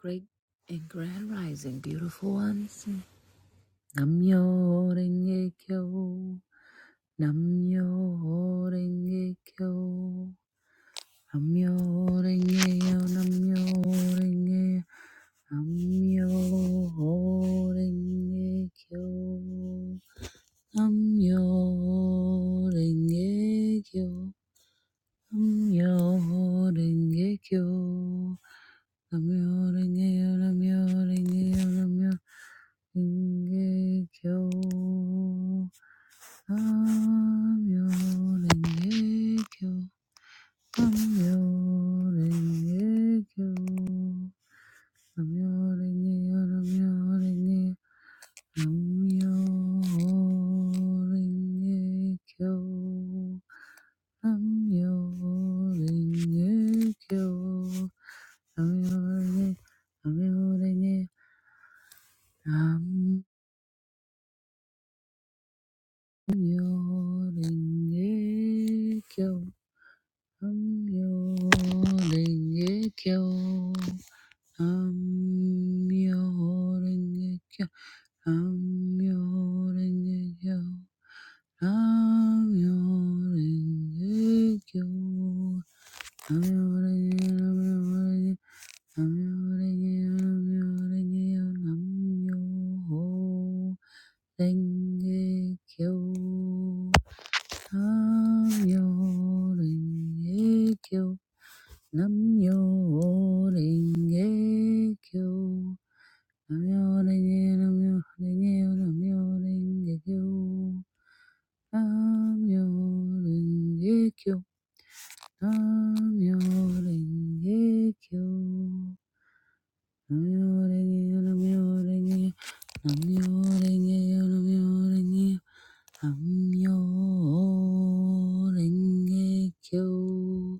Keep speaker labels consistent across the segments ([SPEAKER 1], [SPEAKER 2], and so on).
[SPEAKER 1] Great and grand rising, beautiful ones. Namyo renge kyo. Namyo renge kyo. Namyo renge yo. Namyo renge. Namyo renge kyo. Namyo renge kyo. Namyo renge kyo. Namyo renge yo. Namyo renge yo. Namyo. ringekyo, namyo ringekyo, namyo ringekyo, namyo ringeyo, namyo ringeyo, namyo ringekyo, namyo ringekyo, namyo ringe, namyo ringe, Myo-renge-kyo. Myo-renge-kyo. Myo-renge-kyo. Myo-renge-kyo. Myo-renge-kyo. Myo-renge-kyo. Myo-renge-kyo. Nam-myoho-renge-kyo. Myo-renge-kyo. Nam yo ringe kyo. Nam yo ringe kyo. Nam yo ringe nam yo ringe nam yo ringe kyo. Nam yo ringe kyo. Nam yo ringe kyo. Nam yo ringe nam yo ringe nam yo ringe nam yo ringe nam yo ringe kyo.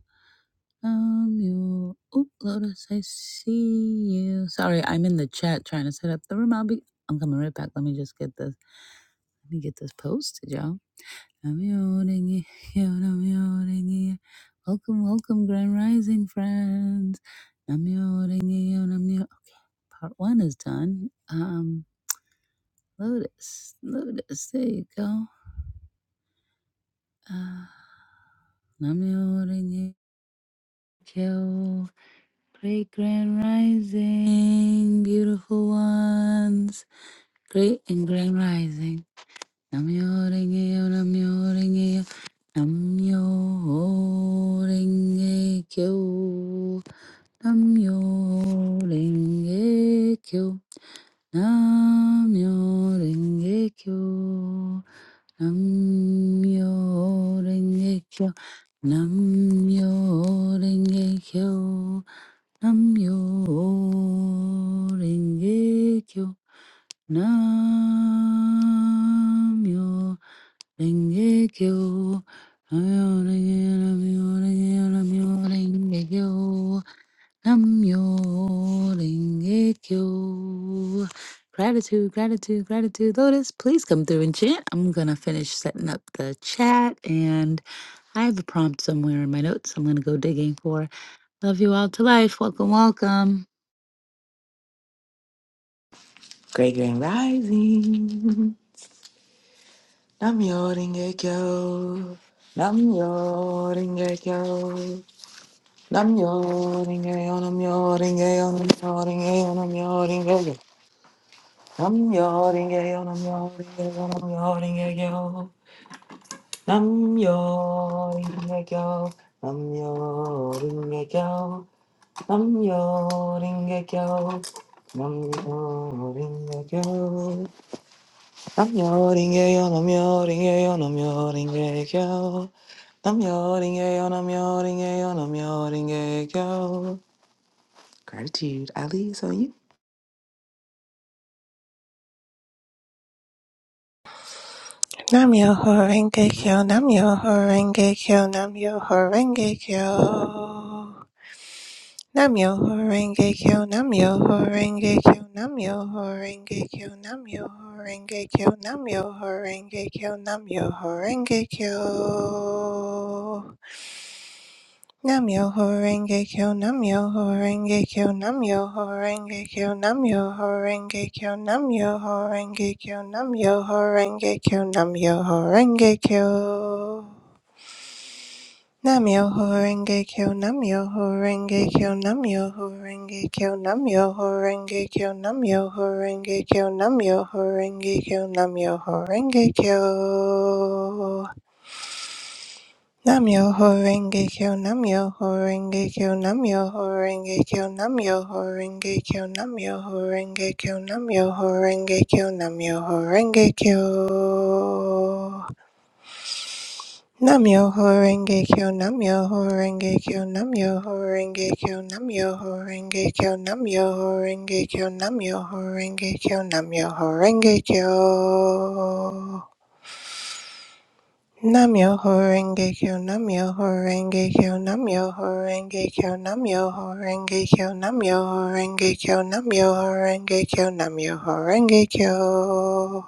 [SPEAKER 1] Um, you. Oh, Lotus, I see you. Sorry, I'm in the chat trying to set up the room. I'll be. I'm coming right back. Let me just get this. Let me get this posted, y'all. I'm yawning here. yeah, I'm yawning here. Welcome, welcome, Grand Rising friends. I'm yawning here. yeah, I'm yaw- Part one is done. Um, Lotus, Lotus, there you go. Uh, I'm yawning here. Great grand rising, beautiful ones. Great and grand rising. Namyo renge-yo, namyo renge-yo, namyo renge-kyo, namyo renge-kyo, namyo renge-kyo, namyo renge-kyo, namyo renge-kyo. Namyo renge kyo. Namyo renge kyo. Namyo renge namyo renge namyo renge kyo. Namyo renge kyo. Gratitude, gratitude, gratitude. Lotus, please come through and chant. I'm gonna finish setting up the chat and I have a prompt somewhere in my notes I'm gonna go digging for. Love you all to life. Welcome, welcome.
[SPEAKER 2] Great Grand Rising. Nam Yoringekyo. Nam Yoringekyo. Nam Yoringeyo. Nam Yoringeyo. Nam Yoringeyo. Nam Yoringeyo. Nam Yoringeyo. Nam Yoringeyo. Nam Yoringeyo. Nam Yoringekyo. Nam Yoringekyo. Nam Yoringekyo. Nam Yoringekyo. I'm yawning, yeah, I'm yawning, yeah, I'm yawning, yeah, yo. I'm yawning, yeah, I'm yawning, yeah, I'm yawning, yeah, yo. Gratitude, Ali, is on you.
[SPEAKER 3] Nam Myoho Renge Kyo, Nam Myoho Renge Kyo, Nam Myoho Renge Kyo. Nam Myoho Renge Kyo, Nam Myoho Renge Kyo, Nam Myoho Renge Kyo, Nam Myoho Renge Kyo, Nam Myoho Renge Kyo, Nam Myoho Renge Kyo. Nam Yoho Renge Kyo, Nam Yoho Renge Kyo, Nam Yoho Renge Kyo, Nam Yoho Renge Kyo, Nam Yoho Renge Kyo, Nam Yoho Renge Kyo, Nam Yoho Renge Kyo. Nam Yoho Renge Kyo, Nam Yoho Renge Kyo, Nam Yoho Renge Kyo, Nam Yoho Renge Kyo, Nam Yoho Renge Kyo, Nam Yoho Renge Kyo, Nam Yoho Renge Kyo. Namyoho Renge Kyo, Namyoho Renge Kyo, Namyoho Renge Kyo, Namyoho Renge Kyo, Namyoho Renge Kyo, Namyoho Renge Kyo, Namyoho Renge Kyo. Namyoho Renge Kyo, Namyoho Renge Kyo, Namyoho Renge Kyo, Namyoho Renge Kyo, Namyoho Renge Kyo, Namyoho Renge Kyo, Namyoho Renge Kyo. Namyoho Renge Kyo, Namyoho Renge Kyo, Namyoho Renge Kyo, Namyoho Renge Kyo, Namyoho Renge Kyo, Namyoho Renge Kyo, Namyoho Renge Kyo.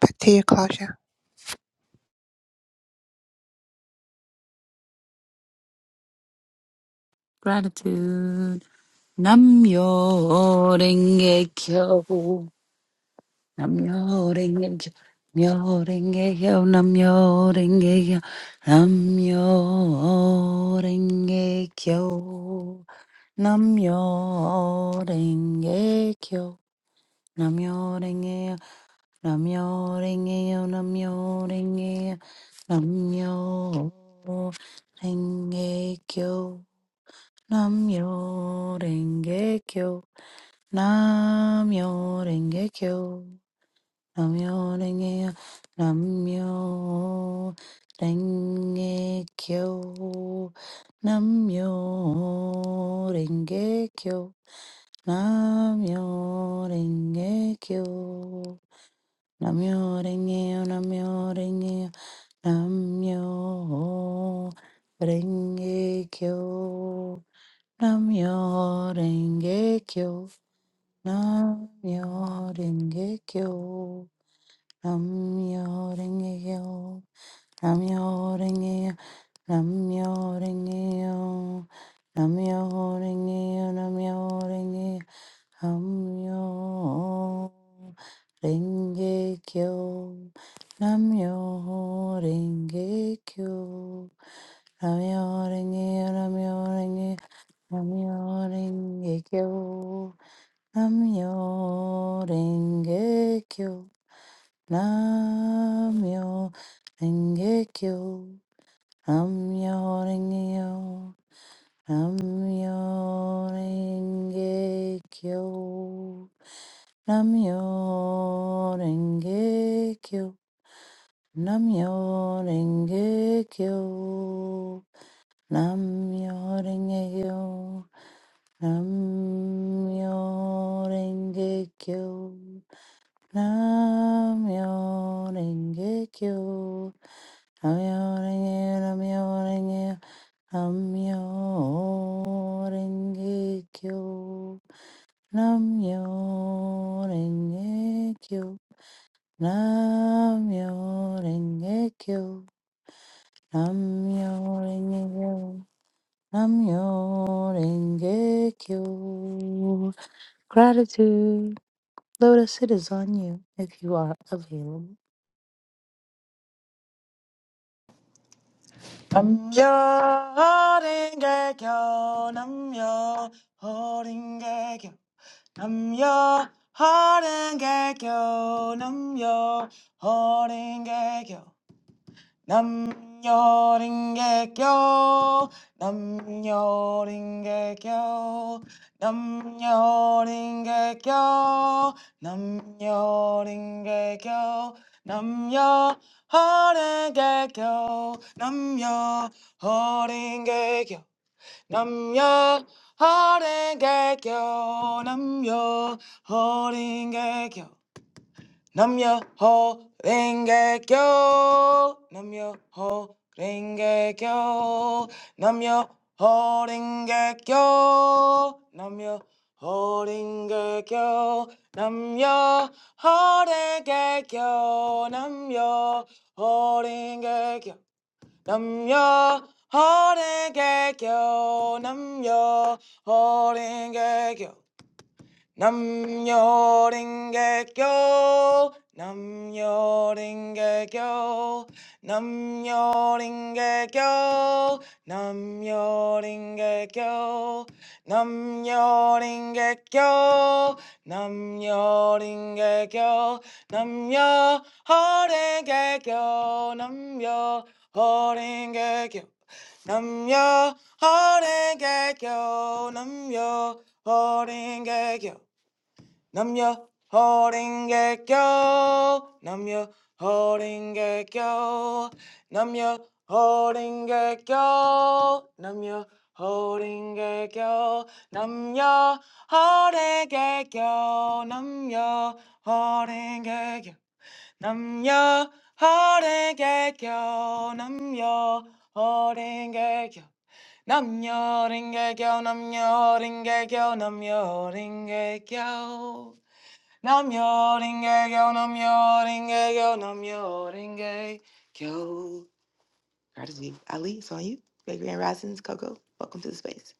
[SPEAKER 3] Back to you, Claudia.
[SPEAKER 1] Gratitude. Namyo renge kyo. Namyo renge kyo. Namyo renge kyo. Namyo renge kyo. Namyo renge kyo. Namyo renge kyo. Namyo renge kyo. Namyo renge kyo. Namyo renge kyo. Namyo renge kyo. Namyo Renge Kyo. Namyo Renge Kyo. Namyo Renge Namyo Renge Kyo. Namyo Renge Kyo. Namyo Renge Kyo. Namyo Renge Namyo Renge Namyo Renge Kyo. Namyo Renge Kyo, Namyo Renge Kyo, Namyo Renge Kyo, Namyo Renge Kyo, Namyo Renge Kyo, Namyo Renge Kyo, Namyo Renge Kyo, Namyo Renge Kyo, Namyo Renge Kyo, Namyo Renge Kyo, Namyo Renge Kyo, Namyo Renge Kyo. Namyo Renge Kyo. Namyo Renge Kyo. Namyo Renge Kyo. Namyo Renge Kyo. Namyo Renge Kyo. Namyo Renge Kyo. Namyo Renge Kyo. Namyo Renge Kyo. Nam-myoho-renge-kyo. Nam-myoho-renge, renge nam Nam-myoho-renge-kyo. renge kyo nam renge kyo nam renge kyo nam renge kyo Namyo Renge Kyo. Gratitude. Lotus, it is on you if you are available.
[SPEAKER 2] I'm your holding gag, yo. I'm your holding gag, yo. I'm your holding gag, yo. I'm your holding gag, yo. Namyo Ringekyo, Namyo Ringekyo, Namyo Ringekyo, Namyo Ringekyo, Namyo Haringekyo, Namyo Haringekyo, Namyo Haringekyo, Namyo Haringekyo. Namyo ho renge kyo. Namyo ho renge kyo. Namyo ho renge kyo. Namyo ho renge kyo. Namyo ho renge kyo. Namyo ho renge kyo. Namyo ho renge kyo. Namyo renge kyo. Nam yo ringe kyo, nam yo ringe kyo, nam yo ringe kyo, nam yo ringe kyo, nam yo ringe kyo, ho ringe kyo, nam yo ho ringe kyo. Namya Horinge Kyo. Namya Horinge Kyo. Namya Horinge Kyo. Namya Horinge Kyo. Namya Horinge Kyo. Namya Horinge Kyo. Namya Horinge Kyo. Namya Horinge Kyo. Namya Horinge Kyo. Namya Horinge Kyo. Namya Horinge Kyo. Nam yo ringe yo, nam yo ringe yo, nam Gratitude. Ali, it's on you. Great Grand Risings, Coco. Welcome to the space.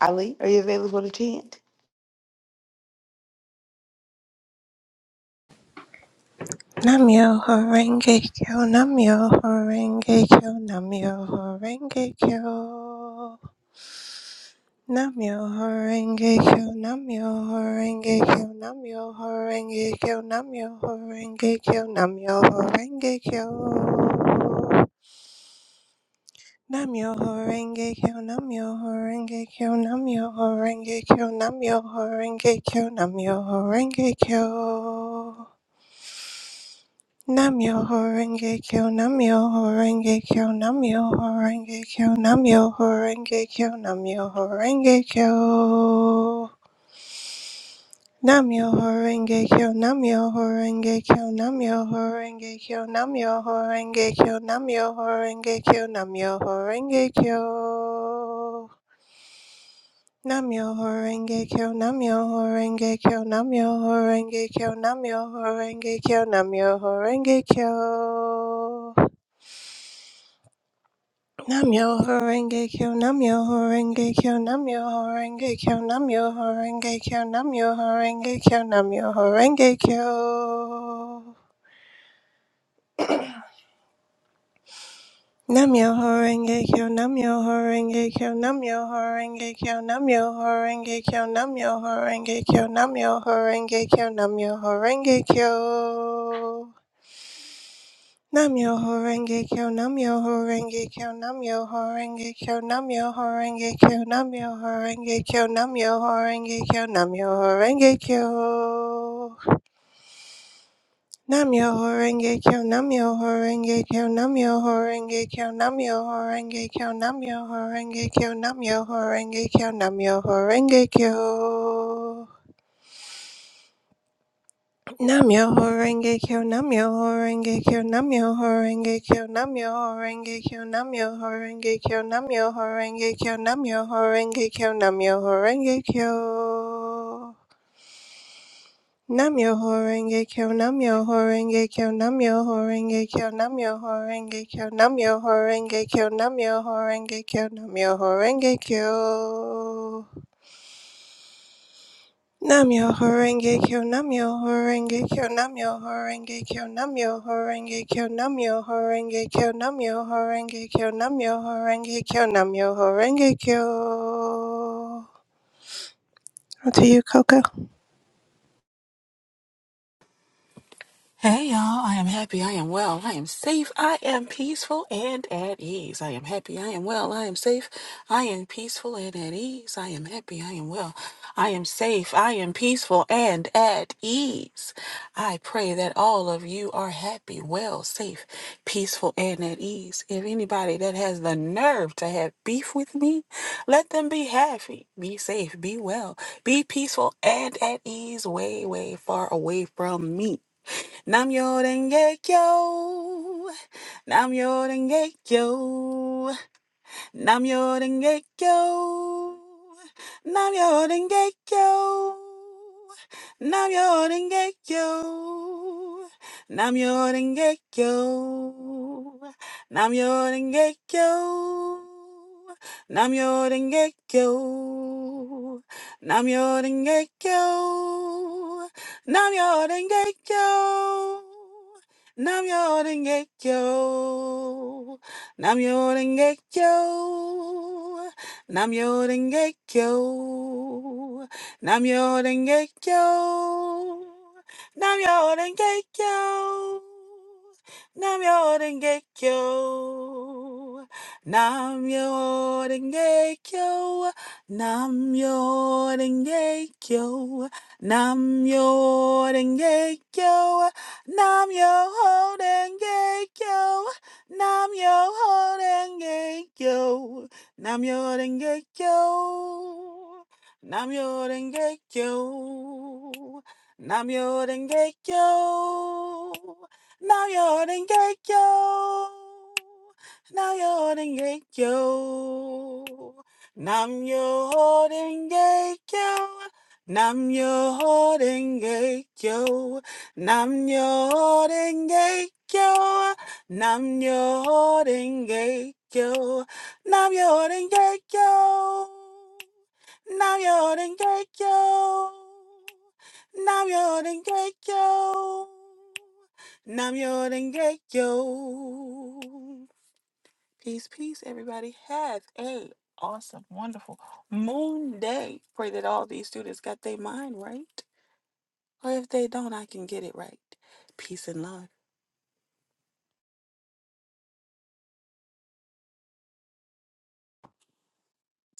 [SPEAKER 2] Ali, are you available to chant?
[SPEAKER 3] Namyoho Renge Kyo, Namyoho Renge Kyo, Namyoho Renge Kyo. Namyo Horenge Kyo, Namyo Horenge Kyo, Namyo Horenge Kyo, Namyo Horenge Kyo, Namyo Horenge Kyo. Namyo Horenge Kyo, Namyo Horenge Kyo, Namyo Horenge Kyo, Namyo Horenge Kyo, Namyo Horenge Kyo. Namyo Horenge Kyo, Namyo Horenge Kyo, Namyo Horenge Kyo, Namyo Horenge Kyo, Namyo Horenge Kyo. Namyo Horenge Kyo, Namyo Horenge Kyo, Namyo Horenge Kyo, Namyo Horenge Kyo, Namyo Horenge Kyo, Namyo Horenge Kyo. Namyo Horenge Kyo, Namyo Horenge Kyo, Namyo Horenge Kyo, Namyo Horenge Kyo, Namyo Horenge Kyo. Namyo Horenge Kyo, Namyo Horenge Kyo, Namyo Horenge Kyo, Namyo Horenge Kyo, Namyo Horenge Kyo, Namyo Horenge Kyo. Namyo Horenge Kyo Namyo Horenge Kyo Namyo Horenge Kyo Namyo Horenge Kyo Namyo Horenge Kyo Namyo Horenge Kyo Namyo Horenge Kyo Namyo Horenge Kyo Namyo Horenge Kyo Namyo Horenge Kyo Namyo Horenge Kyo Namyo Horenge Kyo Namyo Horenge Kyo Namyo Horenge Kyo Namyoho Renge Kyo, Namyoho Renge Kyo, Namyoho Renge Kyo, Namyoho Renge Kyo, Namyoho Renge Kyo, Namyoho Renge Kyo, Namyoho Renge Kyo. Namyoho Renge Kyo, Namyoho Renge Kyo, Namyoho Renge Kyo, Namyoho Renge Kyo, Namyoho Renge Kyo, Namyoho Renge Kyo, Namyoho Renge Kyo, Namyoho Renge Kyo. Namyoho Renge Kyo, Namyoho horenge Kyo, Namyoho Renge Kyo, Namyoho Renge Kyo, Namyoho Renge Kyo, Namyoho horenge Kyo, Namyoho Renge Kyo. Namyoho Renge Kyo, Namyoho Renge Kyo, Namyoho horenge Kyo, Namyoho Renge Kyo, Namyoho Renge Kyo, Namyoho Renge Kyo, Namyoho horenge Kyo, Namyoho Renge Kyo. On to you, Coco.
[SPEAKER 4] Hey y'all, I am happy, I am well, I am safe, I am peaceful and at ease. I am happy, I am well, I am safe, I am peaceful and at ease. I am happy, I am well, I am safe, I am peaceful and at ease. I pray that all of you are happy, well, safe, peaceful, and at ease. If anybody that has the nerve to have beef with me, let them be happy, be safe, be well, be peaceful, and at ease, way, way far away from me. Nam Yoden Gekyo. Nam Yoden Gekyo. Namyo Renge Kyo. Namyo Renge Kyo. Namyo Renge Kyo. Namyo Renge Kyo. Namyo Renge Kyo. Namyo Renge Kyo. Namyo Renge Kyo. Namyo Renge Kyo. Namyo Renge Kyo. Namyo Renge Kyo. Namyo Renge Kyo. Namyo Renge Kyo. Namyo Renge Kyo. Namyo Renge Kyo. Namyo Renge Kyo. Namyo Renge Kyo. Namyo Renge Kyo. Nam yo holding gay yo. Nam yo ho denge yo. Nam yo denge yo. Nam yo denge yo. Nam yo denge yo. Nam yo denge yo. Nam yo denge yo. Nam yo ho denge yo. Nam yo ho denge yo. Nam yo ho denge yo. Nam yo denge yo. Nam yo denge yo. Nam yo denge yo. Nam yo denge yo. Nam yo denge yo. Peace, peace, everybody. Have a awesome, wonderful moon day. Pray that all these students got their mind right. Or if they don't, I can get it right. Peace and love.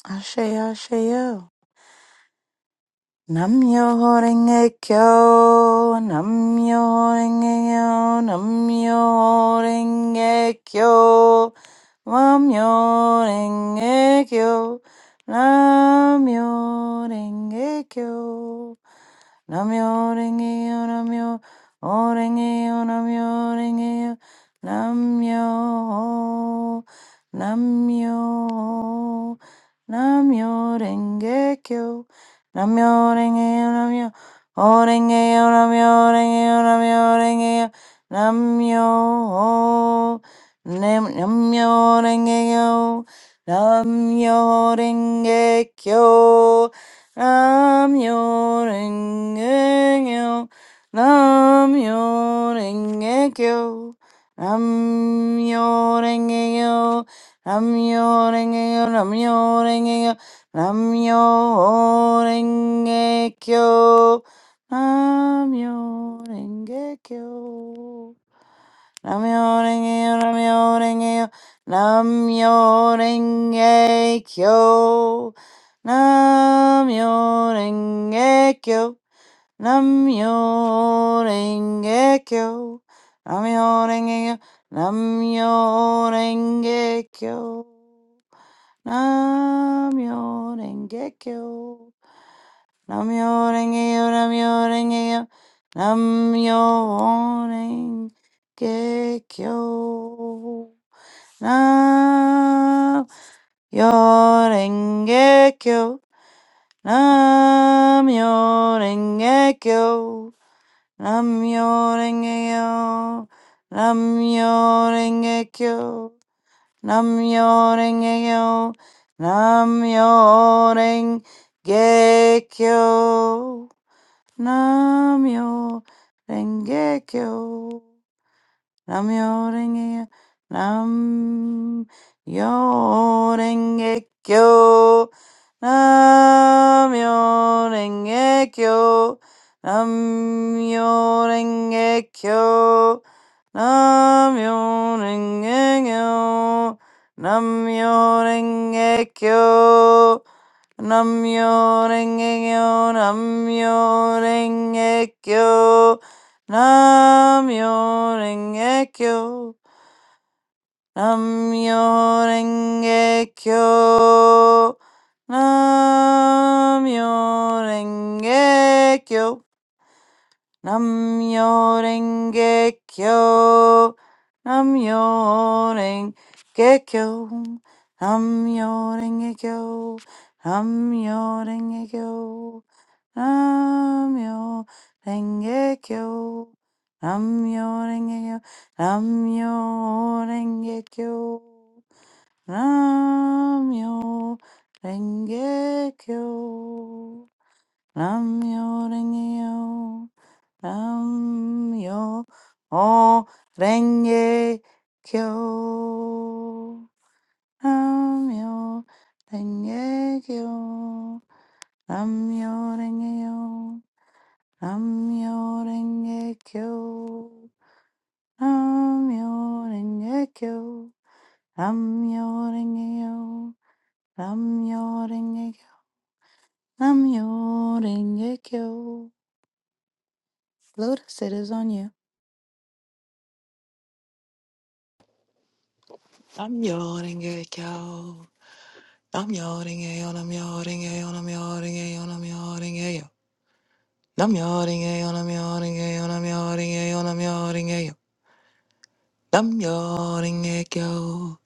[SPEAKER 1] Ashe, Ashe, yo. Namyo renge kyo, namyo renge yo, namyo renge kyo, namyo renge kyo, namyo renge kyo. Namyo Rengeyo Namyo O Rengeyo Namyo Rengeyo Namyo Namyo Namyo Renge Kyo Namyo Rengeyo Namyo O Rengeyo Namyo Rengeyo Namyo Rengeyo Namyo Nam- Namyo Rengeyo Namyo Renge Kyo Nam yo renge kyo. Nam yo renge kyo. Nam yo renge kyo. Nam yo renge kyo. Nam yo renge kyo. Nam yo renge kyo. Nam yo renge kyo namyo renge namyo renge namyo-renge-kyo, namyo-renge-kyo, namyo-renge-kyo, namyo renge namyo-renge-kyo, namyo-renge-kyo. Namyo renge yo, namyo renge yo, namyo renge kyo. Nam yo renge kyo, namyo yo renge kyo, namyo yo renge yo, nam renge kyo, nam renge yo, nam renge kyo. Namyo Renge Kyo. Namyo yo renge Nam yo renge kyo. Nam yo renge kyo. Nam yo renge kyo. Nam yo renge kyo. Nam yo renge kyo. Nam yo renge kyo. Nam yo renge kyo. Namyo Renge Kyo. Namyo Renge Kyo. Namyo Renge Kyo. Namyo Renge Kyo. Namyo Renge Kyo. Namyo Renge Kyo. Namyo Renge Kyo. Namyo Renge Kyo. Namyo Renge Kyo. Namyo Renge Kyo. Namyo Renge Kyo. Namyo Renge Kyo. Namyo O Renge Kyo. Namyo Renge Kyo. Namyo Renge Kyo. Namyo Renge Kyo. Namyo Renge Kyo. Namyo Renge Kyo. Namyo Renge Kyo. Namyo Renge Kyo. Lotus, it is on you.
[SPEAKER 2] Nam yo ringe yo. Nam yo ringe yo, nam yo ringe yo, nam yo ringe yo, nam yo ringe yo. Nam yo ringe yo, nam yo ringe yo, nam yo ringe yo, nam yo ringe yo. Nam yo ringe yo.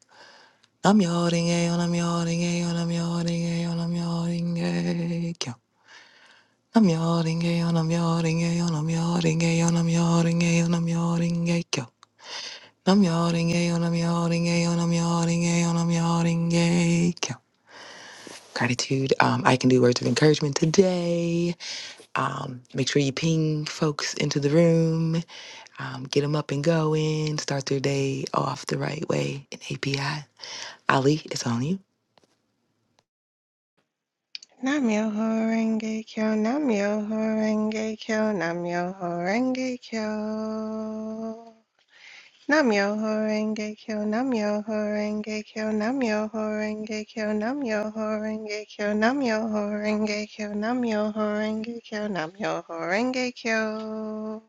[SPEAKER 2] Nam yo ringe yo, nam yo ringe yo, nam yo ringe yo, nam yo ringe yo. Namja ringe, namja ringe, namja ringe, namja ringe, namja ringe, go. Namja ringe, namja ringe, namja ringe, namja ringe, namja ringe, go. Gratitude. Um, I can do words of encouragement today. Um, make sure you ping folks into the room. Um, get them up and going. Start their day off the right way. An API. Ali, it's on you.
[SPEAKER 3] Namyoho Renge Kyo, Namyoho Renge Kyo, Namyoho Renge Kyo. Namyoho Renge Kyo, Namyoho Renge Kyo, Namyoho Renge Kyo, Namyoho Renge Kyo, Namyoho Renge Kyo, Namyoho Renge Kyo, Namyoho Renge Kyo.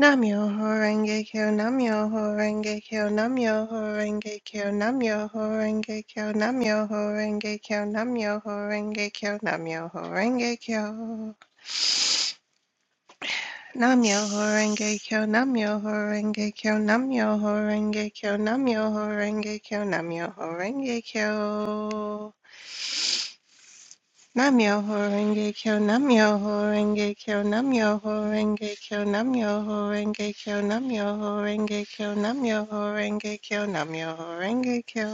[SPEAKER 3] Namyoho Renge Kyo, Namyoho Renge Kyo, Namyoho Renge Kyo, Namyoho Renge Kyo, Namyoho Renge Kyo, Namyoho Renge Kyo, Namyoho Renge Kyo. Namyoho Renge Kyo, Namyoho Renge Kyo, Namyoho Renge Kyo, Namyoho Renge Kyo, Namyoho Renge Kyo. Namyoho Renge Kyo, Namyoho Renge Kyo, Namyoho Renge Kyo, Namyoho Renge Kyo, Namyoho Renge Kyo, Namyoho Renge Kyo, Namyoho Renge Kyo.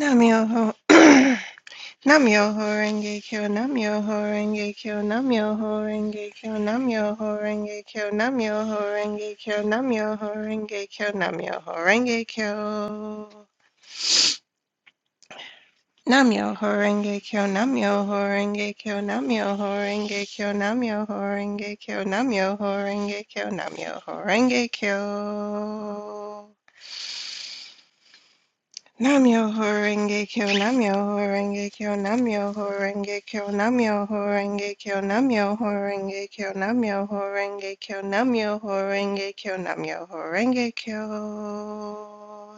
[SPEAKER 3] Namyoho Namyoho Renge Kyo, Namyoho Renge Kyo, Namyoho Renge Kyo, Namyoho Renge Kyo, Namyoho Renge Kyo, Namyoho Renge Kyo, Namyoho Renge Kyo. Namyo Horenge Kyo Namyo Horenge Kyo Namyo Horenge Kyo Namyo Horenge Kyo Namyo Horenge Kyo Namyo Horenge Kyo Namyo Horenge Kyo Namyo Horenge Kyo Namyo Horenge Kyo Namyo Horenge Kyo Namyo Horenge Kyo Namyo Horenge Kyo Namyo Horenge Kyo Namyo Horenge Kyo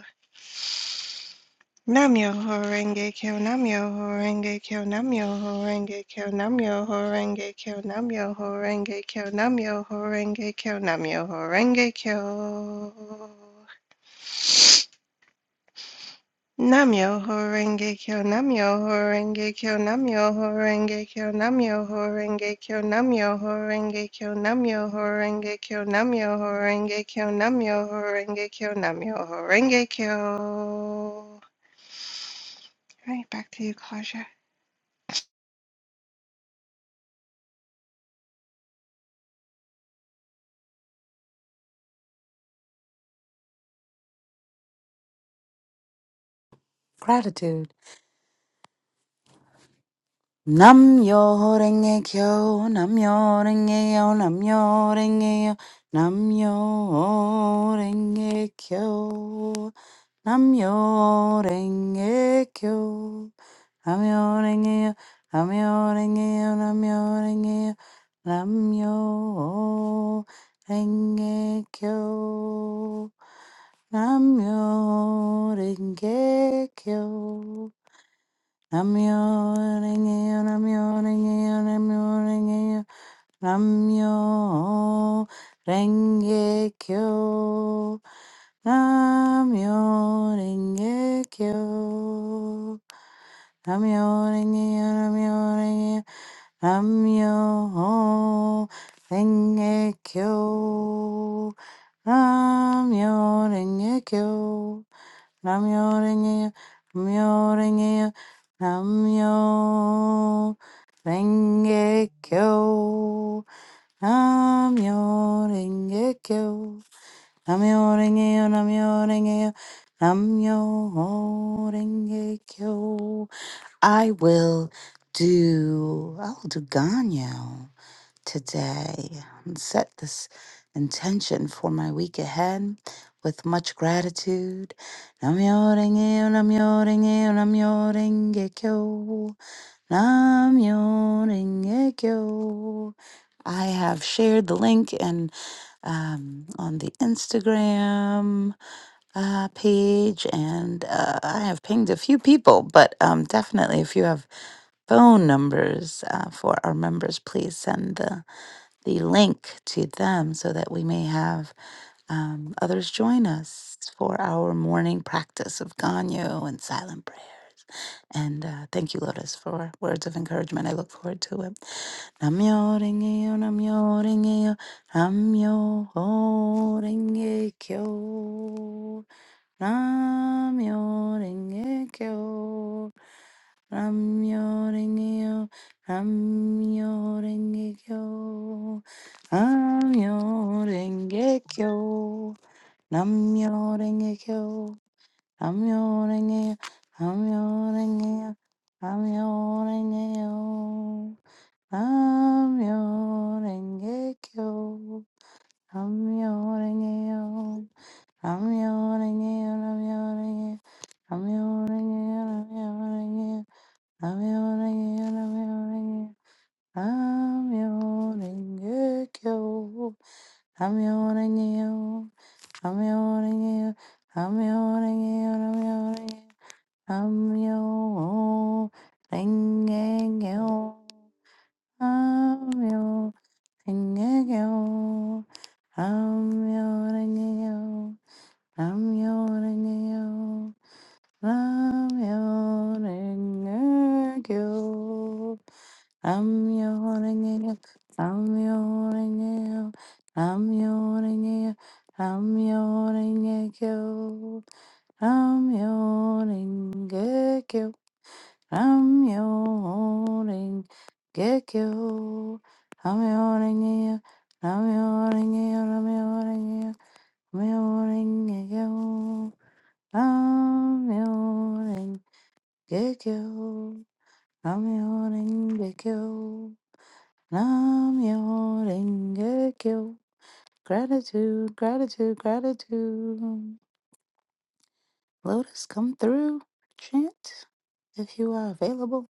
[SPEAKER 3] Namyo Horenge Kyo Namyo Horenge Kyo Namyo Horenge Kyo Namyo Horenge Kyo Namyo Horenge Kyo Namyo Horenge Kyo Namyo Horenge Kyo Namyo Horenge Kyo Namyo Horenge Kyo Namyo Horenge Kyo Namyo Horenge Kyo Namyo Horenge Kyo Namyo Horenge Kyo Namyo Horenge Kyo Namyo Horenge Kyo Namyo Horenge Kyo Right, back to you, Claudia.
[SPEAKER 1] Gratitude. Nam yo renge kyo, nam yo renge yo, nam yo renge yo, nam yo renge kyo, nam yo renge kyo. Namyo-renge-kyo, Namyo-renge-kyo, Namyo-renge-kyo, Namyo-renge-kyo, Namyo-renge-kyo, Namyo-renge-kyo, Namyo-renge-kyo, Namyo-renge-kyo, Namyo-renge-kyo, Namyo-renge-kyo. Namyo renge yo, namyo renge yo, namyo renge kyo. Namyo renge kyo, namyo renge yo, namyo renge yo, namyo renge kyo. Namyo renge kyo, namyo renge yo, namyo renge yo, namyo renge kyo. I will do, I'll do Ganyo today and set this intention for my week ahead with much gratitude. Namyo renge, namyo renge, namyo renge kyo. Namyo renge kyo. I have shared the link and um, on the Instagram uh, page, and uh, I have pinged a few people. But um, definitely, if you have phone numbers uh, for our members, please send the, the link to them so that we may have um, others join us for our morning practice of Ganyo and silent prayers. And uh, thank you, Lotus, for words of encouragement. I look forward to it. Namyo Renge-yo, Namyo Renge-yo, Namyo Renge-kyo, Namyo Renge-kyo. Namyo Renge-kyo, Namyo Renge-kyo, Namyo Renge-kyo, Namyo Renge-kyo, Namyo Renge-kyo, Namyo Renge-kyo, Namyo Renge-kyo, Namyo Renge-kyo, Namyo Renge-kyo, Namyo Renge-kyo, Namyo Renge-kyo, Namyo Renge-kyo, Namyo Renge-kyo, I'm your I'm yawning again. I'm yawning again. I'm yawning again. I'm yawning again. I'm yawning again. I'm yawning again. I'm yawning again. I'm yawning again. I'm yawning again. I'm yawning again. I'm yawning again. I'm yawning again. Nam yo ringa kyo. Gratitude, gratitude, gratitude. Lotus, come through. Chant if you are available.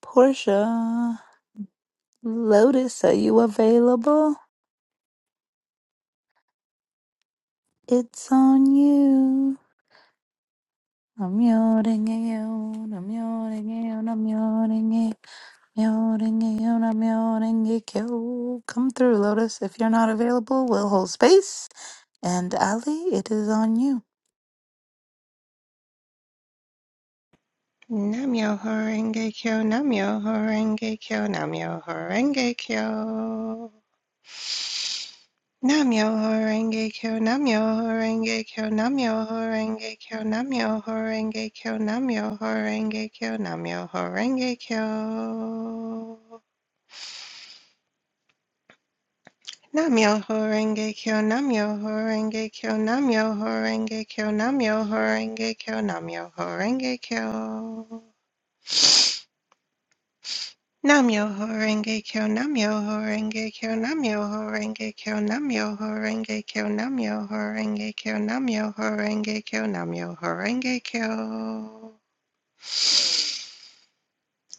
[SPEAKER 1] Portia, Lotus, are you available? It's on you. I'm yawning, I'm yawning, I'm yawning. Mjöringe, ona mjöringe, kyo. Come through, Lotus. If you're not available, we'll hold space. And Ali, it is on you.
[SPEAKER 3] Namyo Horenge Kyo, Namyo Horenge Kyo, Namyo Horenge Kyo. Namyo Horenge Kyo, Namyo Horenge Kyo, Namyo Horenge Kyo, Namyo Horenge Kyo, Namyo Horenge Kyo, Namyo Horenge Kyo. Namyo Horenge Kyo, Namyo Horenge Kyo, Namyo Horenge Kyo, Namyo Horenge Kyo, Namyo Horenge Kyo. Namyoho Renge Kyo, Namyoho Renge Kyo, Namyoho Renge Kyo, Namyoho horenge Kyo, Namyoho Renge Kyo, Namyoho Renge Kyo, Namyoho Renge Kyo.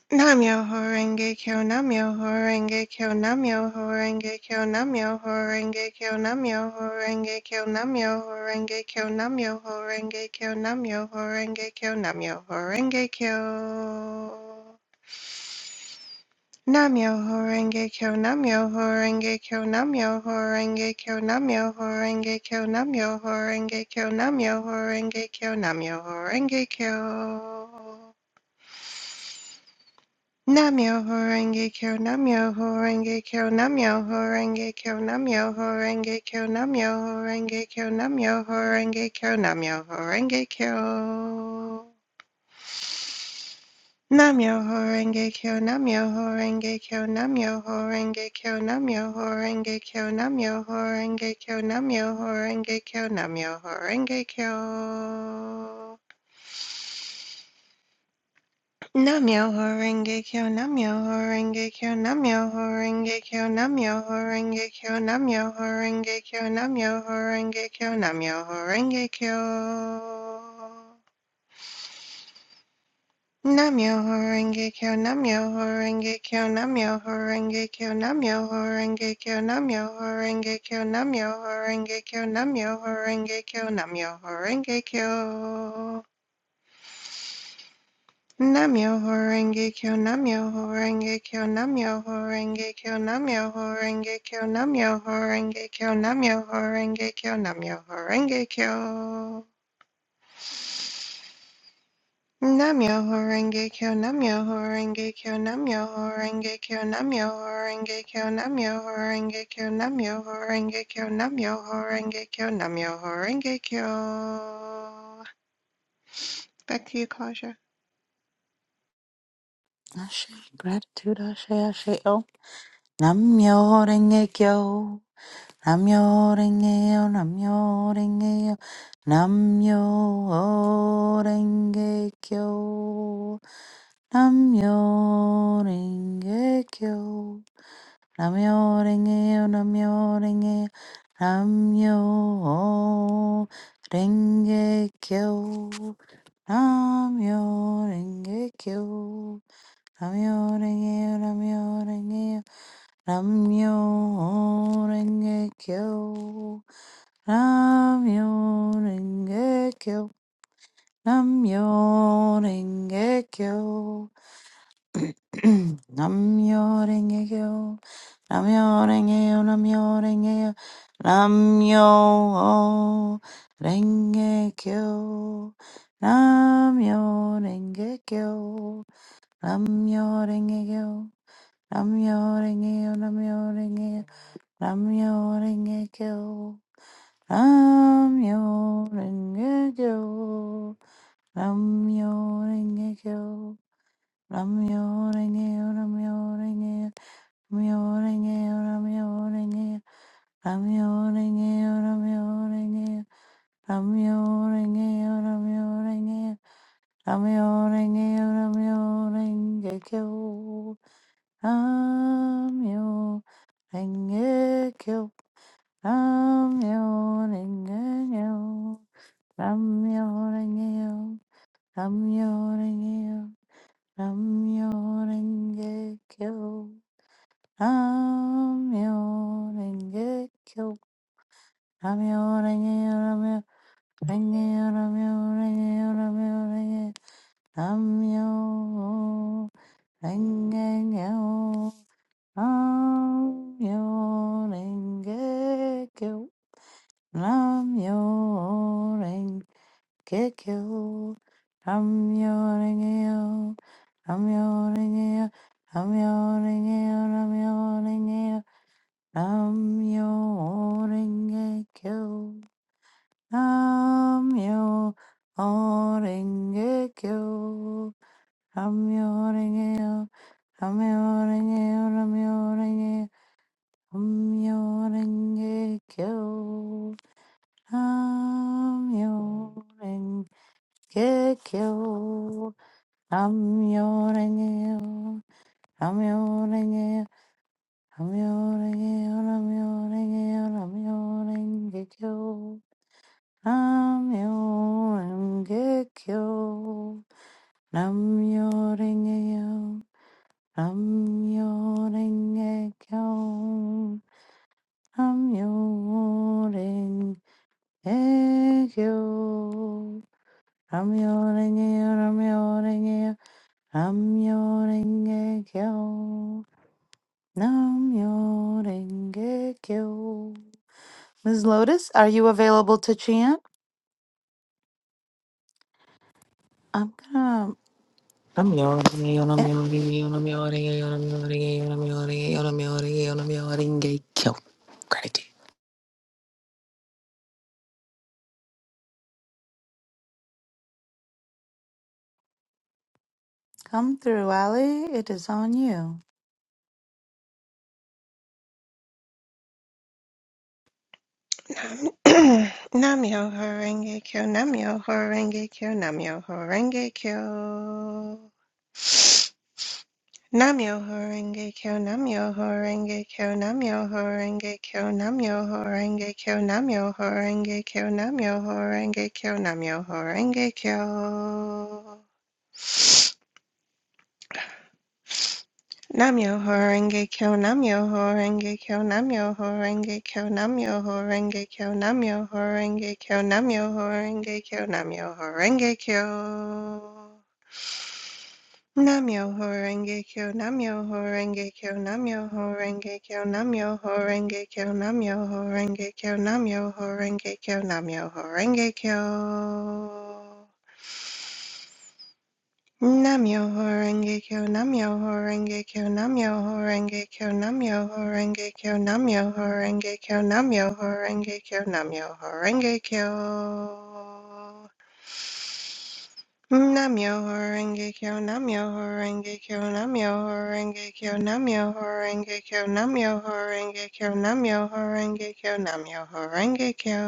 [SPEAKER 3] Namyoho horenge Kyo, Namyoho Renge Kyo, Namyoho Renge Kyo, Namyoho Renge Kyo, Namyoho horenge Kyo, Namyoho Renge Kyo, Namyoho Renge Kyo, Namyoho Renge Kyo, Namyoho horenge Kyo. Namyo Horenge Kyo Namyo Horenge Kyo Namyo Horenge Kyo Namyo Horenge Kyo Namyo Horenge Kyo Namyo Horenge Kyo Namyo Horenge Kyo Namyo Horenge Kyo Namyo Horenge Kyo Namyo Horenge Kyo Namyo Horenge Kyo Namyo Horenge Kyo Namyo Horenge Kyo Namyo Horenge Kyo Namyoho Renge Kyo, Namyoho Renge Kyo, Namyoho Renge Kyo, Namyoho Renge Kyo, Namyoho Renge Kyo, Namyoho Renge Kyo, Namyoho Renge Kyo. Namyoho Renge Kyo, Namyoho Renge Kyo, Namyoho Renge Kyo, Namyoho Renge Kyo, Namyoho Renge Kyo, Namyoho Renge Kyo, Namyoho Renge Kyo. Namyo Horenge Kyo Namyo Horenge Kyo Namyo Horenge Kyo Namyo Horenge Kyo Namyo Horenge Kyo Namyo Horenge Kyo Namyo Horenge Kyo Namyo Horenge Kyo Namyo Horenge Kyo Namyo Horenge Kyo Namyo Horenge Kyo Namyo Horenge Kyo Namyo Horenge Kyo Namyo Horenge Kyo Namyo Horenge Kyo Namyo Horenge Kyo Namyo Horenge Kyo Namyo Horenge Kyo Namyo Horenge Kyo Namyo Horenge Kyo Namyo Horenge Kyo Namyo Horenge Kyo Namyo Horenge Kyo Back to you, Claudia.
[SPEAKER 1] Ashe, gratitude, ashe, ashe, oh. Namyo renge kyo, namyo renge yo, namyo renge yo, namyo renge kyo, namyo renge kyo, namyo renge yo, namyo renge yo, namyo renge kyo, namyo renge kyo. Namyo renge ramyo renge ramyo renge kyo ramyo renge kyo namyo renge kyo namyo renge kyo namyo renge yo namyo renge yo ramyo renge kyo namyo renge kyo namyo renge kyo Namyo Renge-yo, Namyo Renge-yo, Namyo Renge-kyo. Namyo Renge-kyo. Namyo Renge-kyo. Namyo Renge-yo, Namyo Renge-yo, Namyo Renge-yo, Namyo Renge-yo, Namyo Renge-yo, Namyo Renge-yo, Namyo Renge-yo, Namyo Renge-yo, Namyo Renge-yo, Namyo Renge-kyo. Namyo Engekyo, Namyo Rengeyo, Namyo Rengeyo, Namyo Rengeyo, Namyo Rengekyo, Namyo Rengekyo, Namyo Rengeyo, Namyo Rengeyo, Namyo Rengeyo, Namyo Rengeyo, Namyo Rengeyo, Namyo Rengekyo. Nam-myoho-renge-kyo. Nam-myoho-renge-kyo. Nam-myoho-renge-kyo. Nam-myoho-renge-kyo. Nam-myoho-renge-kyo. Nam-myoho-renge-kyo. Nam-myoho-renge-kyo. Nam-myoho-renge-kyo. Nam-myoho-renge-kyo. Nam-myoho-renge-kyo. Nam-myoho-renge-kyo. Namyo-renge-kyo. Namyo-renge-yo. Namyo-renge-yo. Namyo-renge-yo. Namyo-renge-yo. Namyo-renge-kyo. Namyo-renge-kyo. Namyo-renge-yo. Namyo-renge-kyo. Namyo-renge-kyo. Ramyo renge yo, ramyo renge yo, ramyo renge kyo, namyo renge kyo. Ms. Lotus, are you available to chant? I'm gonna
[SPEAKER 2] Namja ringe,
[SPEAKER 1] yeah,
[SPEAKER 2] namja ringe, namja ringe, namja ringe, namja ringe, go. Gratitude.
[SPEAKER 1] come through, Ali. It is on you.
[SPEAKER 3] Nam- Namyo Horenge Kyo Namyo Horenge Kyo Namyo Horenge Kyo Namyo Horenge Kyo Namyo Horenge Kyo Namyo Horenge Kyo Namyo Horenge Kyo Namyo Horenge Kyo Namyo Horenge Kyo Namyo Horenge Kyo Namyo Horenge Kyo Namyo Horenge Kyo Namyo Horenge Kyo Namyo Horenge Kyo Namyo Horenge Kyo Namyo Horenge Kyo Namyo Horenge Kyo Namyo Horenge Kyo, Namyo Horenge Kyo, Namyo Horenge Kyo, Namyo Horenge Kyo, Namyo Horenge Kyo, Namyo Horenge Kyo, Namyo Horenge Kyo. Namyo Horenge Kyo, Namyo Horenge Kyo, Namyo Horenge Kyo, Namyo Horenge Kyo, Namyo Horenge Kyo, Namyo Horenge Kyo, Namyo Horenge Kyo. Nam-myoho-renge-kyo, Nam-myoho-renge-kyo, Nam-myoho-renge-kyo, Nam-myoho-renge-kyo, Nam-myoho-renge-kyo, Nam-myoho-renge-kyo, Nam-myoho-renge-kyo.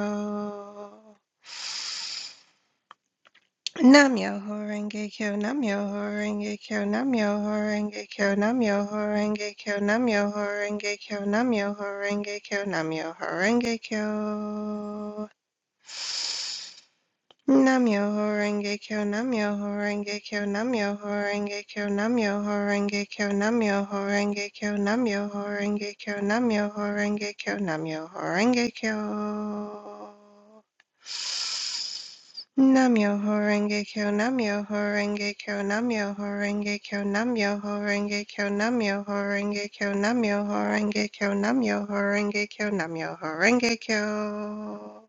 [SPEAKER 3] Nam-myoho-renge-kyo, Nam-myoho-renge-kyo, Nam-myoho-renge-kyo, Nam-myoho-renge-kyo, Nam-myoho-renge-kyo, Nam-myoho-renge-kyo, Nam-myoho-renge-kyo. Namyoho Renge Kyo, Namyoho Renge Kyo, Namyoho Renge Kyo, Namyoho Renge Kyo, Namyoho Renge Kyo, Namyoho Renge Kyo, Namyoho Renge Kyo, Namyoho Renge Kyo. Namyoho Renge Kyo, Namyoho Renge Kyo, Namyoho Renge Kyo, Namyoho Renge Kyo, Namyoho Renge Kyo, Namyoho Renge Kyo, Namyoho Renge Kyo, Namyoho Renge Kyo.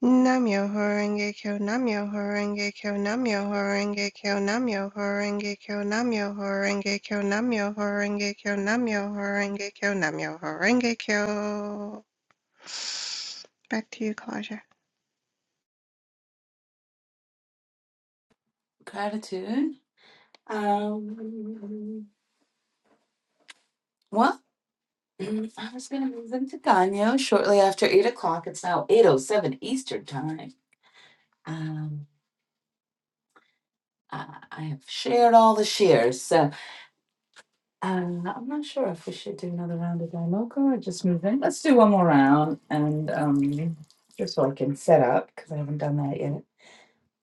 [SPEAKER 3] Namyo Horenge Kyo Namyo Horenge Kyo Namyo Horenge Kyo Namyo Horenge Kyo Namyo Horenge Kyo Namyo Horenge Kyo Namyo Horenge Kyo Namyo Horenge Kyo. Back to you, Claudia.
[SPEAKER 1] Gratitude. Um, well, I was going to move into Ganyo shortly after 8 o'clock. It's now 8.07 Eastern Time. Um, I, I have shared all the shares. so Uh, I'm not sure if we should do another round of Daimoka or just move in. Let's do one more round and um, just so I can set up because I haven't done that yet.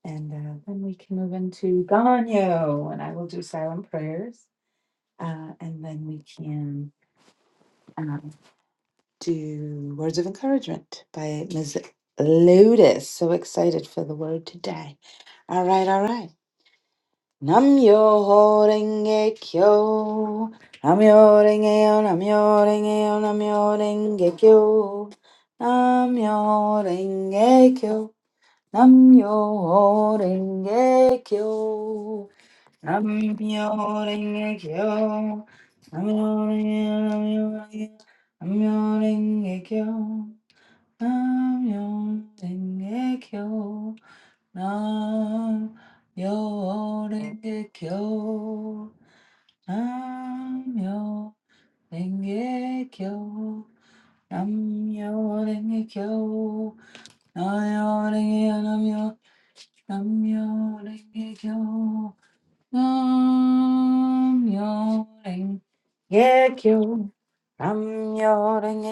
[SPEAKER 1] And uh, then we can move into Ganyo and I will do silent prayers. Uh, and then we can um, do words of encouragement by Ms. Lotus. So excited for the word today. All right, all right. Namyo renge kyo. Namyo renge yo, namyo renge yo, namyo renge kyo. Namyo renge kyo. Namyo renge kyo. Namyo renge kyo. Namyo renge yo, namyo renge yo, namyo renge kyo. Namyo renge kyo. Nam myoring ge cho. Nam myoring ge cho. Nam myoring ge cho. Nam myoring nam my. Nam myoring ge cho. Nam myoring ge cho. Nam myoring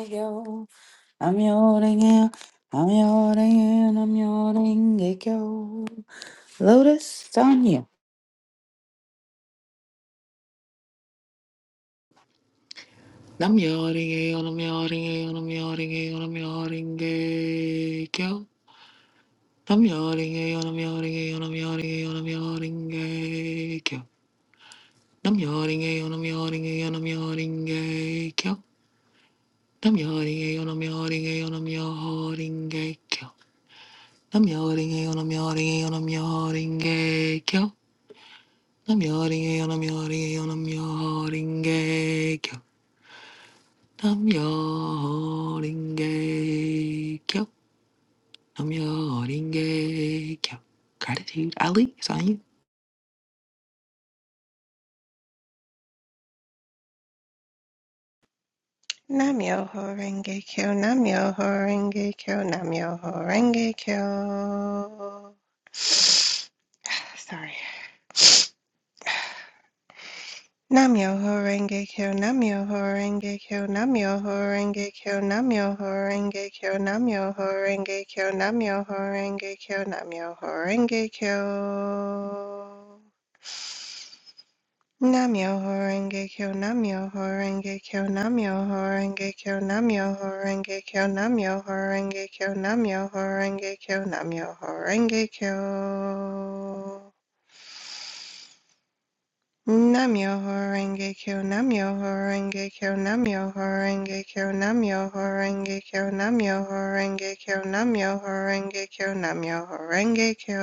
[SPEAKER 1] nam myoring nam myoring ge cho. Lotus Sanya.
[SPEAKER 2] Nam yoringe on a mioringe on a mioringe on a mioringe kyo. Nam yoringe on a mioringe on a mioringe on a mioringe kyo. Nam yoringe on kyo. Nam yoringe on kyo. Nam yoringe on kyo. Nam yoringe on kyo. Nam kyo. I'm your Oringe. Gratitude. Ali, it's on you.
[SPEAKER 3] Namyo Horenge Kyo Namyo Horenge Kyo Namyo Horenge Kyo. Sorry. Namyo Horenge Kyo Namyo Horenge Kyo Namyo Horenge Kyo Namyo Horenge Kyo Namyo Horenge Kyo Namyo Horenge Kyo Namyo Horenge Kyo Namyo Horenge Kyo Namyo Horenge Kyo Namyo Horenge Kyo Namyo Horenge Kyo Namyo Horenge Kyo Namyo Horenge Kyo Namyo Horenge Kyo Namyo Horenge Kyo Namyo Horenge Kyo Namyo Horenge Kyo Namyo Horenge Kyo Namyo Horenge Kyo Namyo Horenge Kyo Namyo Horenge Kyo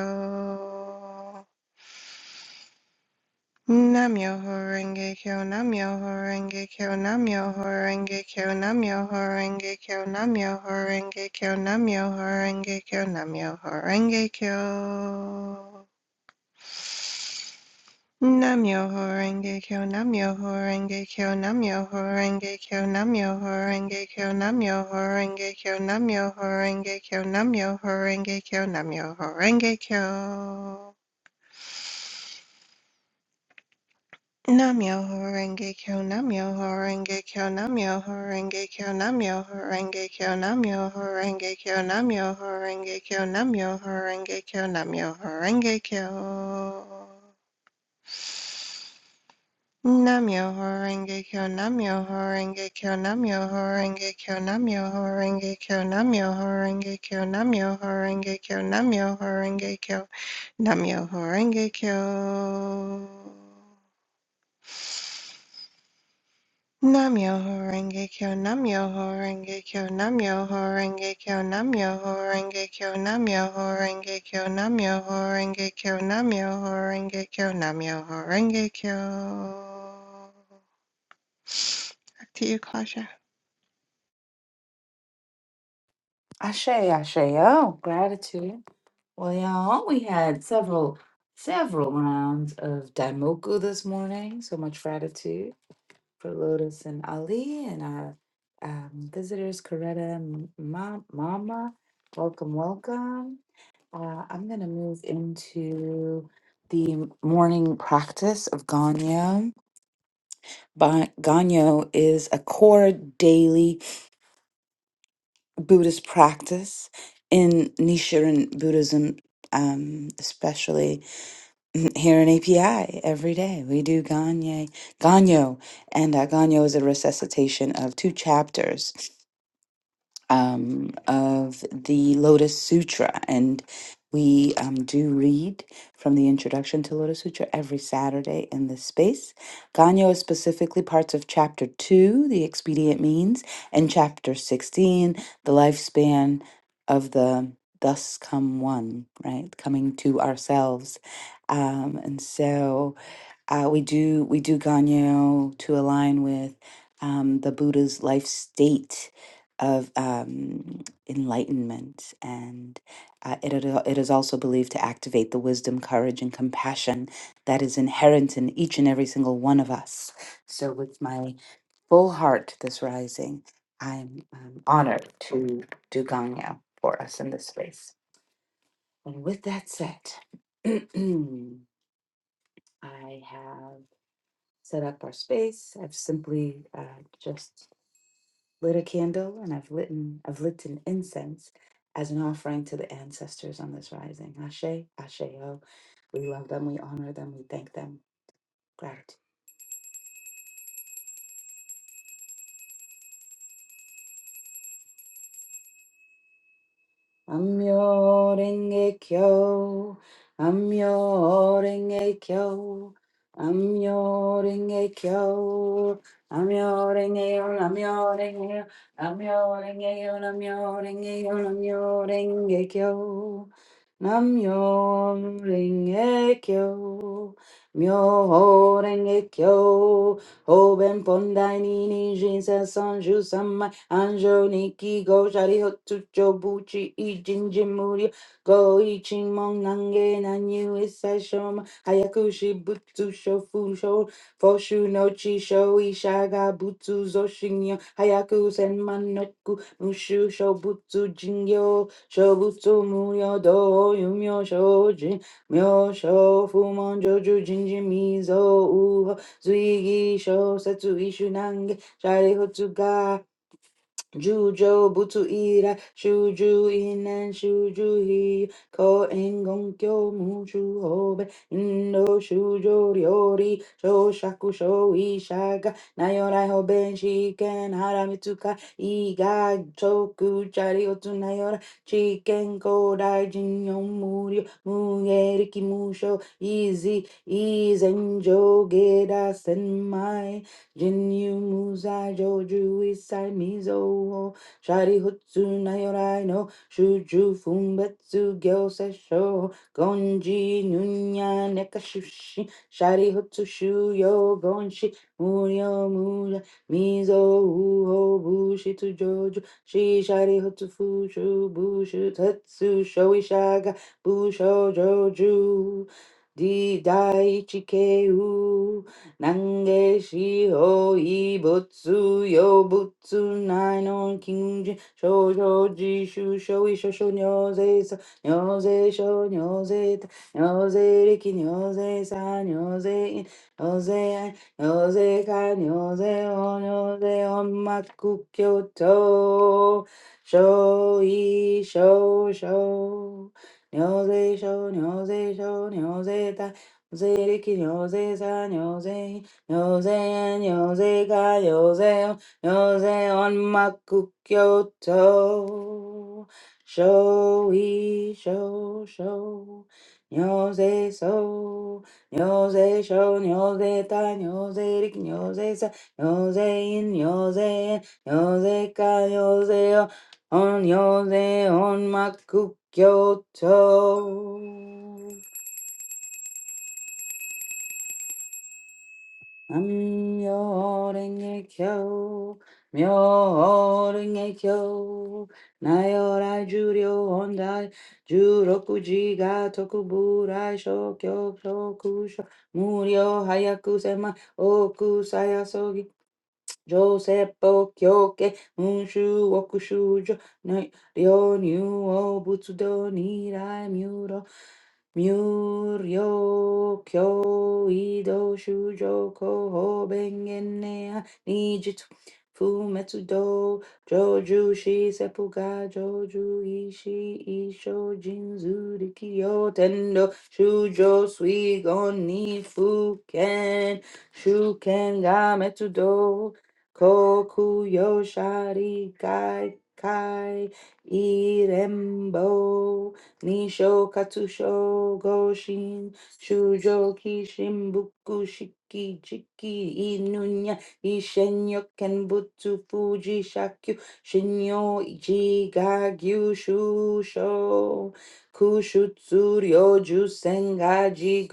[SPEAKER 3] Namyo Horenge Kyo Namyo Horenge Kyo Namyo Horenge Kyo Namyo Horenge Kyo Namyo Horenge Kyo Namyo Horenge Kyo Namyo Horenge Kyo Namyoho Renge Kyo, Namyoho Renge Kyo, Namyoho Renge Kyo, Namyoho Renge Kyo, Namyoho Renge Kyo, Namyoho Renge Kyo, Namyoho Renge Kyo, Namyoho Renge Kyo. Namyoho Renge Kyo, Namyoho Renge Kyo, Namyoho Renge Kyo, Namyoho Renge Kyo, Namyoho Renge Kyo, Namyoho Renge Kyo, Namyoho Renge Kyo, Namyoho Renge Kyo. Namyo Horenge Kyo Namyo Horenge Kyo Namyo Horenge Kyo Namyo Horenge Kyo Namyo Horenge Kyo Namyo Horenge Kyo Namyo Horenge Kyo Namyo Horenge Kyo Namyo Horenge Kyo Namyo Horenge Kyo Namyo Horenge Kyo Namyo Horenge Kyo Namyo Horenge Kyo Namyo Horenge Kyo Namyo Horenge Kyo Namyo Horenge Kyo Back to you, Claudia.
[SPEAKER 1] Ashe, ashe, oh, gratitude. Well, y'all, we had several, several rounds of Daimoku this morning. So much gratitude for Lotus and Ali and our um, visitors, Coretta and Ma- Mama. Welcome, welcome. Uh, I'm going to move into the morning practice of Ganyo. Ba- Ganyo is a core daily Buddhist practice in Nichiren Buddhism, um, especially here in API every day. We do Ganye, Ganyo, and uh, Ganyo is a resuscitation of two chapters um, of the Lotus Sutra. And we um, do read from the introduction to Lotus Sutra every Saturday in this space. Ganyo is specifically parts of chapter 2, the expedient means, and chapter 16, the lifespan of the thus come one, right? Coming to ourselves. Um, and so. Uh, we do we do Ganyo to align with um, the Buddha's life state of um, enlightenment, and uh, it, it it is also believed to activate the wisdom, courage, and compassion that is inherent in each and every single one of us. So, with my full heart, this rising, I'm um, honored to do Ganyo for us in this space. And with that said, I have set up our space. I've simply uh, just lit a candle and I've lit an, I've lit an incense as an offering to the ancestors on this rising. Ashe, Asheo. We love them, we honor them, we thank them. Gratitude. Amyo renge kyo, amyo renge kyo, amyo renge kyo, amyo renge yo, amyo renge yo, amyo renge yo, amyo renge yo, amyo renge kyo, amyo renge kyo, amyo renge kyo, Oben pondai nini jinsa sanju sama anjo niki go shari hotu cho buchi i jinji muri go i chimon nange nanyu isai shoma hayaku shibutsu shofu sho foshu no chi sho ishaga butsu zoshinyo hayaku senman noku mushu sho jingyo sho muryo do yumyo sho myo sho fumon jinji mizo Zuigi shosatsu isunange sharihozuka. Jujo butsu ira shuju inan shuju hi ko engon kyo mushu hobe indo shujo ryori shoshaku sho ishaga nayorai hoben shiken haramitsuka iga choku chari otu nayora chiken kodai jinyon muryo mugeriki musho izi izen jogeda senmai Jinyu Musai Joju Isai Mizo Ho Shari Hutsu Nayorai no Shuju Fumbetsu Gyosei Sho Gonji Nunya Nekashushi Shari Hutsu Shuyo Gonshi Muryo Mura Mizo Uho Bushi to Joju Shi Shari Hutsu Fushu Bushu Tetsu Shoishaga Busho Joju Di dai Daichi nange shi ho yo butsu nai no kinji sho sho ji shu sho sa nyo sho nyo ta nyo riki nyo sa nyo in nyo ai nyo ka nyo o nyo o maku kyo to sho sho sho sho nyo sho nyo ta Zeriki Yose San Yose Yose and Yose Ka Yose Yose on Makukyoto Show we show show Yose so Yose show Yose ta Yose Riki Yose sa Yose in Yose Yose Ka Yose on Yose on Makukyoto 남여랭개교 묘랭개교 나열할 주려 온다 주로꾸지가 토쿠부라쇼 격쇼쿠쇼 무려하야쿠세마 오쿠사야소기 Joseppo kyoke unshu okushujo, nai ryo nyu o butsudo nirai myuro Muryo kyo ido shujo koho bengenea nijitsu fumetsu do joju shi sepuga joju ishi isho jinzu rikyo tendo shujo suigon ni fuken shuken ga metsu Koku Yoshari Kai Kai Irembo Nisho Katsusho Goshin Shujo Kishin Buku Shiki jiki Inunya Ishenyo Kenbutsu Fuji Shakyu Shinyo Ichi Gagyu Shusho Kushutsuryo Jusengaji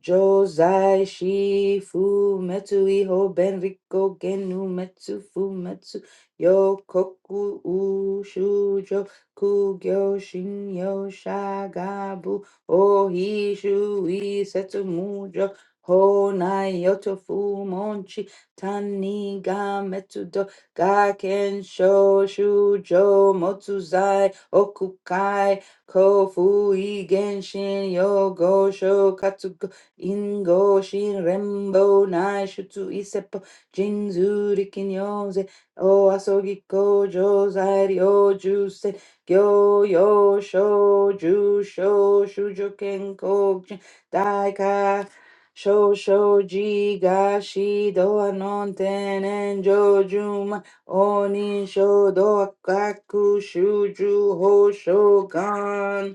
[SPEAKER 1] Josai shi fu metsu iho ben riko genu metsu fu metsu yo koku u shujo kugyo shin yo shagabu o hi shu i setsu mujo honai nai yoto fu monchi tani ga metsu do ga ken sho shujo motsu zai okukai kofu i genshin yo go sho katsu Ingo Shin Rembo Naishutsu Isepo Jinzu Rikinyoze O Asogiko Josai Ryo Juse Gyo Yo Sho Jusho Shujo Kenko Daika Sho Sho Ji Gashi Doa Non Tenen Jojuma Oni Sho Doa Kaku Shuju Ho Shogun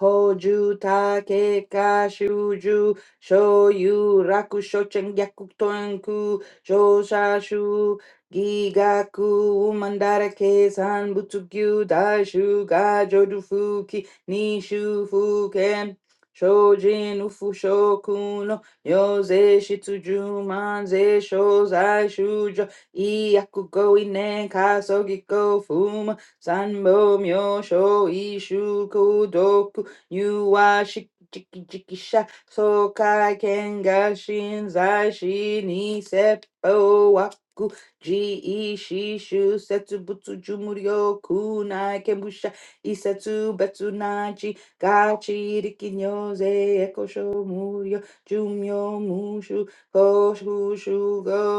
[SPEAKER 1] Hoju take ka shuju shoyu raku shochen gyaku tonku shosashu gigaku umandara ke san butsugyu daishu ga jodu fuki nishu fuken shojin ufu shoku no yoze shitsuju manze shozai shujo iaku go inen kasogi fuma Sanbo Myosho Ishu kudoku, you are shiki jiki sha so kai kenga shin zai shi ni seppo waku ji e shu setu butu jumuryo kunai kembusha isetu betu nachi gachi rikinyo ze ekosho muryo jumyo mushu hoshu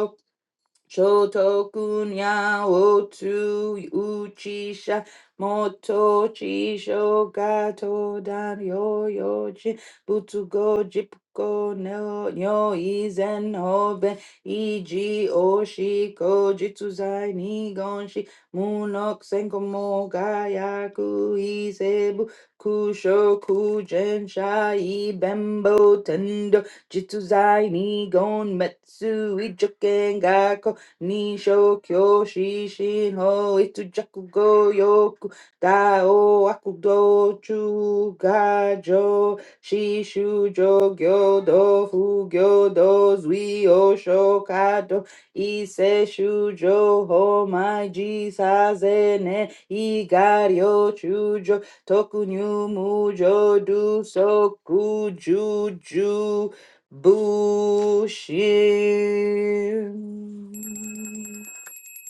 [SPEAKER 1] Shotokunya otu uchisha moto chisho gato dan yo yoji butugo jipko no nyo izen hoben iji oshi ko jitsu oshiko jitsuzai nigonshi munok senko mo gayaku isebu kusho kujen shai bembo tendo jitsu jitsuzai nigon metsu ijoken gako Nisho kyo shishin ho itu jakugo yoku da o akudo chu ga jo shishu jo gyo do fu gyo do zui o shokado ise shu jo ho mai ji sa ze ne igario chu jo toku nyu mu jo du soku ju ju Bushin.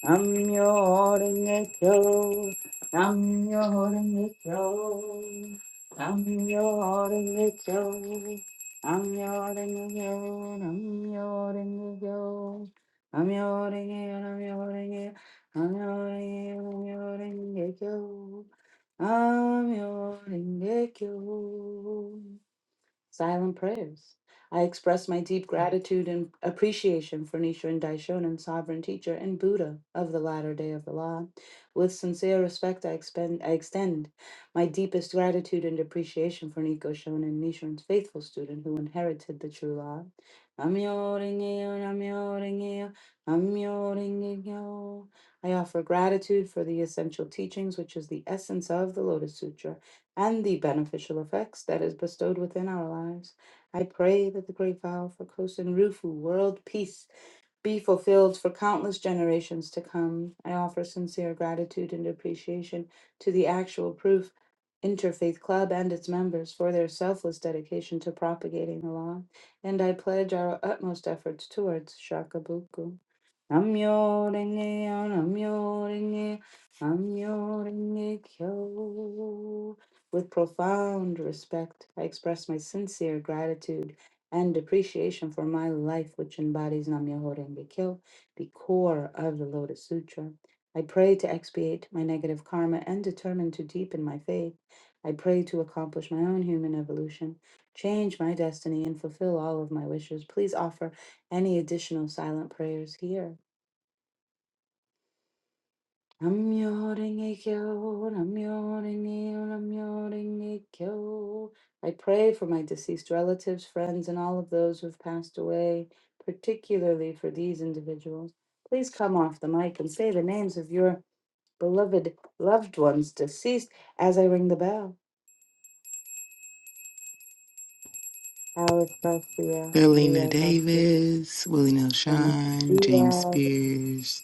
[SPEAKER 1] I'm your angel. I'm your angel. I'm your angel. I'm your angel. I'm your angel. I'm your angel. I'm your angel. I'm your angel. I'm your angel. I'm your angel. Silent prayers. I express my deep gratitude and appreciation for Nichiren Daishonin, sovereign teacher and Buddha of the latter day of the law. With sincere respect, I, expend, I extend my deepest gratitude and appreciation for Niko Shonin, Nichiren's faithful student who inherited the true law. Namyo Renge-kyo, Namyo Renge-kyo, Namyo Renge-kyo. I offer gratitude for the essential teachings, which is the essence of the Lotus Sutra and the beneficial effects that is bestowed within our lives. I pray that the great vow for Kosen Rufu, world peace, be fulfilled for countless generations to come. I offer sincere gratitude and appreciation to the Actual Proof Interfaith Club and its members for their selfless dedication to propagating the law, and I pledge our utmost efforts towards Shakabuku. Namyo Renge yo, Namyo Renge, Namyo Renge Kyo. With profound respect, I express my sincere gratitude and appreciation for my life, which embodies Nam Myoho Renge Kyo, the core of the Lotus Sutra. I pray to expiate my negative karma and determine to deepen my faith. I pray to accomplish my own human evolution, change my destiny, and fulfill all of my wishes. Please offer any additional silent prayers here. Namyo-renge-kyo, namyo-renge-yo, namyo-renge-kyo. I pray for my deceased relatives, friends, and all of those who've passed away, particularly for these individuals. Please come off the mic and say the names of your beloved loved ones deceased as I ring the bell. Alice Garcia,
[SPEAKER 2] Selena
[SPEAKER 1] Maria Garcia,
[SPEAKER 2] Davis, Willie Nelson,
[SPEAKER 1] Carmen
[SPEAKER 2] James
[SPEAKER 1] Diaz,
[SPEAKER 2] Spears,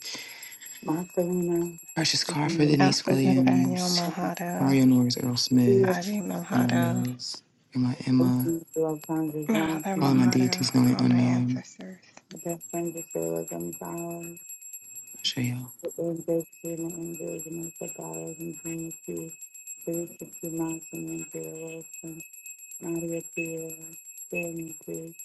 [SPEAKER 1] Marcelina,
[SPEAKER 2] Precious Crawford, Denise
[SPEAKER 3] Alfred
[SPEAKER 1] Marcelina,
[SPEAKER 3] Nathaniel
[SPEAKER 2] Williams,
[SPEAKER 3] Malhado,
[SPEAKER 2] Mario Norris, Earl
[SPEAKER 1] Garcia,
[SPEAKER 2] Smith,
[SPEAKER 3] Ivy
[SPEAKER 2] Grandma
[SPEAKER 3] Malhado,
[SPEAKER 2] Mills, Grandma Emma,
[SPEAKER 1] Anthony Alcantara
[SPEAKER 3] Mother
[SPEAKER 2] all of
[SPEAKER 1] Johnson,
[SPEAKER 2] my
[SPEAKER 3] Malhado,
[SPEAKER 2] deities known and
[SPEAKER 3] all my
[SPEAKER 2] unknown.
[SPEAKER 3] ancestors.
[SPEAKER 1] Justin Priscilla's empowers
[SPEAKER 2] Shale.
[SPEAKER 1] and breaks through the engagement of dollars and dreams to three sixty Nelson and Pierre Wilson, Nadia Pierre, Jeremy Cruz,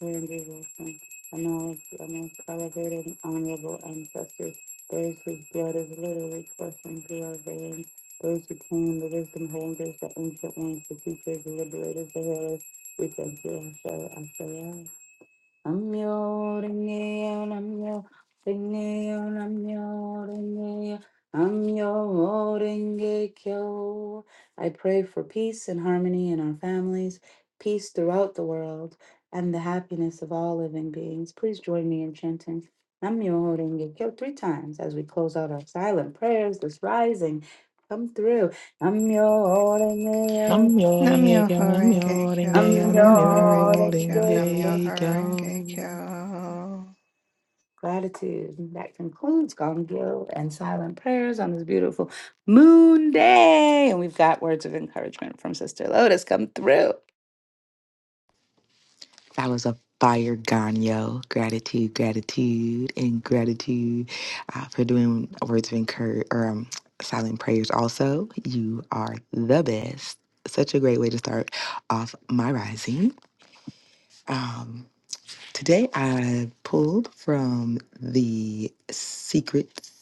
[SPEAKER 1] Randy Wilson, and all of the most elevated and honorable ancestors, those whose blood is literally coursing through our veins, those who came, the wisdom holders, the ancient ones, the teachers, the liberators, the healers, we thank you, Asher, Asher, Namyo Rinkeyo, Namyo Rinkeyo, Namyo Rinkeyo, Namyo Ringekyo. I pray for peace and harmony in our families, peace throughout the world, and the happiness of all living beings. Please join me in chanting Namyo Ringekyo three times as we close out our silent prayers this rising. Come through. Namyo Rinkeyo.
[SPEAKER 2] I'm your
[SPEAKER 3] Namyo
[SPEAKER 2] Oringe, I'm
[SPEAKER 3] Horenge
[SPEAKER 2] your
[SPEAKER 3] Kyo,
[SPEAKER 2] Oringe,
[SPEAKER 1] I'm
[SPEAKER 2] I'm
[SPEAKER 3] Namyo
[SPEAKER 1] your
[SPEAKER 2] your
[SPEAKER 3] Horenge Kyo,
[SPEAKER 1] angel.
[SPEAKER 3] Namyo Horenge
[SPEAKER 2] Oringe.
[SPEAKER 3] Kyo.
[SPEAKER 1] Gratitude. And That concludes Gone Gill and Silent Prayers on this beautiful moon day. And we've got words of encouragement from Sister Lotus come through.
[SPEAKER 2] That was a fire ganyo. Gratitude, gratitude, and gratitude uh, for doing words of encouragement or um, silent prayers. Also, you are the best. Such a great way to start off my rising. Um, today, I pulled from the Secrets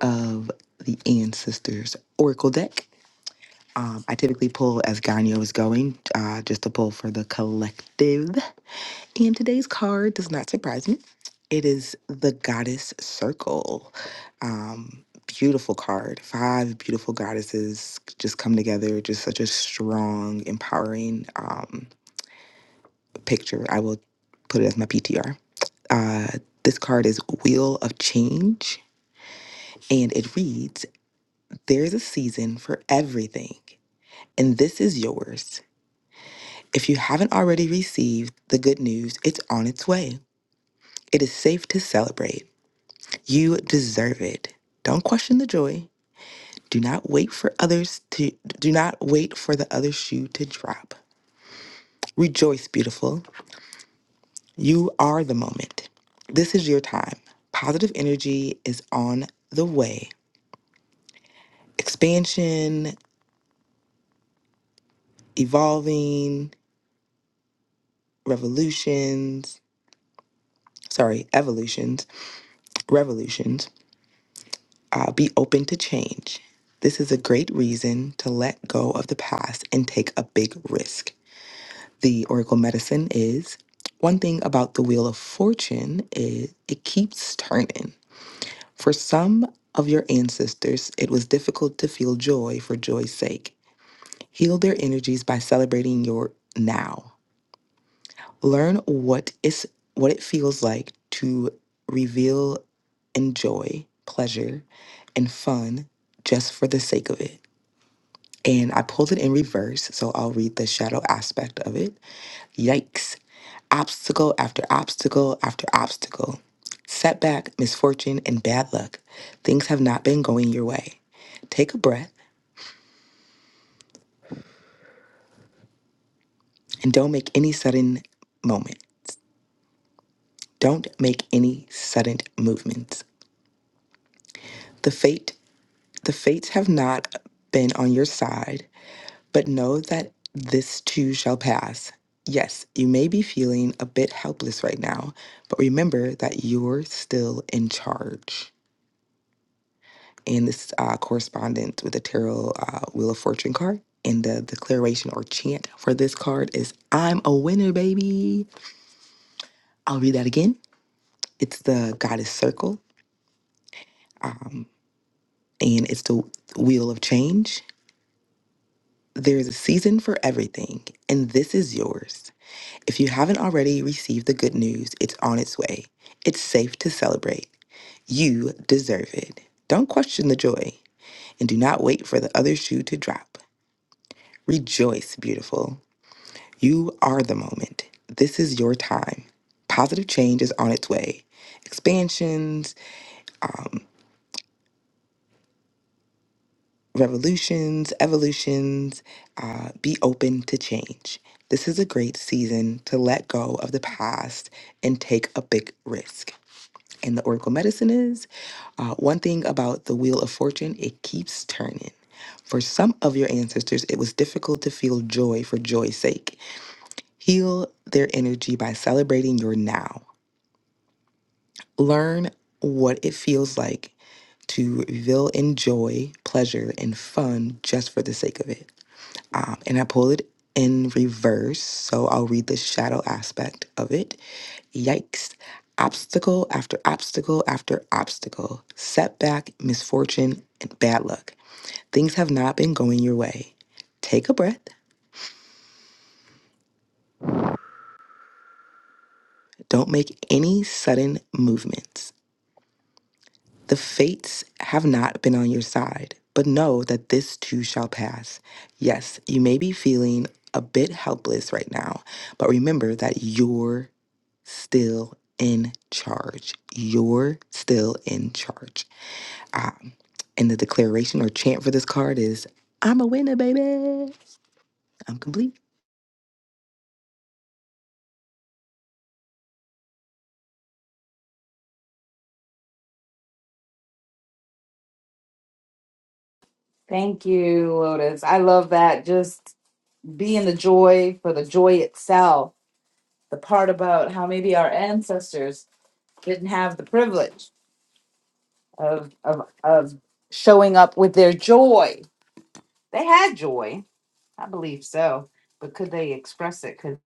[SPEAKER 2] of the Ancestors Oracle deck. Um, I typically pull as Ganyo is going, uh, just to pull for the collective. And today's card does not surprise me. It is the Goddess Circle. Um, beautiful card. Five beautiful goddesses just come together. Just such a strong, empowering um, picture. I will put it as my PTR. Uh, this card is Wheel of Change, and it reads There's a season for everything, and this is yours. If you haven't already received the good news, it's on its way. It is safe to celebrate. You deserve it. Don't question the joy. Do not wait for others to do not wait for the other shoe to drop. Rejoice, beautiful. You are the moment. This is your time. Positive energy is on the way. Expansion, evolving, revolutions, sorry, evolutions, revolutions. Uh, be open to change. This is a great reason to let go of the past and take a big risk. the Oracle medicine is one thing about the Wheel of Fortune is it keeps turning. For some of your ancestors, it was difficult to feel joy for joy's sake. Heal their energies by celebrating your now. Learn what is what it feels like to reveal and joy, pleasure, and fun just for the sake of it. and I pulled it in reverse, so I'll read the shadow aspect of it. Yikes. Obstacle after obstacle after obstacle. Setback, misfortune, and bad luck. Things have not been going your way. Take a breath and don't make any sudden moment. Don't make any sudden movements. The fate, the fates have not been on your side But know that this too shall pass. Yes, you may be feeling a bit helpless right now, but remember that you're still in charge. And this uh, correspondence with the tarot uh, Wheel of Fortune card. And the declaration or chant for this card is I'm a winner, baby. I'll read that again. It's the Goddess Circle, um, and it's the Wheel of Change. There's a season for everything, and this is yours. If you haven't already received the good news, it's on its way. It's safe to celebrate. You deserve it. Don't question the joy and do not wait for the other shoe to drop. Rejoice, beautiful. You are the moment. This is your time. Positive change is on its way. Expansions, um, revolutions, evolutions. Uh, be open to change. This is a great season to let go of the past and take a big risk. and the Oracle medicine is uh, one thing about the Wheel of Fortune, it keeps turning. For some of your ancestors, it was difficult to feel joy for joy's sake. Heal their energy by celebrating your now. Learn what it feels like to reveal in joy, pleasure, and fun just for the sake of it. Um, and I pulled it in reverse, so I'll read the shadow aspect of it. Yikes. Obstacle after obstacle after obstacle, setback, misfortune, and bad luck. Things have not been going your way. Take a breath. Don't make any sudden movements. The fates have not been on your side, but know that this too shall pass. Yes, you may be feeling a bit helpless right now, but remember that you're still in charge. You're still in charge. Um, and the declaration or chant for this card is I'm a winner, baby. I'm complete.
[SPEAKER 1] Thank you, Lotus. I love that. Just being the joy for the joy itself. The part about how maybe our ancestors didn't have the privilege of, of, of showing up with their joy. They had joy. I believe so. But could they express it? Could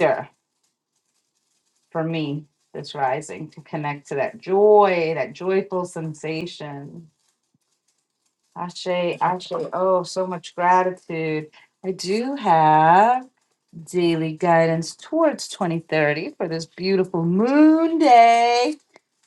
[SPEAKER 1] they? for me this rising to connect to that joy, that joyful sensation. Ashe, ashe, oh, so much gratitude. I do have daily guidance towards 2030 for this beautiful moon day.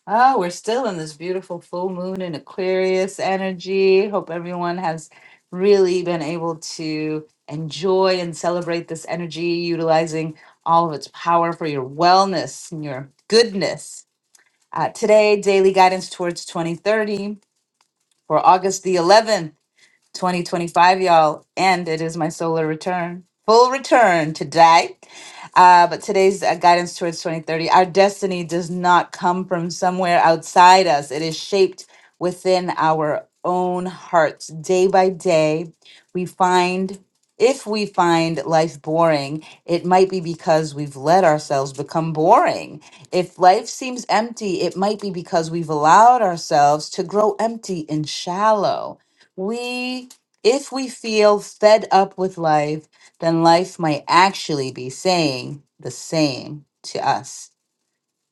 [SPEAKER 1] Oh, we're still in this beautiful full moon in Aquarius energy. Hope everyone has really been able to enjoy and celebrate this energy, utilizing all of its power for your wellness and your goodness uh, today, daily guidance towards 2030 for August the 11th. 2025, y'all. And it is my solar return, full return today. Uh, but today's uh, guidance towards 2030 our destiny does not come from somewhere outside us, it is shaped within our own hearts. Day by day, we find if we find life boring, it might be because we've let ourselves become boring. If life seems empty, it might be because we've allowed ourselves to grow empty and shallow. We, if we feel fed up with life, then life might actually be saying the same to us.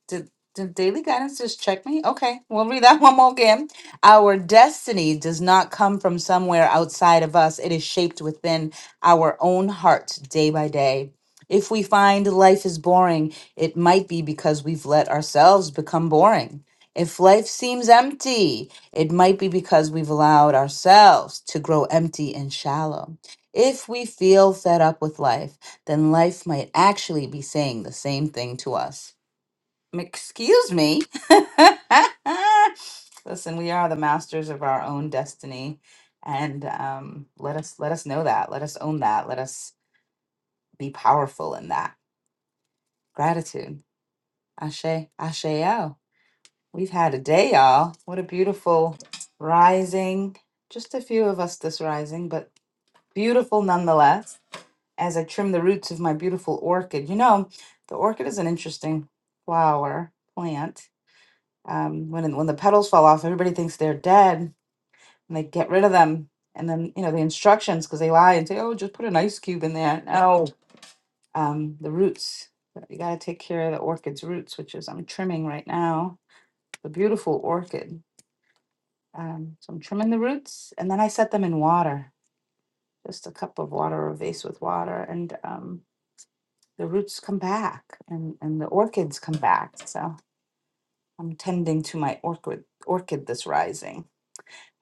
[SPEAKER 1] Did did daily guidance just check me? Okay, we'll read that one more again. Our destiny does not come from somewhere outside of us. It is shaped within our own heart day by day. If we find life is boring, it might be because we've let ourselves become boring. If life seems empty, it might be because we've allowed ourselves to grow empty and shallow. If we feel fed up with life, then life might actually be saying the same thing to us. Excuse me. Listen, we are the masters of our own destiny, and um, let us let us know that. Let us own that. Let us be powerful in that gratitude. Ashe, asheo. We've had a day, y'all. What a beautiful rising. Just a few of us this rising, but beautiful nonetheless. As I trim the roots of my beautiful orchid, you know, the orchid is an interesting flower plant um, when when the petals fall off, everybody thinks they're dead, and they get rid of them. And then you know the instructions because they lie and say, "Oh, just put an ice cube in there." No, um, the roots. You got to take care of the orchid's roots, which is I'm trimming right now. The beautiful orchid. Um, so I'm trimming the roots, and then I set them in water, just a cup of water or a vase with water, and um, the roots come back, and and the orchids come back. So I'm tending to my orchid orchid this rising.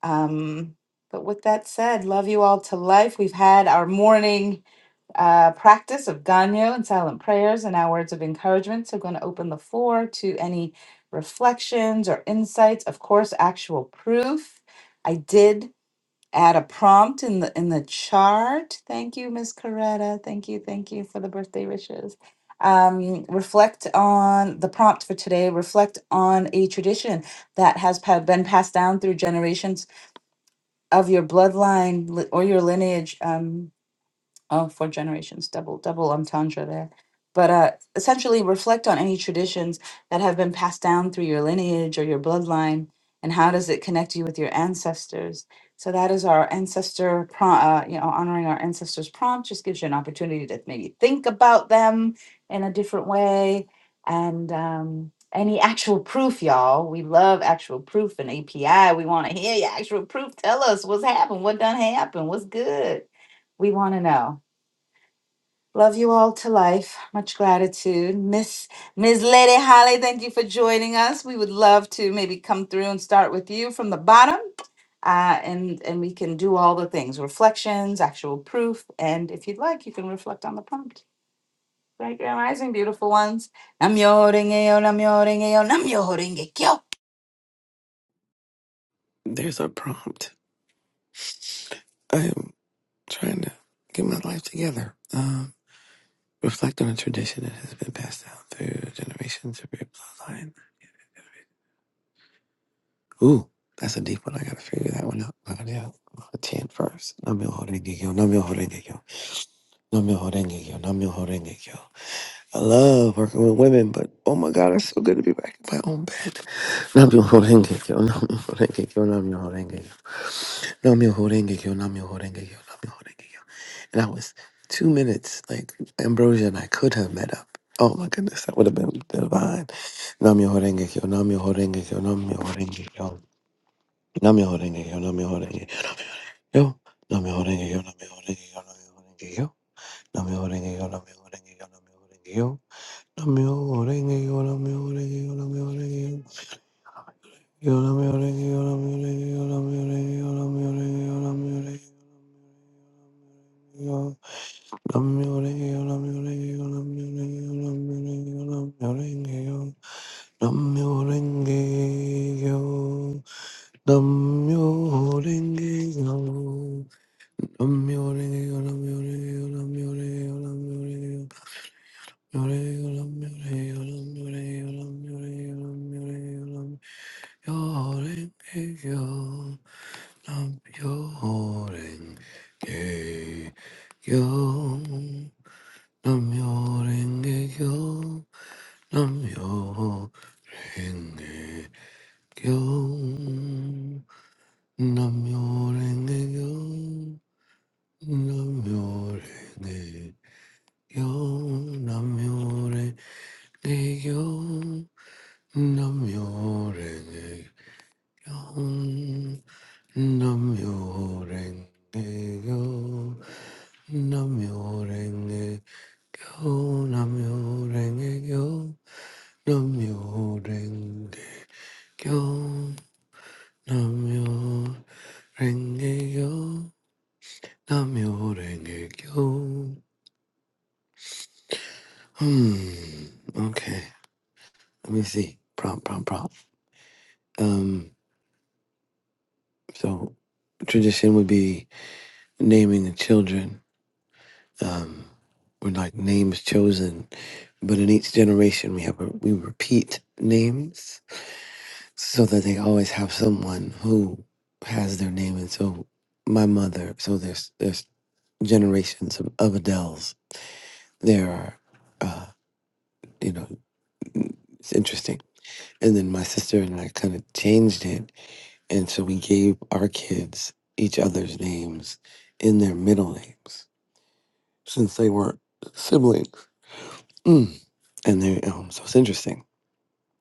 [SPEAKER 1] Um, but with that said, love you all to life. We've had our morning uh, practice of Ganyo and silent prayers and our words of encouragement. So, going to open the floor to any reflections or insights. Of course, actual proof. I did add a prompt in the in the chart. Thank you, Miss Coretta. Thank you, thank you for the birthday wishes. Um, reflect on the prompt for today. Reflect on a tradition that has pa- been passed down through generations of your bloodline li- or your lineage um, Oh, four generations, double, double entendre there. But uh, essentially, reflect on any traditions that have been passed down through your lineage or your bloodline, and how does it connect you with your ancestors? So that is our ancestor, pro- uh, you know, honoring our ancestors prompt just gives you an opportunity to maybe think about them in a different way. And um, any actual proof, y'all. We love actual proof and API. We want to hear your actual proof. Tell us what's happened, what done happened, what's good. We want to know. Love you all to life. Much gratitude. Miss Miss Lady Holly, thank you for joining us. We would love to maybe come through and start with you from the bottom. Uh, and and we can do all the things reflections actual proof and if you'd like you can reflect on the prompt right Grand rising, beautiful ones Namyo Renge-kyo, Namyo Renge-kyo, Namyo Renge-kyo.
[SPEAKER 5] There's a prompt. I am trying to get my life together. Um, reflect on a tradition that has been passed down through generations of your bloodline. Ooh, that's a deep one. I gotta figure that one out. I gotta i chant first. Namyo Horengekyo, Namyo Horengekyo, Namyo Horengekyo, Namyo Horengekyo. I love working with women, but oh my god, it's so good to be back in my own bed. Namyo Horengekyo, Namyo Horengekyo, Namyo Horengekyo. Namyoho Renge Kyo, Namyoho Renge Kyo, Namyoho Renge Kyo. And I was two minutes, like Ambrosia and I could have met up. Oh my goodness, that would have been divine. Namyoho Renge Kyo, Namyoho Renge Kyo, Namyoho Renge Kyo. Namyoho Renge Kyo, Namyoho Renge Kyo. Namyoho Renge Kyo, Namyoho Renge Kyo, Namyoho Renge Kyo. Namyoho Renge Kyo, Namyoho Renge Kyo, Namyoho Renge Kyo. Namyoho Renge Kyo, Namyoho Renge Kyo, Namyoho Renge Kyo. Yo, Namyoho Renge Kyo, Namyoho Renge Kyo, Namyoho Renge Kyo, Namyoho Renge Kyo, Namyoho Renge Kyo. Yo. Namyo Renge Kyo, Namyo Renge Kyo, Namyo Renge Kyo, Namyo Renge Kyo, Namyo Renge Kyo, Namyo Renge Kyo, Namyo Renge Kyo, Namyo Renge Kyo, Namyo Renge Kyo. Namyo Renge Kyo, Namyo Renge Kyo, Namyo Renge Kyo. Hmm, okay. Let me see. Prompt, prompt, prompt. Um, so tradition would be naming the children. Um, we're like names chosen, but in each generation we have a, we repeat names so that they always have someone who has their name. And so my mother, so there's there's generations of, of Adele's. There are, uh, you know, it's interesting. And then my sister and I kind of changed it. And so we gave our kids each other's names in their middle names since they were siblings. Mm. And they, um, so it's interesting.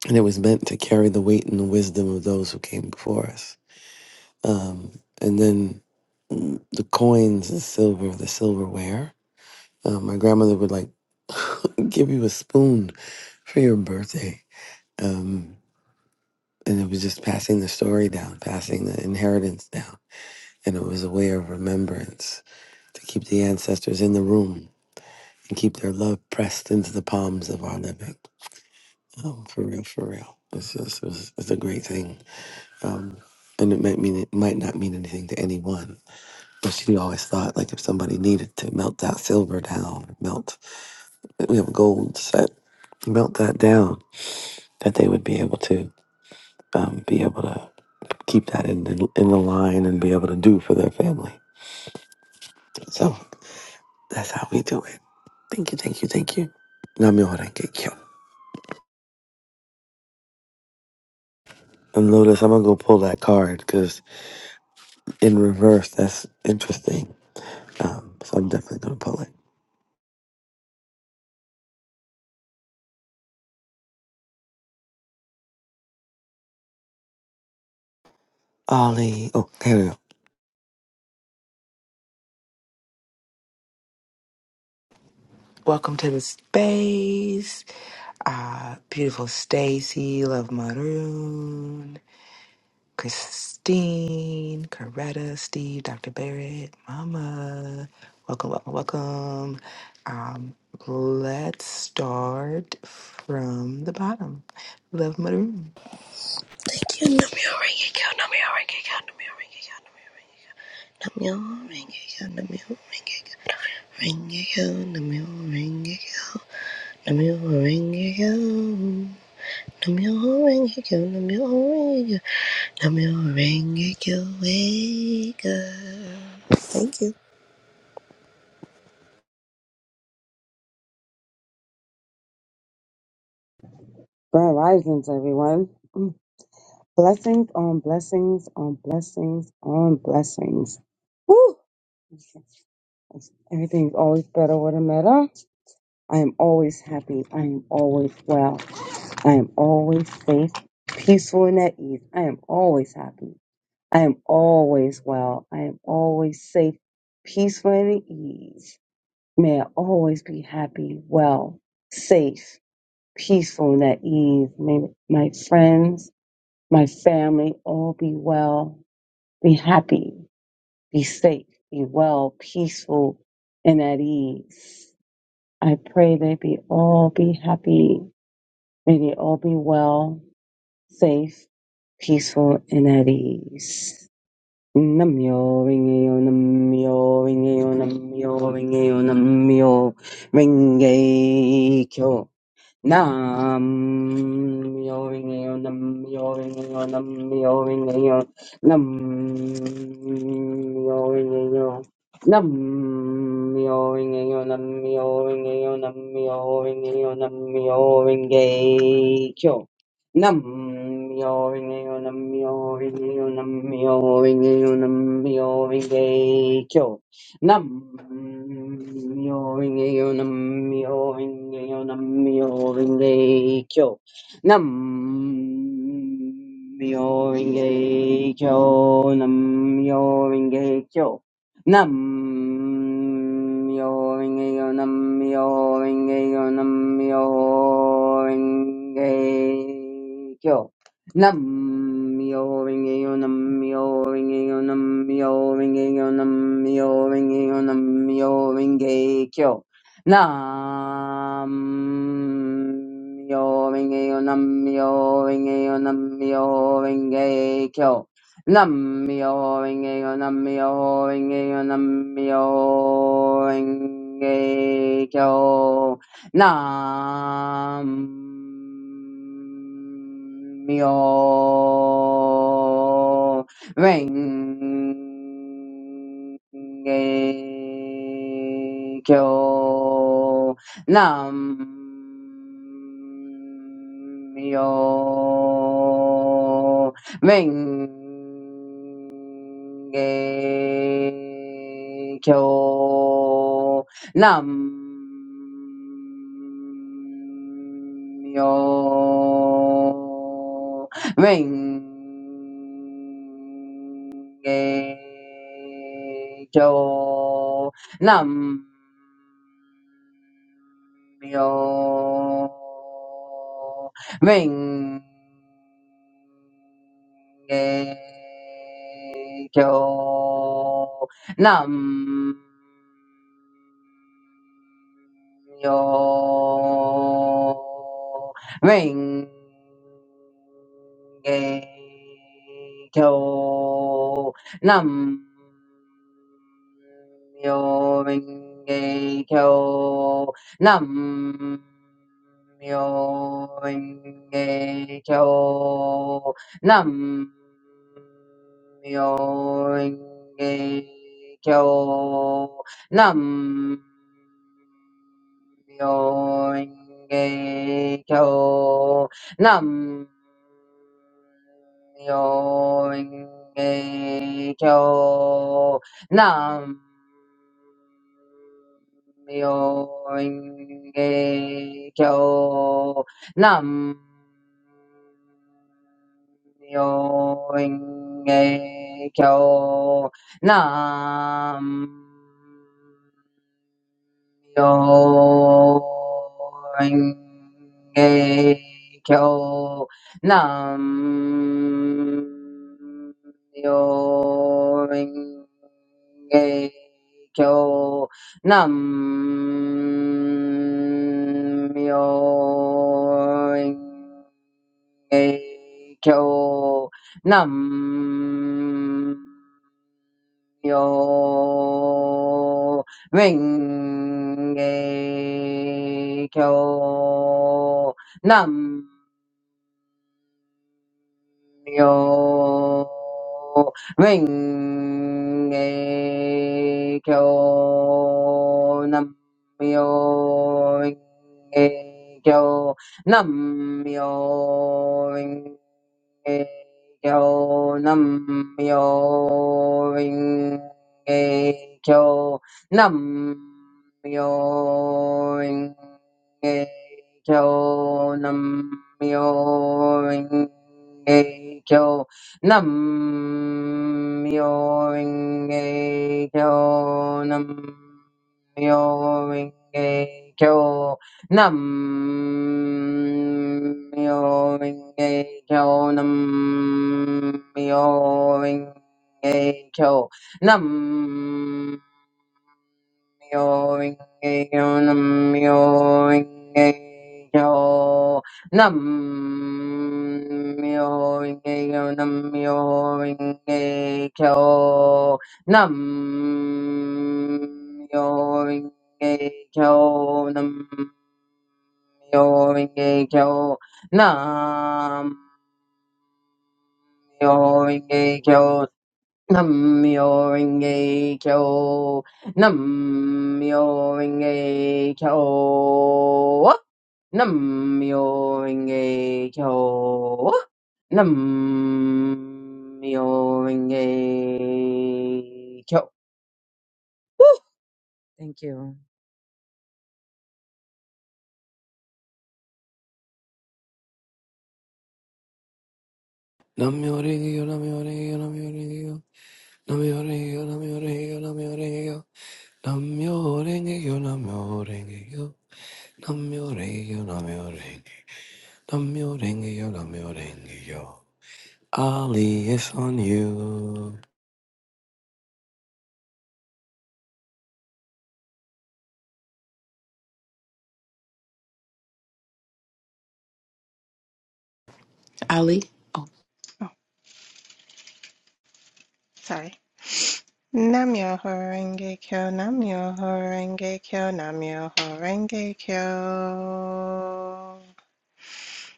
[SPEAKER 5] And it was meant to carry the weight and the wisdom of those who came before us. Um, and then mm, the coins, the silver, the silverware. Uh, my grandmother would like give you a spoon for your birthday. Um, and it was just passing the story down, passing the inheritance down. And it was a way of remembrance to keep the ancestors in the room and keep their love pressed into the palms of our living. Um, for real, for real. It's, just, it's, it's a great thing. Um, and it might mean it might not mean anything to anyone, but she always thought like if somebody needed to melt that silver down, melt that we have a goal set, melt that down, that they would be able to um, be able to keep that in the, in the line and be able to do for their family. So that's how we do it. Thank you, thank you, thank you. Namyo Renge Kyo. And Lotus, I'm gonna go pull that card because in reverse, that's interesting. Um, so I'm definitely gonna pull it. Ali, oh, here we go.
[SPEAKER 2] Welcome to the space. Uh, beautiful Stacy, Love Maroon, Christine, Coretta, Steve, Dr. Barrett, Mama. Welcome, welcome, welcome. Um, let's start from the bottom. Love Maroon.
[SPEAKER 6] Thank you.
[SPEAKER 7] Grand risings, everyone. Mm. Blessings on blessings on blessings on blessings. Woo! Everything's always better with a meta. I am always happy. I am always well. I am always safe, peaceful, and at ease. I am always happy. I am always well. I am always safe, peaceful, and at ease. May I always be happy, well, safe, peaceful, and at ease. May my friends my family all be well, be happy, be safe, be well, peaceful, and at ease. I pray they be all be happy. May they all be well, safe, peaceful, and at ease. Namyo ringeyo namyo ringeyo namyo ringeyo namyo ringe kyo. Nam yoing yo, nam yoing yo, nam yoing yo, nam yoing yo, nam yoing yo, nam myoho nam yoing yo, nam myoho yo, nam yoing yo, nam myoho nam yoing yo, nam myoho yo. Nam-myoho-renge-kyo. Nam-myoho-renge-kyo. Nam-myoho-renge-kyo. Nam-myoho-renge-kyo. Nam-myoho-renge-kyo. Nam-myoho-renge-kyo. Nam-myoho-renge-kyo. Nam-myoho-renge-kyo. Nam-myoho-renge-kyo. Nam-myoho-renge-kyo. Nam-myoho-renge-kyo. Nam-myoho-renge-kyo. Nam-myoho-renge-kyo. Nam Myo Renge Kyo Nam Myo Renge Geikyo Ring Geikyo Nam Myo Ring Geikyo Nam yo renge kyo nam yo renge kyo nam yo renge kyo nam yo renge kyo nam yo renge kyo nam Myoho-renge-kyo. Nam-myoho-renge-kyo. Nam-myoho-renge-kyo. Nam-myoho-renge-kyo. Nam-myoho-renge-kyo. kyo nam myo kyo nam myo kyo nam yo ring a kyo nam yo ring a kyo nam yo yo nam yo ring kyo nam yo ring kyo nam yo ring kyo nam yo ring kyo nam yo ring kyo Nam-myoho-renge-kyo. Nam-myoho-renge-kyo. Nam-myoho-renge-kyo. Nam-myoho-renge-kyo. Nam-myoho-renge-kyo. Nam-myoho-renge-kyo. nam myo renge kyo, nam myo renge kyo nam myo renge kyo, nam myo renge kyo, nam myo renge kyo, nam Nam-myoho-renge-kyo. Nam-myoho-renge-kyo. Nam-myoho-renge-kyo. Nam-myoho-renge-kyo. Nam-myoho-renge-kyo. Nam-myoho-renge-kyo. Thank you.
[SPEAKER 5] Namyo Renge Kyo, Namyo Renge Kyo, Namyo Renge Kyo. Namyo Renge Kyo, Namyo Renge Kyo, Namyo Renge Kyo. Namyo Renge Kyo, Namyo Renge Kyo. Namyo Renge-kyo, Namyo Renge-kyo, Namyo Renge-kyo, Namyo Renge-kyo. Ali it's on you.
[SPEAKER 2] Ali.
[SPEAKER 3] Oh, sorry. Namyo Horenge Kyo, Namyo Horenge Kyo, Namyo Horenge Kyo.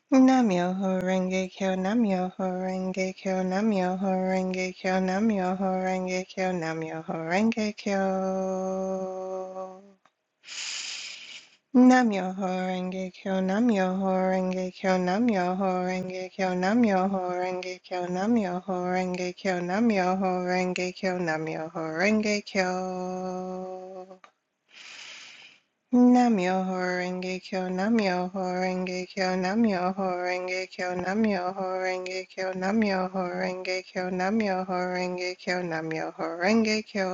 [SPEAKER 3] Namyoho Renge Kyo, Namyoho Renge Kyo, Namyoho Renge Kyo, Namyoho Renge Kyo, Namyoho Renge Kyo. Namyoho Renge Kyo, Namyoho Renge Kyo, Namyoho Renge Kyo, Namyoho Renge Kyo, Namyoho Renge Kyo, Namyoho Renge Kyo, Namyoho Renge Kyo. Namyoho Renge Kyo, Namyoho horenge Kyo, Namyoho Renge Kyo, Namyoho Renge Kyo, Namyoho Renge Kyo, Namyoho horenge Kyo, Namyoho Renge Kyo.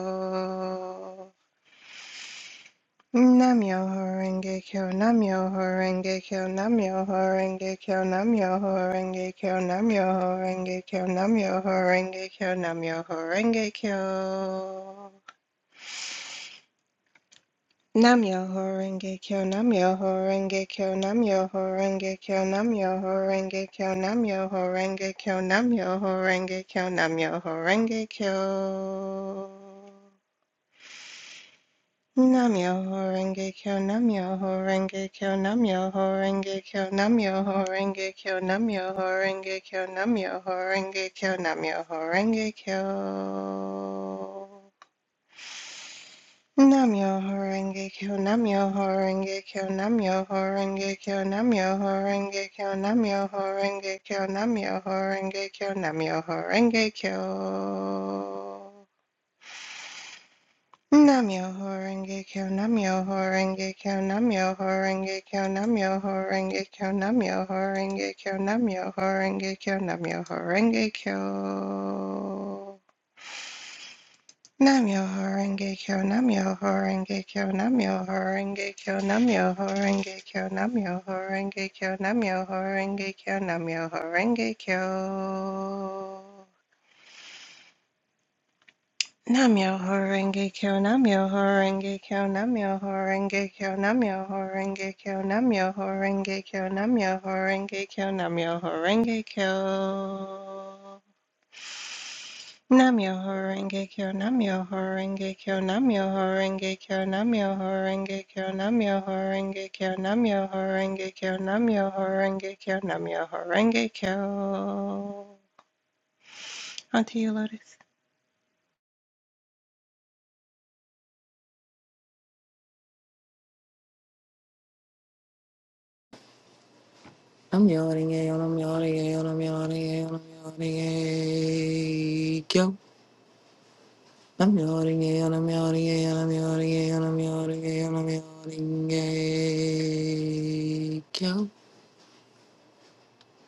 [SPEAKER 3] Namyoho Renge Kyo, Namyoho Renge Kyo, Namyoho horenge Kyo, Namyoho Renge Kyo, Namyoho Renge Kyo, Namyoho Renge Kyo, Namyoho horenge Kyo. Namyo Horenge Kyo Namyo Horenge Kyo Namyo Horenge Kyo Namyo Horenge Kyo Namyo Horenge Kyo Namyo Horenge Kyo Namyo Horenge Kyo Namyo Horenge Kyo Namyo Horenge Kyo Namyo Horenge Kyo Namyo Horenge Kyo Namyo Horenge Kyo Namyo Horenge Kyo Namyo Horenge Kyo Namyo Horenge Kyo, Namyo Horenge Kyo, Namyo Horenge Kyo, Namyo Horenge Kyo, Namyo Horenge Kyo, Namyo Horenge Kyo, Namyo Horenge Kyo. Namyo Horenge Kyo, Namyo Horenge Kyo, Namyo Horenge Kyo, Namyo Horenge Kyo, Namyo Horenge Kyo, Namyo Horenge Kyo, Namyo Horenge Kyo. Namyo Horenge Kyo, Namyo Horenge Kyo, Namyo Horenge Kyo, Namyo Horenge Kyo, Namyo Horenge Kyo, Namyo Horenge Kyo, Namyo Horenge Kyo. Namyo Horenge Kyo, Namyo Horenge Kyo, Namyo Horenge Kyo, Namyo Horenge Kyo, Namyo Horenge Kyo, Namyo Horenge Kyo, Namyo Horenge Kyo. Namyo Horenge Kyo Namyo Horenge Kyo Namyo Horenge Kyo Namyo Horenge Kyo Namyo Horenge Kyo Namyo Horenge Kyo Namyo Horenge Kyo Namyo Horenge Kyo Onto you, Lotus.
[SPEAKER 2] I'm yawning, yeah, I'm yawning, yeah, I'm yawning, yeah, I'm yawning, yeah. yo. I'm yawning, yeah, I'm yawning, yeah, I'm yawning, yeah, I'm yawning, yeah, I'm yawning, yeah. yo.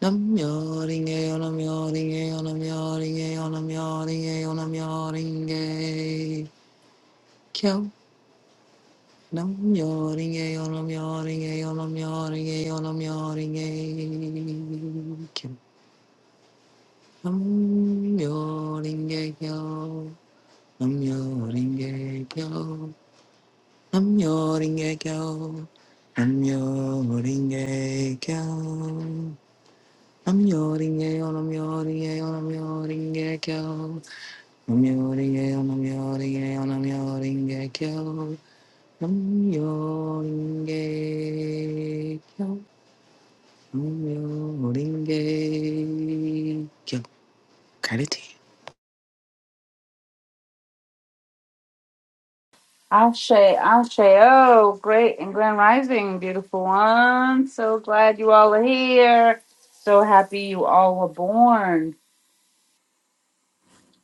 [SPEAKER 2] I'm yawning, yeah, I'm yawning, yeah, I'm yawning, yeah, I'm yawning, yeah, I'm yawning, yeah. yo. I'm yawning, yeah, I'm yawning, yeah, I'm yawning, yeah, I'm yawning, yeah. yo. I'm yawning, yeah, yo. Am yo ring a chow. Am yo ring a chow. Am yo ring a chow. Am yo ring a yo. Am yo ring a yo. Am yo ring a chow. Am yo ring a yo. Am yo ring a yo. Am yo ring a chow. Am yo ring a chow. Am yo ring a chow. Carry.
[SPEAKER 1] Ashe, Ashe, oh, great and grand rising, beautiful one. So glad you all are here. So happy you all were born.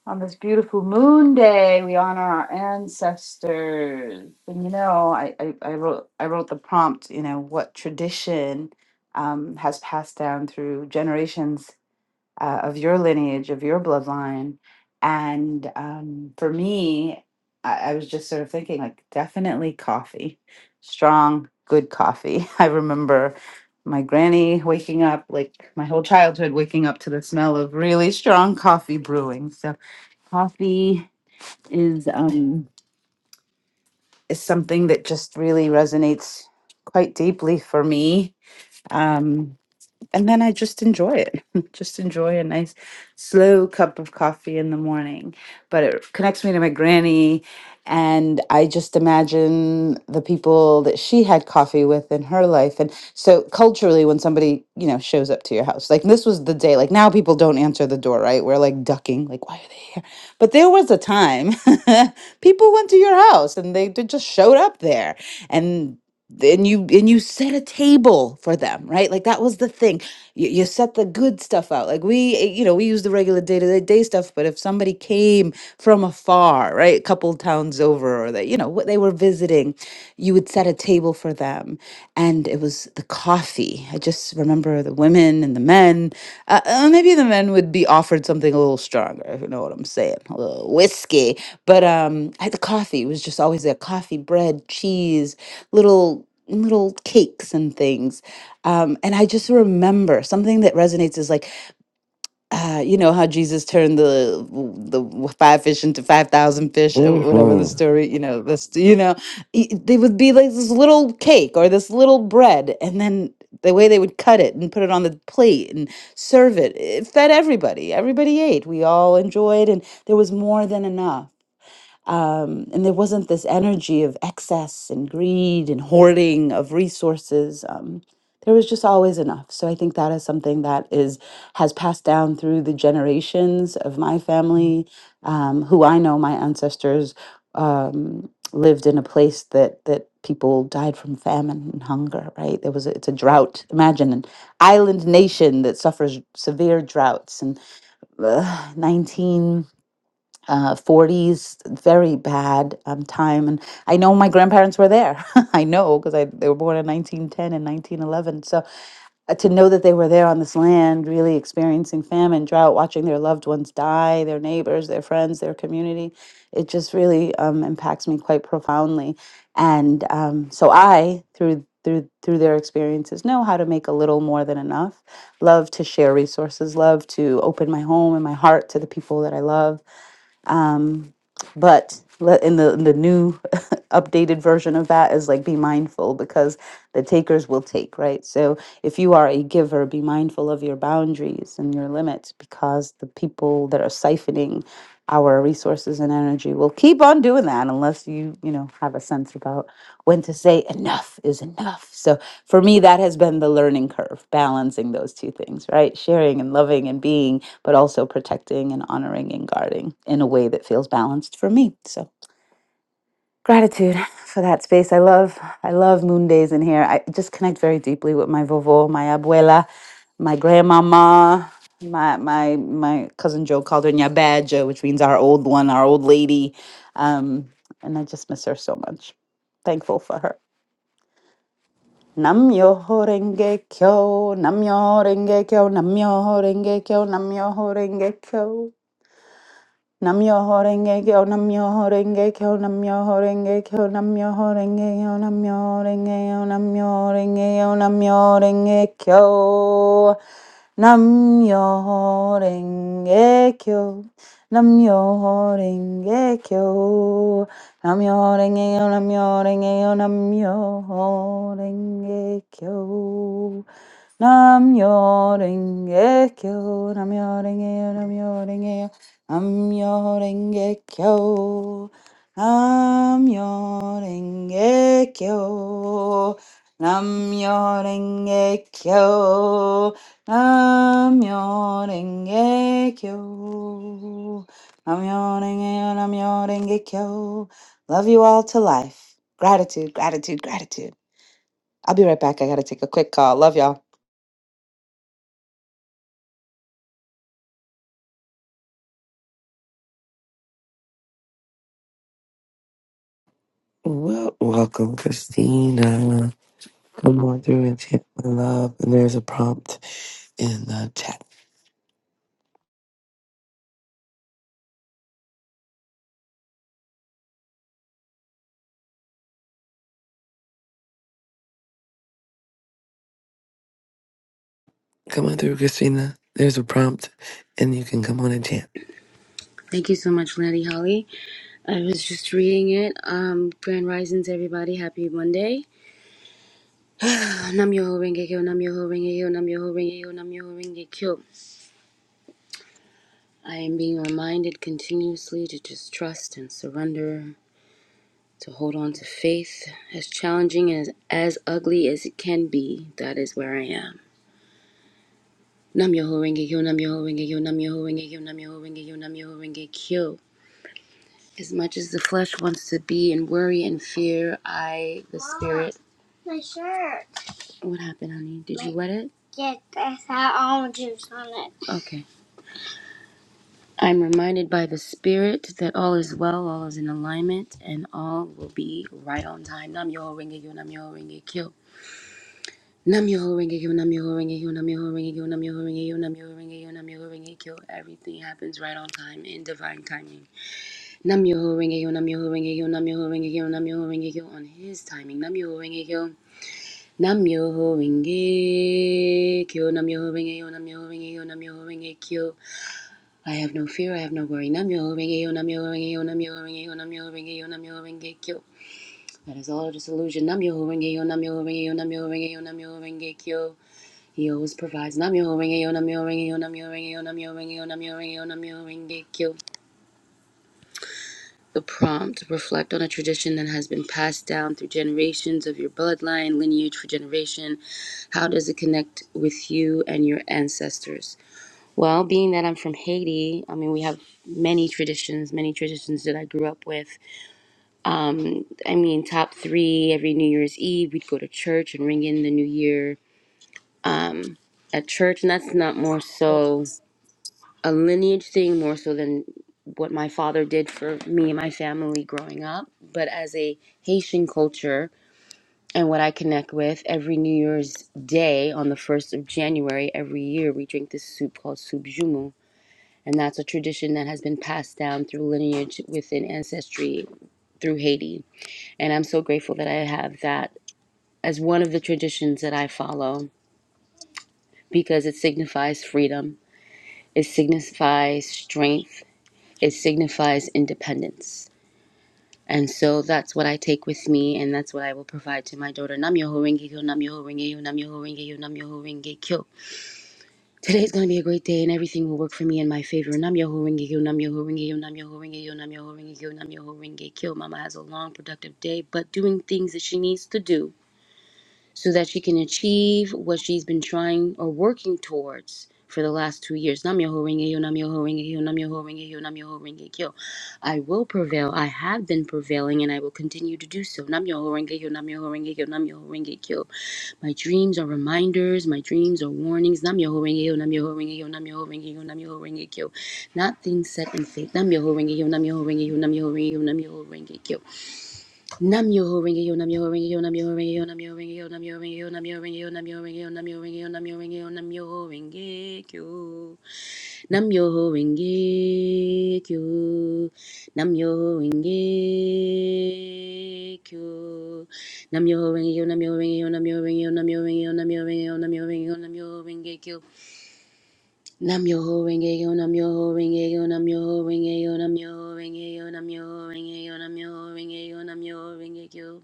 [SPEAKER 1] On this beautiful moon day, we honor our ancestors. And you know, I, I, I wrote I wrote the prompt, you know, what tradition um, has passed down through generations uh, of your lineage, of your bloodline. And um, for me, I, I was just sort of thinking like definitely coffee, strong, good coffee. I remember my granny waking up, like my whole childhood waking up to the smell of really strong coffee brewing. So coffee is um is something that just really resonates quite deeply for me. Um, and then I just enjoy it. just enjoy a nice slow cup of coffee in the morning. But it connects me to my granny and I just imagine the people that she had coffee with in her life. And so culturally when somebody, you know, shows up to your house, like this was the day, like now people don't answer the door, right? We're like ducking, like why are they here? But there was a time people went to your house and they, they just showed up there and and you and you set a table for them right like that was the thing you, you set the good stuff out like we eh, you know we use the regular day-to-day day stuff but if somebody came from afar right a couple towns over or that you know what they were visiting you would set a table for them and it was the coffee i just remember the women and the men uh, uh, maybe the men would be offered something a little stronger if you know what i'm saying a little whiskey but um I, the coffee was just always there coffee bread cheese little little cakes and things um, and I just remember something that resonates is like, uh, you know how Jesus turned the the five fish into five thousand fish, uh, whatever the
[SPEAKER 5] Mm-hmm.
[SPEAKER 1] story. You know, this you know, y- they would be like this little cake or this little bread, and then the way they would cut it and put it on the plate and serve it, it fed everybody. Everybody ate. We all enjoyed, and there was more than enough. Um, and there wasn't this energy of excess and greed and hoarding of resources. Um, there was just always enough. So I think that is something that is has passed down through the generations of my family, um, who I know my ancestors um, lived in a place that that people died from famine and hunger. Right? There was a, it's a drought. Imagine an island nation that suffers severe droughts and uh, 19 uh, 40s, very bad um, time. And I know my grandparents were there. I know because I they were born in 1910 and 1911. So uh, to know that they were there on this land, really experiencing famine, drought, watching their loved ones die, their neighbors, their friends, their community, it just really um, impacts me quite profoundly. And um, so I, through through through their experiences, know how to make a little more than enough. Love to share resources. Love to open my home and my heart to the people that I love um, but let, in the in the new updated version of that is like be mindful because the takers will take, right? So if you are a giver, be mindful of your boundaries and your limits because the people that are siphoning our resources and energy will keep on doing that unless you, you know, have a sense about when to say enough is enough. So for me, that has been the learning curve, balancing those two things, right? Sharing and loving and being, but also protecting and honoring and guarding in a way that feels balanced for me. So gratitude for that space. I love, I love moon days in here. I just connect very deeply with my vovo, my abuela, my grandmama. My my my cousin Joe called her Nyabaja, which means our old one, our old lady. Um, and I just miss her so much. Thankful for her. Namyoho Renge Kyo, Namyoho Renge Kyo, Namyoho Renge Kyo, Namyoho Renge Kyo. Namyoho Renge Kyo, Namyoho Renge Kyo, Namyoho Renge Kyo, Namyoho Renge Kyo, Namyoho Renge Kyo, Namyoho Renge Kyo, Namyoho Renge Kyo. Namyo Renge Kyo. Namyo Renge Kyo. Namyo Renge Kyo. Namyo Renge Kyo. Namyo Renge Kyo. 남여랭개교 남여랭개요 남여랭개요 남여랭개교 남여랭개교 남여랭개교 남여랭개교 남여랭개요 남여랭개교 Love you all to life. Gratitude, gratitude, gratitude. I'll be right back. I gotta take a quick call. Love y'all.
[SPEAKER 5] Well, welcome, Christina. Come on through and chant my love. And there's a prompt in the chat. Come on through, Christina. There's a prompt, and you can come on and chant.
[SPEAKER 8] Thank you so much, Lady Holly. I was just reading it. Um, Grand Risings, everybody. Happy Monday. Uh, Nam Yoho Renge Kyo, Nam Yoho Renge Kyo, Nam Yoho Renge Kyo, Nam Yoho Renge Kyo. I am being reminded continuously to just trust and surrender, to hold on to faith, as challenging and as, as ugly as it can be. That is where I am. Nam Yoho Renge Kyo, Nam Yoho Renge Kyo, Nam Yoho Renge Kyo, Nam Yoho Renge Kyo, Nam Yoho Renge Kyo. As much as the flesh wants to be in worry and fear, I, the Mama, spirit. My shirt. What happened, honey? Did my, you wet it? Yeah, that's had almond juice on it. Okay. I'm reminded by the spirit that all is well, all is in alignment, and all will be right on time. Nam yo ringe yo, nam yo ringe kyo. Nam yo ringe yo, nam yo ringe yo, nam yo ringe yo, nam yo ringe yo, nam yo ringe yo, nam yo ringe kyo. Everything happens right on time in divine timing. Namyoho Renge-kyo, Namyoho Renge-kyo, Namyoho Renge-kyo, Namyoho Renge-kyo on his timing. Namyoho Renge-kyo, Namyoho Renge-kyo, Namyoho Renge-kyo, Namyoho Renge-kyo, Namyoho Renge-kyo. I have no fear, I have no worry. Namyoho Renge-kyo, Namyoho Renge-kyo, Namyoho Renge-kyo, Namyoho Renge-kyo, Namyoho Renge-kyo. That is all just illusion. Namyoho Renge-kyo, Namyoho Renge-kyo, Namyoho Renge-kyo, Namyoho Renge-kyo. He always provides. Namyoho Renge-kyo, Namyoho Renge-kyo, Namyoho Renge-kyo, Namyoho Renge-kyo, Namyoho Renge-kyo, Namyoho Renge-kyo. The prompt reflect on a tradition that has been passed down through generations of your bloodline, lineage for generation. How does it connect with you and your ancestors? Well, being that I'm from Haiti, I mean, we have many traditions, many traditions that I grew up with. Um, I mean, top three every New Year's Eve, we'd go to church and ring in the new year um, at church. And that's not more so a lineage thing more so than what my father did for me and my family growing up. But as a Haitian culture and what I connect with, every New Year's Day on the 1st of January every year, we drink this soup called soup jumu. And that's a tradition that has been passed down through lineage within ancestry through Haiti. And I'm so grateful that I have that as one of the traditions that I follow because it signifies freedom, it signifies strength, it signifies independence And so that's what I take with me, and that's what I will provide to my daughter. Nam Yoho Renge Kyo, Nam Yoho Renge Yo, Nam Yoho Renge Yo, Nam Yoho Renge Kyo. Today's going to be a great day, and everything will work for me in my favor. Nam Yoho Renge Kyo, Nam Yoho Renge Yo, Nam Yoho Renge Yo, Nam Yoho Renge Kyo, Nam Yoho Renge Kyo. Mama has a long, productive day, but doing things that she needs to do so that she can achieve what she's been trying or working towards for the last two years. Namyoho Renge-kyo, Namyoho Renge-kyo, Namyoho Renge-kyo, Namyoho Renge-kyo. I will prevail. I have been prevailing and I will continue to do so. Namyoho Renge-kyo, Namyoho Renge-kyo, Namyoho Renge-kyo. My dreams are reminders. My dreams are warnings. Namyoho Renge-kyo, Namyoho Renge-kyo, Namyoho Renge-kyo, Namyoho Renge-kyo. Not things set in fate. Namyoho Renge-kyo, Namyoho Renge-kyo, Namyoho Renge-kyo, Namyoho Renge-kyo. Nam yo ho ringa yo nam yo ho ringa yo nam yo ho ringa yo nam yo ho ringa yo nam yo ho ringa yo nam yo ho ringa yo nam yo ho ringa yo nam yo ho ringa yo nam yo ho ringa yo nam yo ho ringa kyo nam yo ho ringa kyo nam yo ho ringa kyo nam yo ho ringa yo nam yo ho ringa yo nam yo ho ringa yo nam yo ho ringa yo nam yo ho ringa yo nam yo ho ringa yo nam yo ho ringa kyo nam yo ho ringa yo nam yo ho ringa yo nam yo ho ringa yo nam yo ho ringa yo nam yo ho ringa yo nam yo ho ringa yo nam yo ho ringa kyo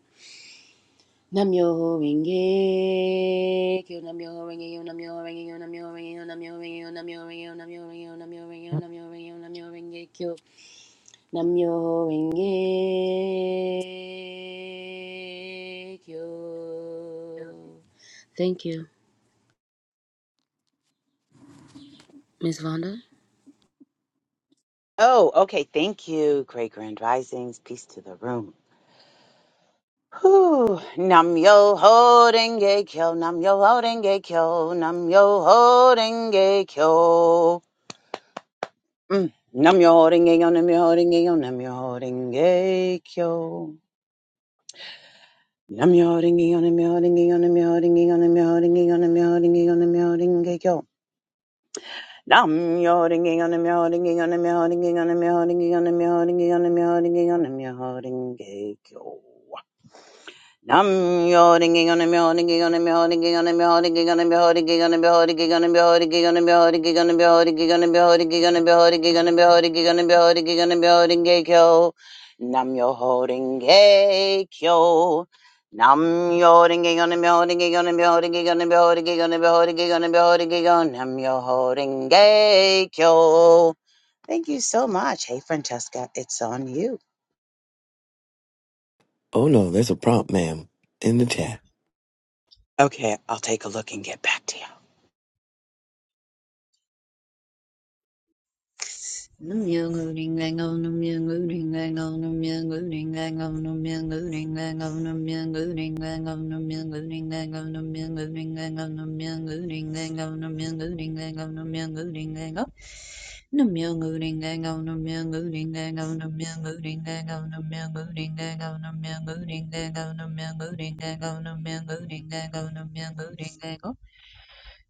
[SPEAKER 8] Namyo Renge Kyo Namyo Renge Yo Namyo Renge Yo Namyo Renge Yo Namyo Renge Yo Namyo Renge Yo Namyo Renge Yo Namyo Renge Yo Namyo Renge Yo Namyo Renge Kyo Namyo Renge Kyo Thank you, Miss Vonda.
[SPEAKER 9] Oh, okay. Thank you, Great Grand Risings. Peace to the room. Whew. Nam yo holding gay kyo, nam yo holding gay kyo, nam yo holding gay kyo. Mm. Nam yo holding gay yo, nam yo holding gay yo, nam yo holding gay kyo. Nam yo holding gay yo, nam yo holding gay yo, nam yo holding gay yo, nam yo holding gay yo, nam yo holding gay yo, nam yo holding gay kyo. Nam yo holding gay yo, nam yo holding gay yo, nam yo holding gay yo, nam yo holding gay yo, nam yo holding gay yo, nam yo holding gay yo, nam yo holding gay yo, nam yo holding gay kyo. Nam yo ringing on a myo ringing on a myo ringing on a myo ringing on a myo ringing on a myo ringing on a myo ringing on a myo ringing on a myo ringing on a myo ringing on a myo ringing on a myo ringing on a myo ringing on a myo ringing kyo. Nam yo ho ringing kyo. Nam yo ringing on a myo ringing on a myo ringing on a myo ringing on a myo ringing on a myo ringing on Nam yo ho ringing kyo. Thank you so much. Hey, Francesca, it's on you.
[SPEAKER 5] Oh no, there's a prompt, ma'am, in the chat.
[SPEAKER 9] Okay, I'll take a look and get back to
[SPEAKER 10] Nam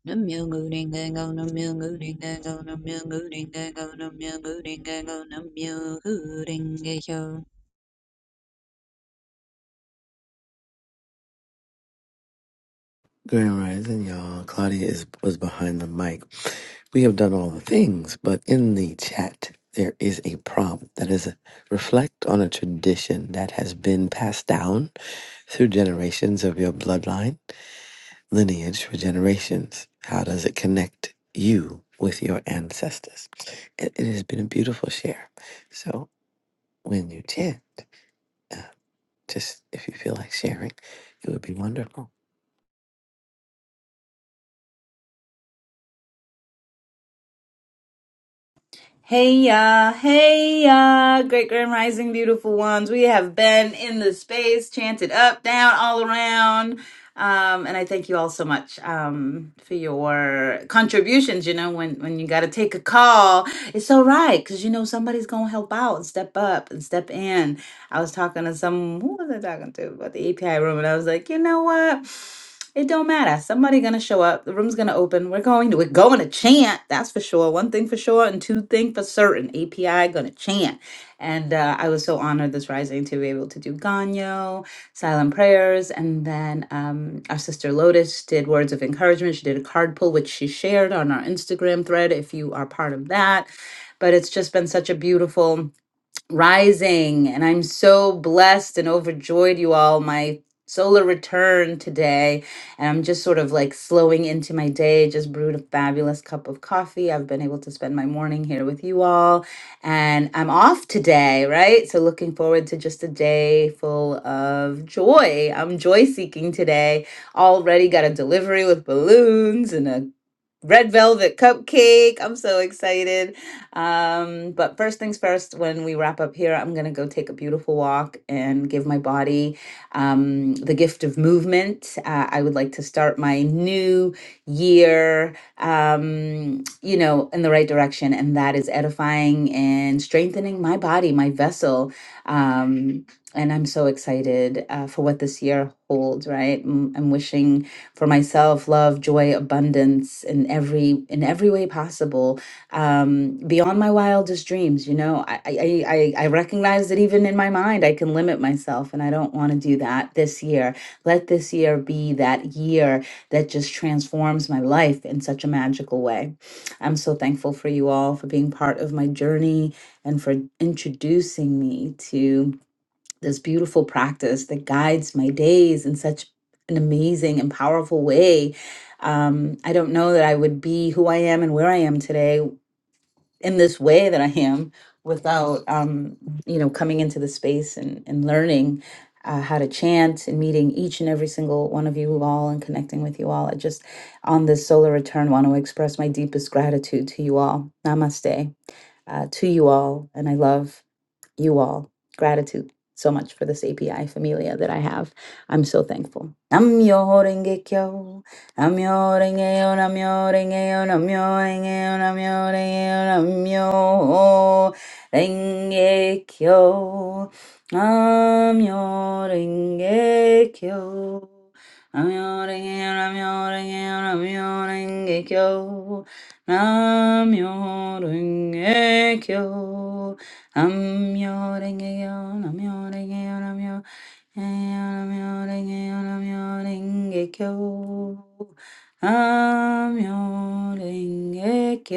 [SPEAKER 10] no, Nam-myoho-renge-kyo.
[SPEAKER 5] Grand Rising, y'all. Claudia is was behind the mic. We have done all the things, but in the chat there is a prompt that is a, reflect on a tradition that has been passed down through generations of your bloodline lineage for generations. How does it connect you with your ancestors? It, it has been a beautiful share. So when you chant, uh, just if you feel like sharing, it would be wonderful.
[SPEAKER 1] Hey ya, hey ya, great grand rising, beautiful ones. We have been in the space, chanted up, down, all around. Um, and I thank you all so much um, for your contributions. You know, when, when you got to take a call, it's all right because you know somebody's going to help out and step up and step in. I was talking to some who was I talking to about the API room, and I was like, you know what? It don't matter. Somebody gonna show up. The room's gonna open. We're going to we're going to chant. That's for sure. One thing for sure, and two thing for certain. API gonna chant. And uh, I was so honored this rising to be able to do Ganyo, silent prayers, and then um, our sister Lotus did words of encouragement. She did a card pull, which she shared on our Instagram thread. If you are part of that, but it's just been such a beautiful rising and i'm so blessed and overjoyed you all my solar return today and i'm just sort of like slowing into my day just brewed a fabulous cup of coffee i've been able to spend my morning here with you all and i'm off today right so looking forward to just a day full of joy i'm joy seeking today already got a delivery with balloons and a Red Velvet Cupcake. I'm so excited. Um, but first things first, when we wrap up here, I'm going to go take a beautiful walk and give my body um, the gift of movement. Uh, I would like to start my new year, um, you know, in the right direction. And that is edifying and strengthening my body, my vessel. Um, and I'm so excited uh, for what this year holds, right? Mm, I'm wishing for myself love joy abundance in every in every way possible um, beyond my wildest dreams you know I, I i i recognize that even in my mind i can limit myself and i don't want to do that this year let this year be that year that just transforms my life in such a magical way i'm so thankful for you all for being part of my journey and for introducing me to this beautiful practice that guides my days in such an amazing and powerful way. Um, I don't know that I would be who I am and where I am today in this way that I am without, um, you know, coming into the space and, and learning uh, how to chant and meeting each and every single one of you all and connecting with you all. I just, on this solar return, want to express my deepest gratitude to you all. Namaste uh, to you all. And I love you all. Gratitude so much for this API familia that I have. I'm so thankful. Namyo renge kyo. Namyo renge yo, namyo renge yo, namyo renge yo, namyo renge yo, namyo renge kyo. Namyo renge kyo. Namyo renge yo, namyo renge yo, namyo renge kyo. 남요랭개교 남요랭개교 남요랭개교 남요 남요랭개교 남요랭개교 남요랭개교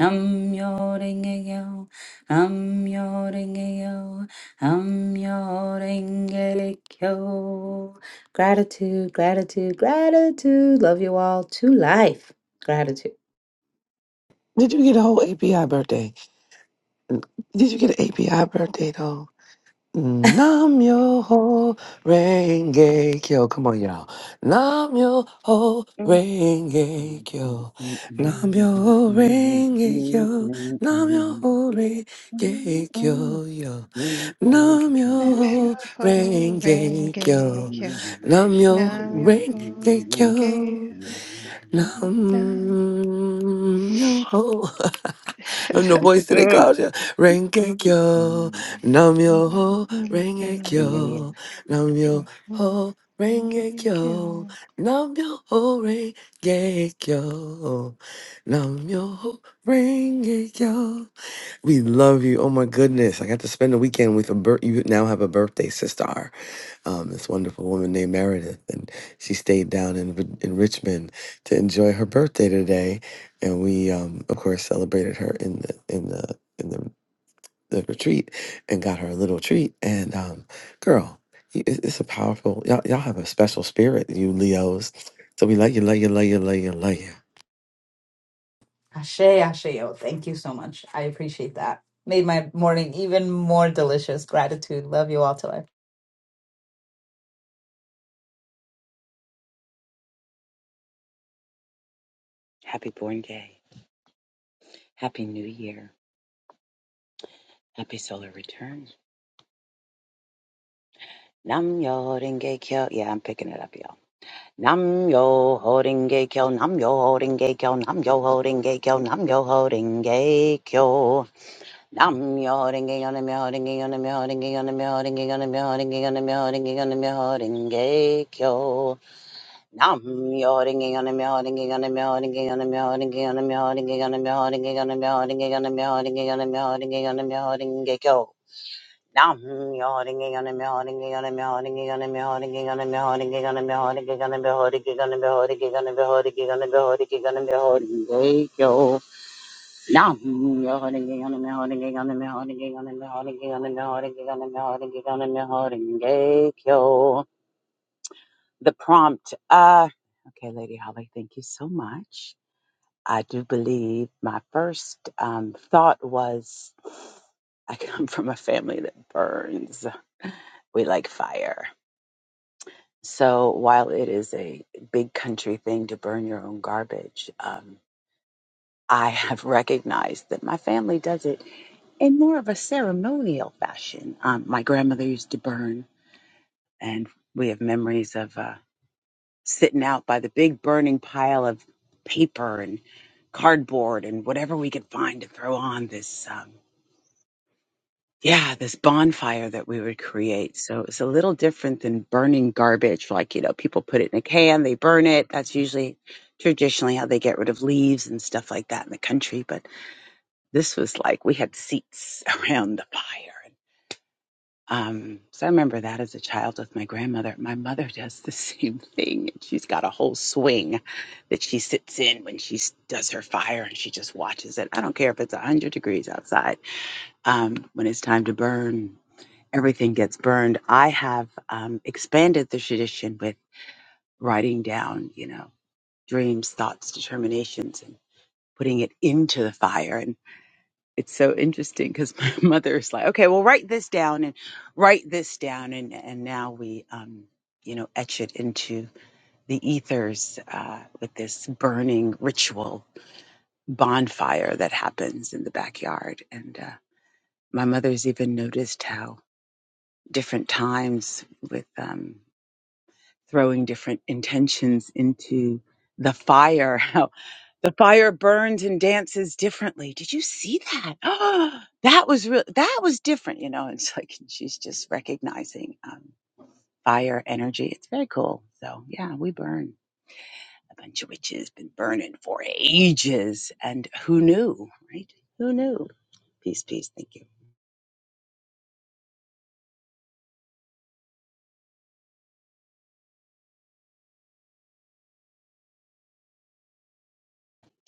[SPEAKER 1] 남요랭개교 남요랭개교 남요랭개교 Gratitude, gratitude, gratitude. Love you all to life. Gratitude.
[SPEAKER 5] Did you get a whole API birthday? Did you get an API birthday though? Nam yo ho renge kyo. Come on, y'all. Nam yo ho
[SPEAKER 9] you. Mm.
[SPEAKER 5] renge kyo.
[SPEAKER 9] Happy
[SPEAKER 5] Nam yo ho renge kyo. Nam yo ho renge kyo. Yo. Nam yo
[SPEAKER 3] Namyo
[SPEAKER 5] ho renge
[SPEAKER 3] Horenge
[SPEAKER 5] kyo.
[SPEAKER 3] Kyo
[SPEAKER 5] Nam yo ho
[SPEAKER 3] Namyo
[SPEAKER 5] renge
[SPEAKER 3] Horenge
[SPEAKER 5] kyo.
[SPEAKER 3] Kyo, Nam
[SPEAKER 5] Nam yo ho. I'm the voice today, Claudia. Rengekyo, nam yo ho,
[SPEAKER 3] Horenge
[SPEAKER 9] New
[SPEAKER 3] Kyo
[SPEAKER 9] Year.
[SPEAKER 5] rengekyo, nam yo ho,
[SPEAKER 3] Horenge
[SPEAKER 5] rengekyo,
[SPEAKER 3] Kyo
[SPEAKER 5] nam yo ho, rengekyo, nam yo ho, rengekyo. We love you. Oh my goodness, I got to spend the weekend with a birth. You now have a birthday sister um, this wonderful woman named Meredith, and she stayed down in in Richmond to enjoy her birthday today, and we, um, of course, celebrated her in the in the in the, the retreat and got her a little treat. And um, girl, you- it- it's a powerful y'all. Y'all have a special spirit, you Leos. So we love you, love you, love you, love you, love you.
[SPEAKER 1] Ashe, ashe, Thank you so much. I appreciate that. Made my morning even more delicious. Gratitude. Love you all to life.
[SPEAKER 9] Happy Born Day. Happy New Year. Happy Solar Return. Nam yo gay kyo. Yeah, I'm picking it up, y'all. Nam yo holding gay kyo. Nam yo holding gay kyo. Nam yo holding gay kyo. Nam yo holding gay kyo. Nam am your holding gay on a me holding gay on a me holding gay on a me holding gay on a me holding gay on a me holding gay on a me holding gay kyo. i your holding gay on a me holding gay on a me holding gay on a me holding gay on a me holding gay on a me holding gay on a me holding gay on a me holding gay on a me holding gay on a me holding gay kyo. i your holding gay on a me holding gay on a me holding gay on a me holding gay on a me holding gay on a me holding gay on a me holding gay on a me holding gay on a me holding gay on a me holding gay on a me holding gay kyo. Now, the prompt. Uh, okay, Lady Holly, thank you so much. I do believe my first um, thought was I come from a family that burns. We like fire. So while it is a big country thing to burn your own garbage, um, I have recognized that my family does it in more of a ceremonial fashion. Um, my grandmother used to burn, and we have memories of uh, sitting out by the big burning pile of paper and cardboard and whatever we could find to throw on this. Um, yeah, this bonfire that we would create. So it's a little different than burning garbage. Like, you know, people put it in a can, they burn it. That's usually traditionally how they get rid of leaves and stuff like that in the country. But this was like we had seats around the fire Um, so I remember that as a child with my grandmother. My mother does the same thing. She's got a whole swing that she sits in when she s- does her fire and she just watches it. I don't care if it's 100 degrees outside. Um, when it's time to burn, everything gets burned. I have um, expanded the tradition with writing down, you know, dreams, thoughts, determinations, and putting it into the fire it's so interesting because my mother is like, okay, well, write this down and write this down, and and now we, um, you know, etch it into the ethers uh, with this burning ritual bonfire that happens in the backyard. And uh, my mother's even noticed how different times with um, throwing different intentions into the fire. How the fire burns and dances differently. Did you see that? Oh, that was real. That was different. You know, it's like she's just recognizing um, fire energy. It's very cool. So yeah, we burn. A bunch of witches been burning for ages, and who knew, right? Who knew? Peace, peace. Thank you,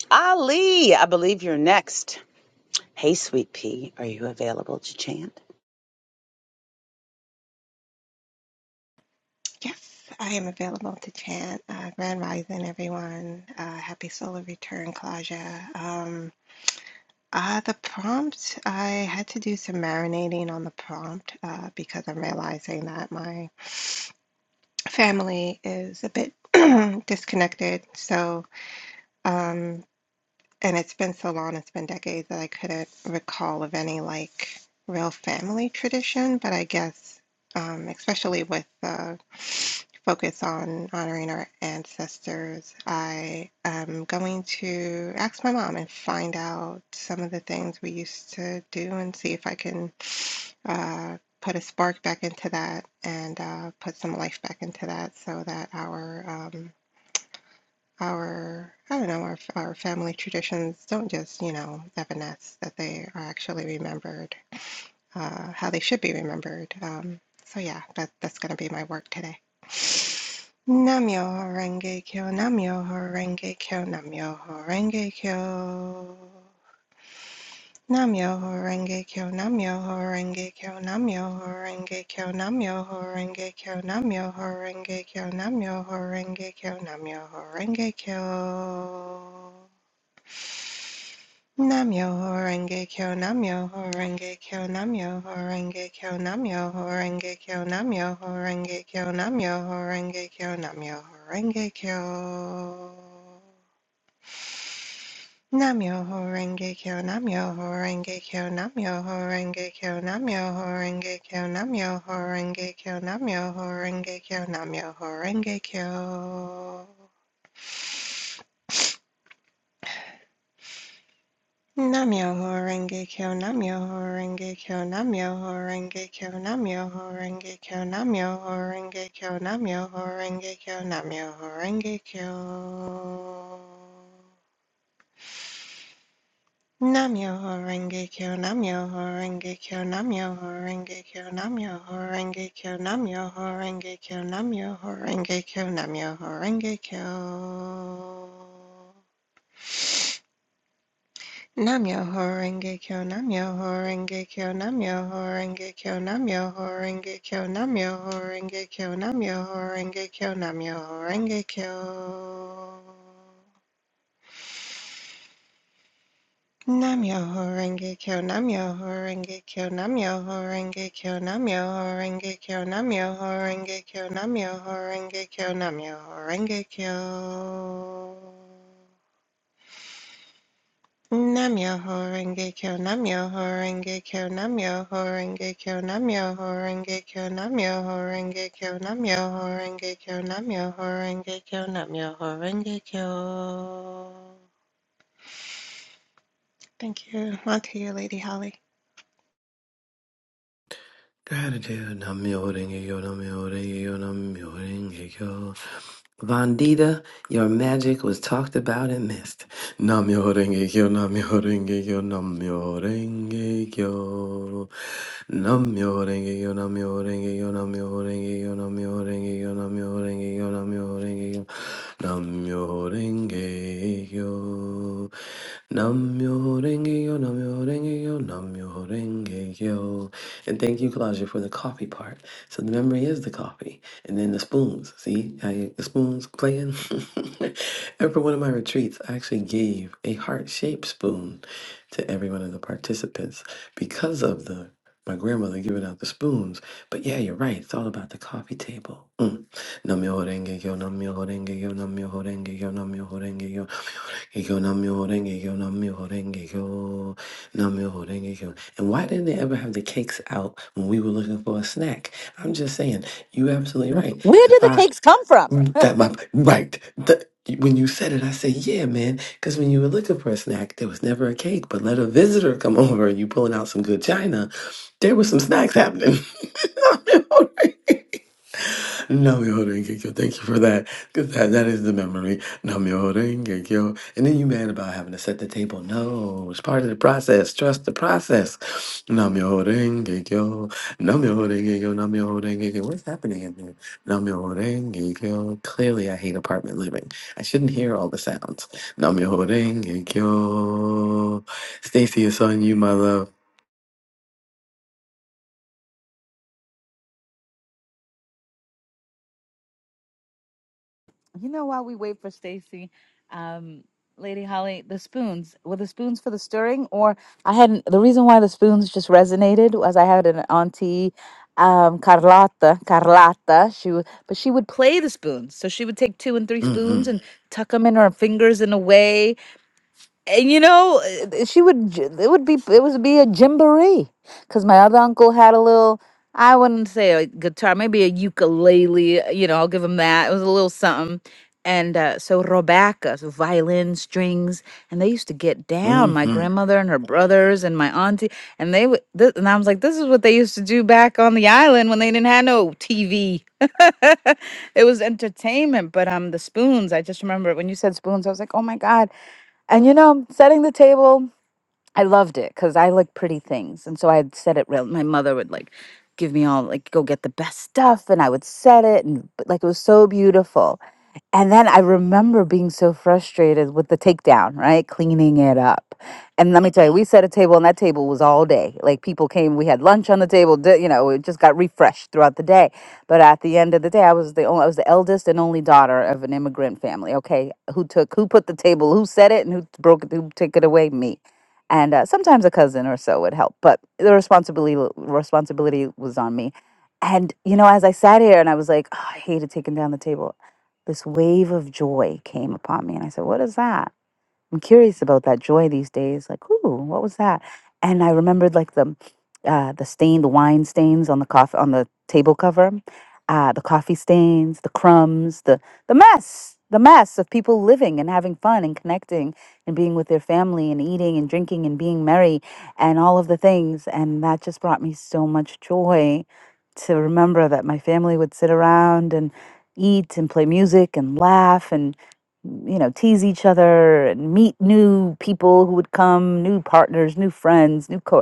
[SPEAKER 9] Ali. I believe you're next. Hey, sweet pea, are you available to chant?
[SPEAKER 3] Yes, I am available to chant. Uh, Grand Rising, everyone. Uh, happy Solar Return, Claudia. Um, uh, the prompt, I had to do some marinating on the prompt uh, because I'm realizing that my family is a bit disconnected. So, um, and it's been so long, it's been decades that I couldn't recall of any like real family tradition, but I guess um, especially with the focus on honoring our ancestors, I am going to ask my mom and find out some of the things we used to do and see if I can uh, put a spark back into that and uh, put some life back into that so that our um, our I don't know our our family traditions don't just you know evanesce that they are actually remembered uh, how they should be remembered. Um, so yeah, that that's gonna be my work today. Namyo Horenge Kyo, Namyo Horenge Kyo, Namyo Horenge Kyo. Namyo Horenge Kyo, Namyo Horenge Kyo, Namyo Horenge Kyo, Namyo Horenge Kyo, Namyo Horenge Kyo, Namyo Horenge Kyo, Namyo Horenge Kyo. Namyo Horenge Kyo, Namyo Horenge Kyo, Namyo Horenge Kyo, Namyo Horenge Kyo, Namyo Horenge Kyo, Namyo Horenge Kyo, Namyo Horenge Kyo. Namyo Horenge Kyo, Namyo Horenge Kyo, Namyo Horenge Kyo, Namyo Horenge Kyo, Namyo Horenge Kyo, Namyo Horenge Kyo, Namyo Horenge Kyo. Namyo Horenge Kyo, Namyo Horenge Kyo, Namyo Horenge Kyo, Namyo Horenge Kyo, Namyo Horenge Kyo, Namyo Horenge Kyo, Namyo Horenge Kyo. Namyo Horenge Kyo Namyo Horenge Kyo Namyo Horenge Kyo Namyo Horenge Kyo Namyo Horenge Kyo Namyo Horenge Kyo Namyo Horenge Kyo. Namyo Horenge Kyo Namyo Horenge Kyo Namyo Horenge Kyo Namyo Horenge Kyo Namyo Horenge Kyo Namyo Horenge Kyo Namyo Horenge Kyo Namyo Horenge Kyo Namyo Horenge Kyo Namyo Horenge Kyo Namyo Horenge Kyo Namyo Horenge Kyo Namyo Horenge Kyo Namyo Horenge Kyo. Namyo Horenge Kyo Namyo Horenge Kyo Namyo Horenge Kyo Namyo Horenge Kyo Namyo Horenge Kyo Namyo Horenge Kyo Namyo Horenge Kyo Namyo Horenge Kyo. Thank you. On to you, Lady Holly.
[SPEAKER 5] Gratitude, Namyo Renge-kyo, Namyo Renge-kyo, Namyo Renge-kyo. Vandita, your magic was talked about and missed. Namyo Renge-kyo, Namyo Renge-kyo, Namyo Renge-kyo. Namyo Renge-kyo, Namyo Renge-kyo, Namyo Renge-kyo, Namyo Renge-kyo, Namyo Renge-kyo, Namyo Renge-kyo, Namyo Renge-kyo. Namyo Renge-kyo, Namyo Renge-kyo, Namyo Renge-kyo. And thank you, Claudia, for the coffee part. So the memory is the coffee. And then the spoons. See how you, the spoons playing? and for one of my retreats, I actually gave a heart shaped spoon to every one of the participants because of the my grandmother giving out the spoons. But yeah, you're right. It's all about the coffee table. Mm. Namyo renge kyo, namyo renge kyo, namyo renge kyo, namyo renge kyo. Gekyo Namyo Renge-kyo, Namyo Renge-kyo, Namyo Renge-kyo. And why didn't they ever have the cakes out when we were looking for a snack? I'm just saying, you absolutely right.
[SPEAKER 1] Where
[SPEAKER 5] The
[SPEAKER 1] did the
[SPEAKER 5] fact
[SPEAKER 1] cakes come from?
[SPEAKER 5] that my right, the, when you said it, I said, yeah, man, because when you were looking for a snack, there was never a cake. But let a visitor come over and you pulling out some good china, there was some snacks happening. Nam myoho renge kyo. Thank you for that. Because that, that is the memory. Nam myoho renge kyo. And then you mad about having to set the table. No, it's part of the process. Trust the process. Nam myoho renge kyo. Nam myoho renge kyo. Nam myoho renge kyo. What's happening in here? Nam myoho renge kyo. Clearly, I hate apartment living. I shouldn't hear all the sounds. Nam myoho renge kyo. Stacy, it's on you, my love.
[SPEAKER 1] You know, while we wait for Stacy, um, Lady Holly, the spoons were the spoons for the stirring, or I hadn't. The reason why the spoons just resonated was I had an auntie, um, Carlotta. Carlotta, she would, but she would play the spoons. So she would take two and three
[SPEAKER 5] Mm hmm.
[SPEAKER 1] spoons and tuck them in her fingers in a way. And you know, uh, she would. j- It would be. It would be a jamboree because my other uncle had a little. I wouldn't say a guitar, maybe a ukulele. uh, You know, I'll give him that. It was a little something. And uh, so Rebecca, so violin strings, and they used to get down. My
[SPEAKER 5] Mm-hmm.
[SPEAKER 1] grandmother and her brothers and my auntie, and they would. Th- and I was like, this is what they used to do back on the island when they didn't have no TV. it was entertainment. But um, the spoons. I just remember when you said spoons, I was like, oh my god and you know, setting the table, I loved it because I like pretty things. And so I'd set it real. My mother would like give me all like go get the best stuff and I would set it and but, like it was so beautiful. And then I remember being so frustrated with the takedown, right? Cleaning it up. And let me tell you, we set a table, and that table was all day. Like people came, we had lunch on the table. di- You know, it just got refreshed throughout the day. But at the end of the day, I was the only, I was the eldest and only daughter of an immigrant family. Okay, who took, who put the table, who set it, and who broke it, who took it away? Me. And uh, sometimes a cousin or so would help, but the responsibility responsibility was on me. And you know, as I sat here and I was like, oh, I hated taking down the table this wave of joy came upon me. And I said, What is that? I'm curious about that joy these days. Like, ooh, what was that? And I remembered like the uh, the stained wine stains on the coffee on the table cover, uh, the coffee stains, the crumbs, the the mess, the mess of people living and having fun and connecting and being with their family and eating and drinking and being merry and all of the things. And that just brought me so much joy to remember that my family would sit around and eat and play music and laugh and you know, tease each other and meet new people who would come, new partners, new friends, new co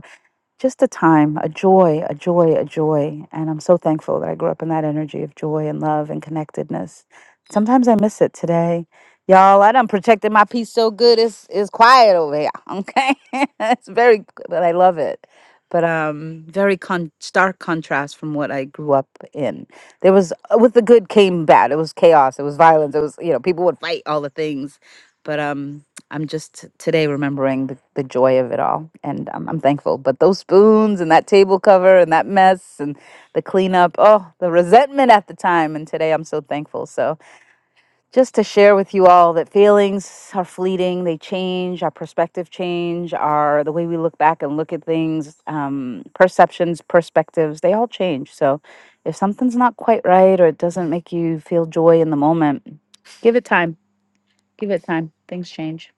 [SPEAKER 1] just a time, a joy, a joy, a joy. And I'm so thankful that I grew up in that energy of joy and love and connectedness. Sometimes I miss it today. Y'all, I done protected my peace so good it's it's quiet over here. Okay. it's very but I love it. But um very con- stark contrast from what I grew up in. There was uh, with the good came bad. It was chaos. It was violence. It was, you know, people would fight all the things. But um I'm just t- today remembering the, the joy of it all, and um, I'm thankful. But those spoons and that table cover and that mess and the cleanup, oh, the resentment at the time, and today I'm so thankful. So, just to share with you all that feelings are fleeting, they change, our perspective change, our the way we look back and look at things, um, perceptions, perspectives, they all change. So, if something's not quite right or it doesn't make you feel joy in the moment, give it time. Give it time. Things change.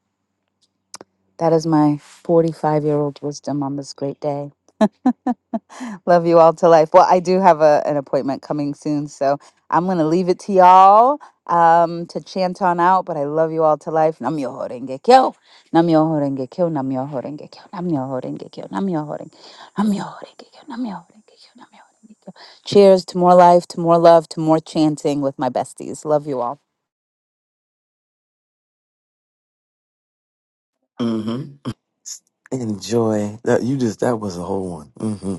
[SPEAKER 1] That is my 45 year old wisdom on this great day. Love you all to life. Well, I do have a, an appointment coming soon, so I'm going to leave it to y'all um, to chant on out, but I love you all to life. Nam myoho renge kyo. Nam myoho renge kyo. Nam myoho renge kyo. Nam myoho renge kyo. Nam myoho renge Nam myoho renge kyo. Nam myoho renge kyo. Nam myoho renge kyo. Cheers to more life, to more love, to more chanting with my besties. Love you all.
[SPEAKER 5] hmm Enjoy that. You just that was a whole one. Mm-hmm.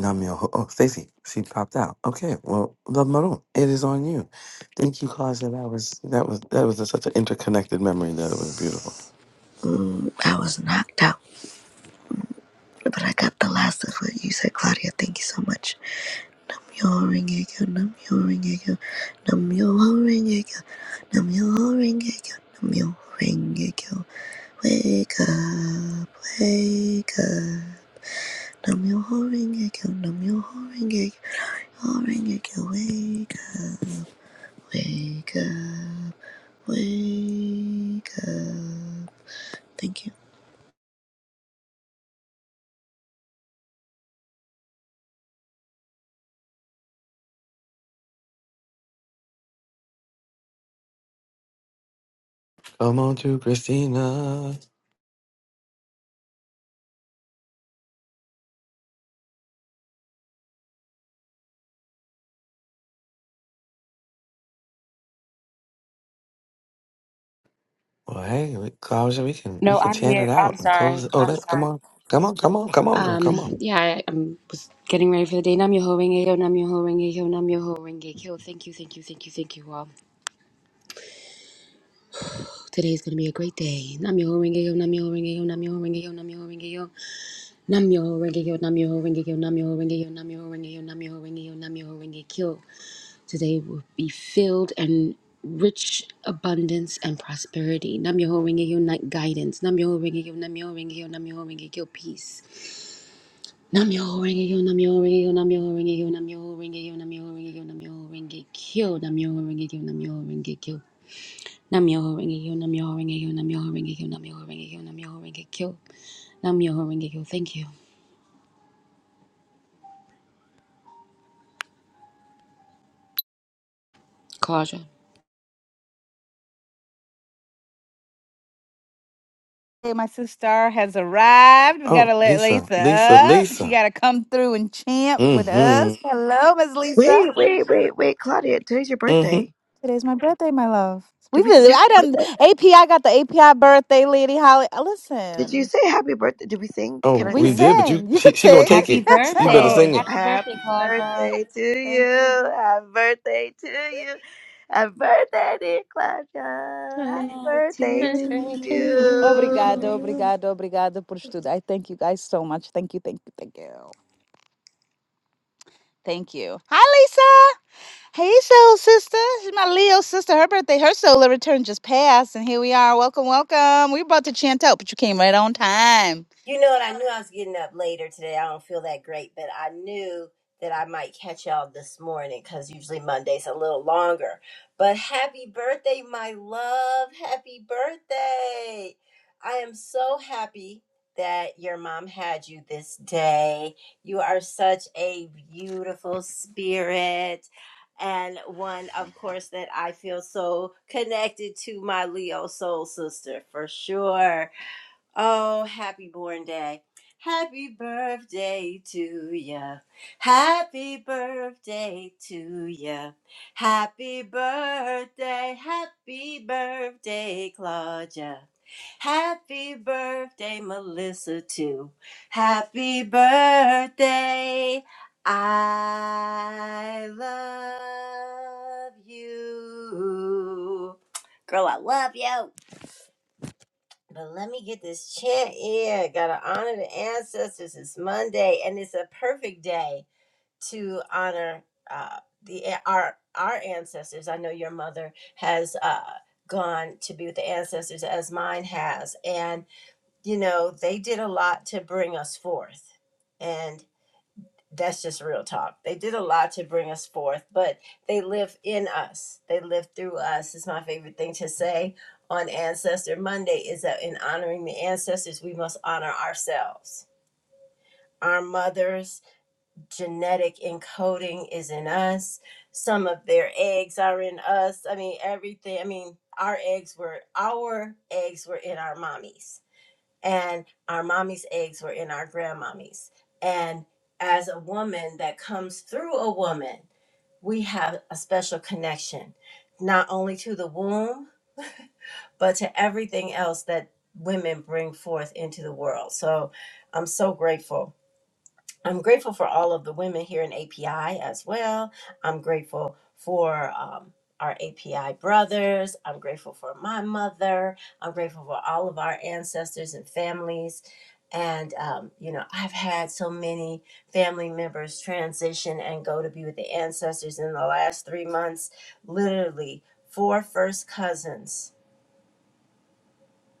[SPEAKER 5] Namio. Oh, Stacy, she popped out. Okay, well, love Maroon, it is on you. Thank you, Claudia. That was that was that was such an interconnected memory that it was beautiful.
[SPEAKER 6] Mm, I was knocked out. But I got the last of what you said, Claudia. Thank you so much. Nam nam nam yo ring yo, nam yo ring yo, nam yo Namyo yo, nam yo Namyo yo, nam yo Namyo yo. Wake up, wake up. Nam nam yo ring yo, nam yo Rengekyo, yo, Rengekyo, yo. Wake up, wake up, wake up. Thank you.
[SPEAKER 5] Come on, to Christina. Well, hey, we- Claudia, we can we
[SPEAKER 8] No,
[SPEAKER 5] can
[SPEAKER 8] I'm
[SPEAKER 5] chant it
[SPEAKER 8] here. I'm
[SPEAKER 5] out and close.
[SPEAKER 8] sorry.
[SPEAKER 5] It. Oh,
[SPEAKER 8] I'm
[SPEAKER 5] that come
[SPEAKER 8] sorry.
[SPEAKER 5] on, come on, come on, come on, girl,
[SPEAKER 8] Um,
[SPEAKER 5] come on.
[SPEAKER 8] yeah, I, I was getting ready for the day. Namyo Renge Yo Namyo Renge Yo Namyo Renge Kyo. Thank you, thank you, thank you, thank you all. Today's gonna be a great day. Namyo Rengeyo, Namyo Rengeyo, Namyo Rengeyo, Namyo Rengeyo. Namyo Rengeyo, Namyo Rengeyo, Namyo Rengeyo, Namyo Rengeyo, Namyo Rengeyo, Namyo Rengekyo. Today will be filled and rich abundance and prosperity. Namyo Rengeyo, night guidance. Namyo Rengeyo, Namyo Rengeyo, Namyo Rengekyo, peace. Namyo Rengeyo, Namyo Rengeyo, Namyo Rengeyo, Namyo Rengeyo, Namyo Rengeyo, Namyo Rengekyo, Namyo Rengeyo, Namyo Rengekyo. Namyoho Renge-kyo, Namyoho Renge-kyo, Namyoho Renge-kyo, Namyoho Renge-kyo, Namyoho Renge-kyo, Namyoho Renge-kyo. Thank you, Claudia.
[SPEAKER 1] Hey, my sister has arrived. We
[SPEAKER 5] Oh,
[SPEAKER 1] gotta let
[SPEAKER 5] Lisa,
[SPEAKER 1] Lisa
[SPEAKER 5] Lisa,
[SPEAKER 1] up. She
[SPEAKER 5] Lisa.
[SPEAKER 1] gotta come through and champ with us.
[SPEAKER 5] Mm-hmm.
[SPEAKER 1] Hello, Miss Lisa.
[SPEAKER 6] Wait, wait, wait, wait, Claudia. Today's your
[SPEAKER 5] Mm-hmm.
[SPEAKER 6] birthday.
[SPEAKER 1] Today's my birthday, my love. We
[SPEAKER 6] Did we say
[SPEAKER 1] really,
[SPEAKER 6] happy
[SPEAKER 1] I done
[SPEAKER 6] birthday?
[SPEAKER 1] API got the API birthday, Lady Holly. Uh,
[SPEAKER 6] Did you
[SPEAKER 1] Listen,
[SPEAKER 6] say happy birthday? Did we sing? Can
[SPEAKER 5] Oh,
[SPEAKER 6] I
[SPEAKER 1] we
[SPEAKER 5] we
[SPEAKER 6] sing?
[SPEAKER 5] did, but you
[SPEAKER 1] sing. You
[SPEAKER 5] she
[SPEAKER 1] can
[SPEAKER 5] she gonna
[SPEAKER 1] sing.
[SPEAKER 5] take
[SPEAKER 8] Happy
[SPEAKER 5] it. You better
[SPEAKER 6] Oh,
[SPEAKER 8] birthday.
[SPEAKER 5] sing it.
[SPEAKER 8] Happy
[SPEAKER 6] happy
[SPEAKER 8] birthday, Claudia.
[SPEAKER 6] birthday to
[SPEAKER 1] Thank
[SPEAKER 6] you.
[SPEAKER 1] you.
[SPEAKER 6] Happy birthday to you. Happy birthday, dear Claudia.
[SPEAKER 3] Uh,
[SPEAKER 6] Happy
[SPEAKER 8] Birthday To
[SPEAKER 6] birthday to
[SPEAKER 3] Nothing to
[SPEAKER 8] you.
[SPEAKER 6] you.
[SPEAKER 1] Obrigado,
[SPEAKER 3] you.
[SPEAKER 1] obrigado, obrigado por tudo. I thank you guys so much. Thank you, thank you, thank you. Thank you. Hi, Lisa. Hey, soul sister. She's my Leo sister. Her birthday, her solar return just passed, and here we are. Welcome, welcome. We were about to chant out, but you came right on time.
[SPEAKER 11] You know what? I knew I was getting up later today. I don't feel that great, but I knew that I might catch y'all this morning because usually Monday's a little longer. But happy birthday, my love. Happy birthday. I am so happy that your mom had you this day. You are such a beautiful spirit. And one, of course, that I feel so connected to my Leo soul sister for sure Oh, happy born day. Happy birthday to ya. Happy birthday to ya. Happy birthday, happy birthday, Claudia. Happy birthday, Melissa, too. Happy birthday. I love you. Girl, I love you. But let me get this chant in. Gotta honor the ancestors. It's Monday, and it's a perfect day to honor uh, the our our ancestors. I know your mother has uh, gone to be with the ancestors, as mine has, and you know they did a lot to bring us forth. and that's just real talk. They did a lot to bring us forth, but they live in us. They live through us. It's my favorite thing to say on Ancestor Monday is that in honoring the ancestors, we must honor ourselves. Our mothers' genetic encoding is in us. Some of their eggs are in us. I mean, everything. I mean, our eggs were our eggs were in our mommies and our mommy's eggs were in our grandmommy's. And as a woman that comes through a woman, we have a special connection, not only to the womb, but to everything else that women bring forth into the world. So I'm so grateful I'm grateful for all of the women here in API as well. I'm grateful for um, our API brothers. I'm grateful for my mother. I'm grateful for all of our ancestors and families. And, um, you know, I've had so many family members transition and go to be with the ancestors in the last three months. Literally, four first cousins.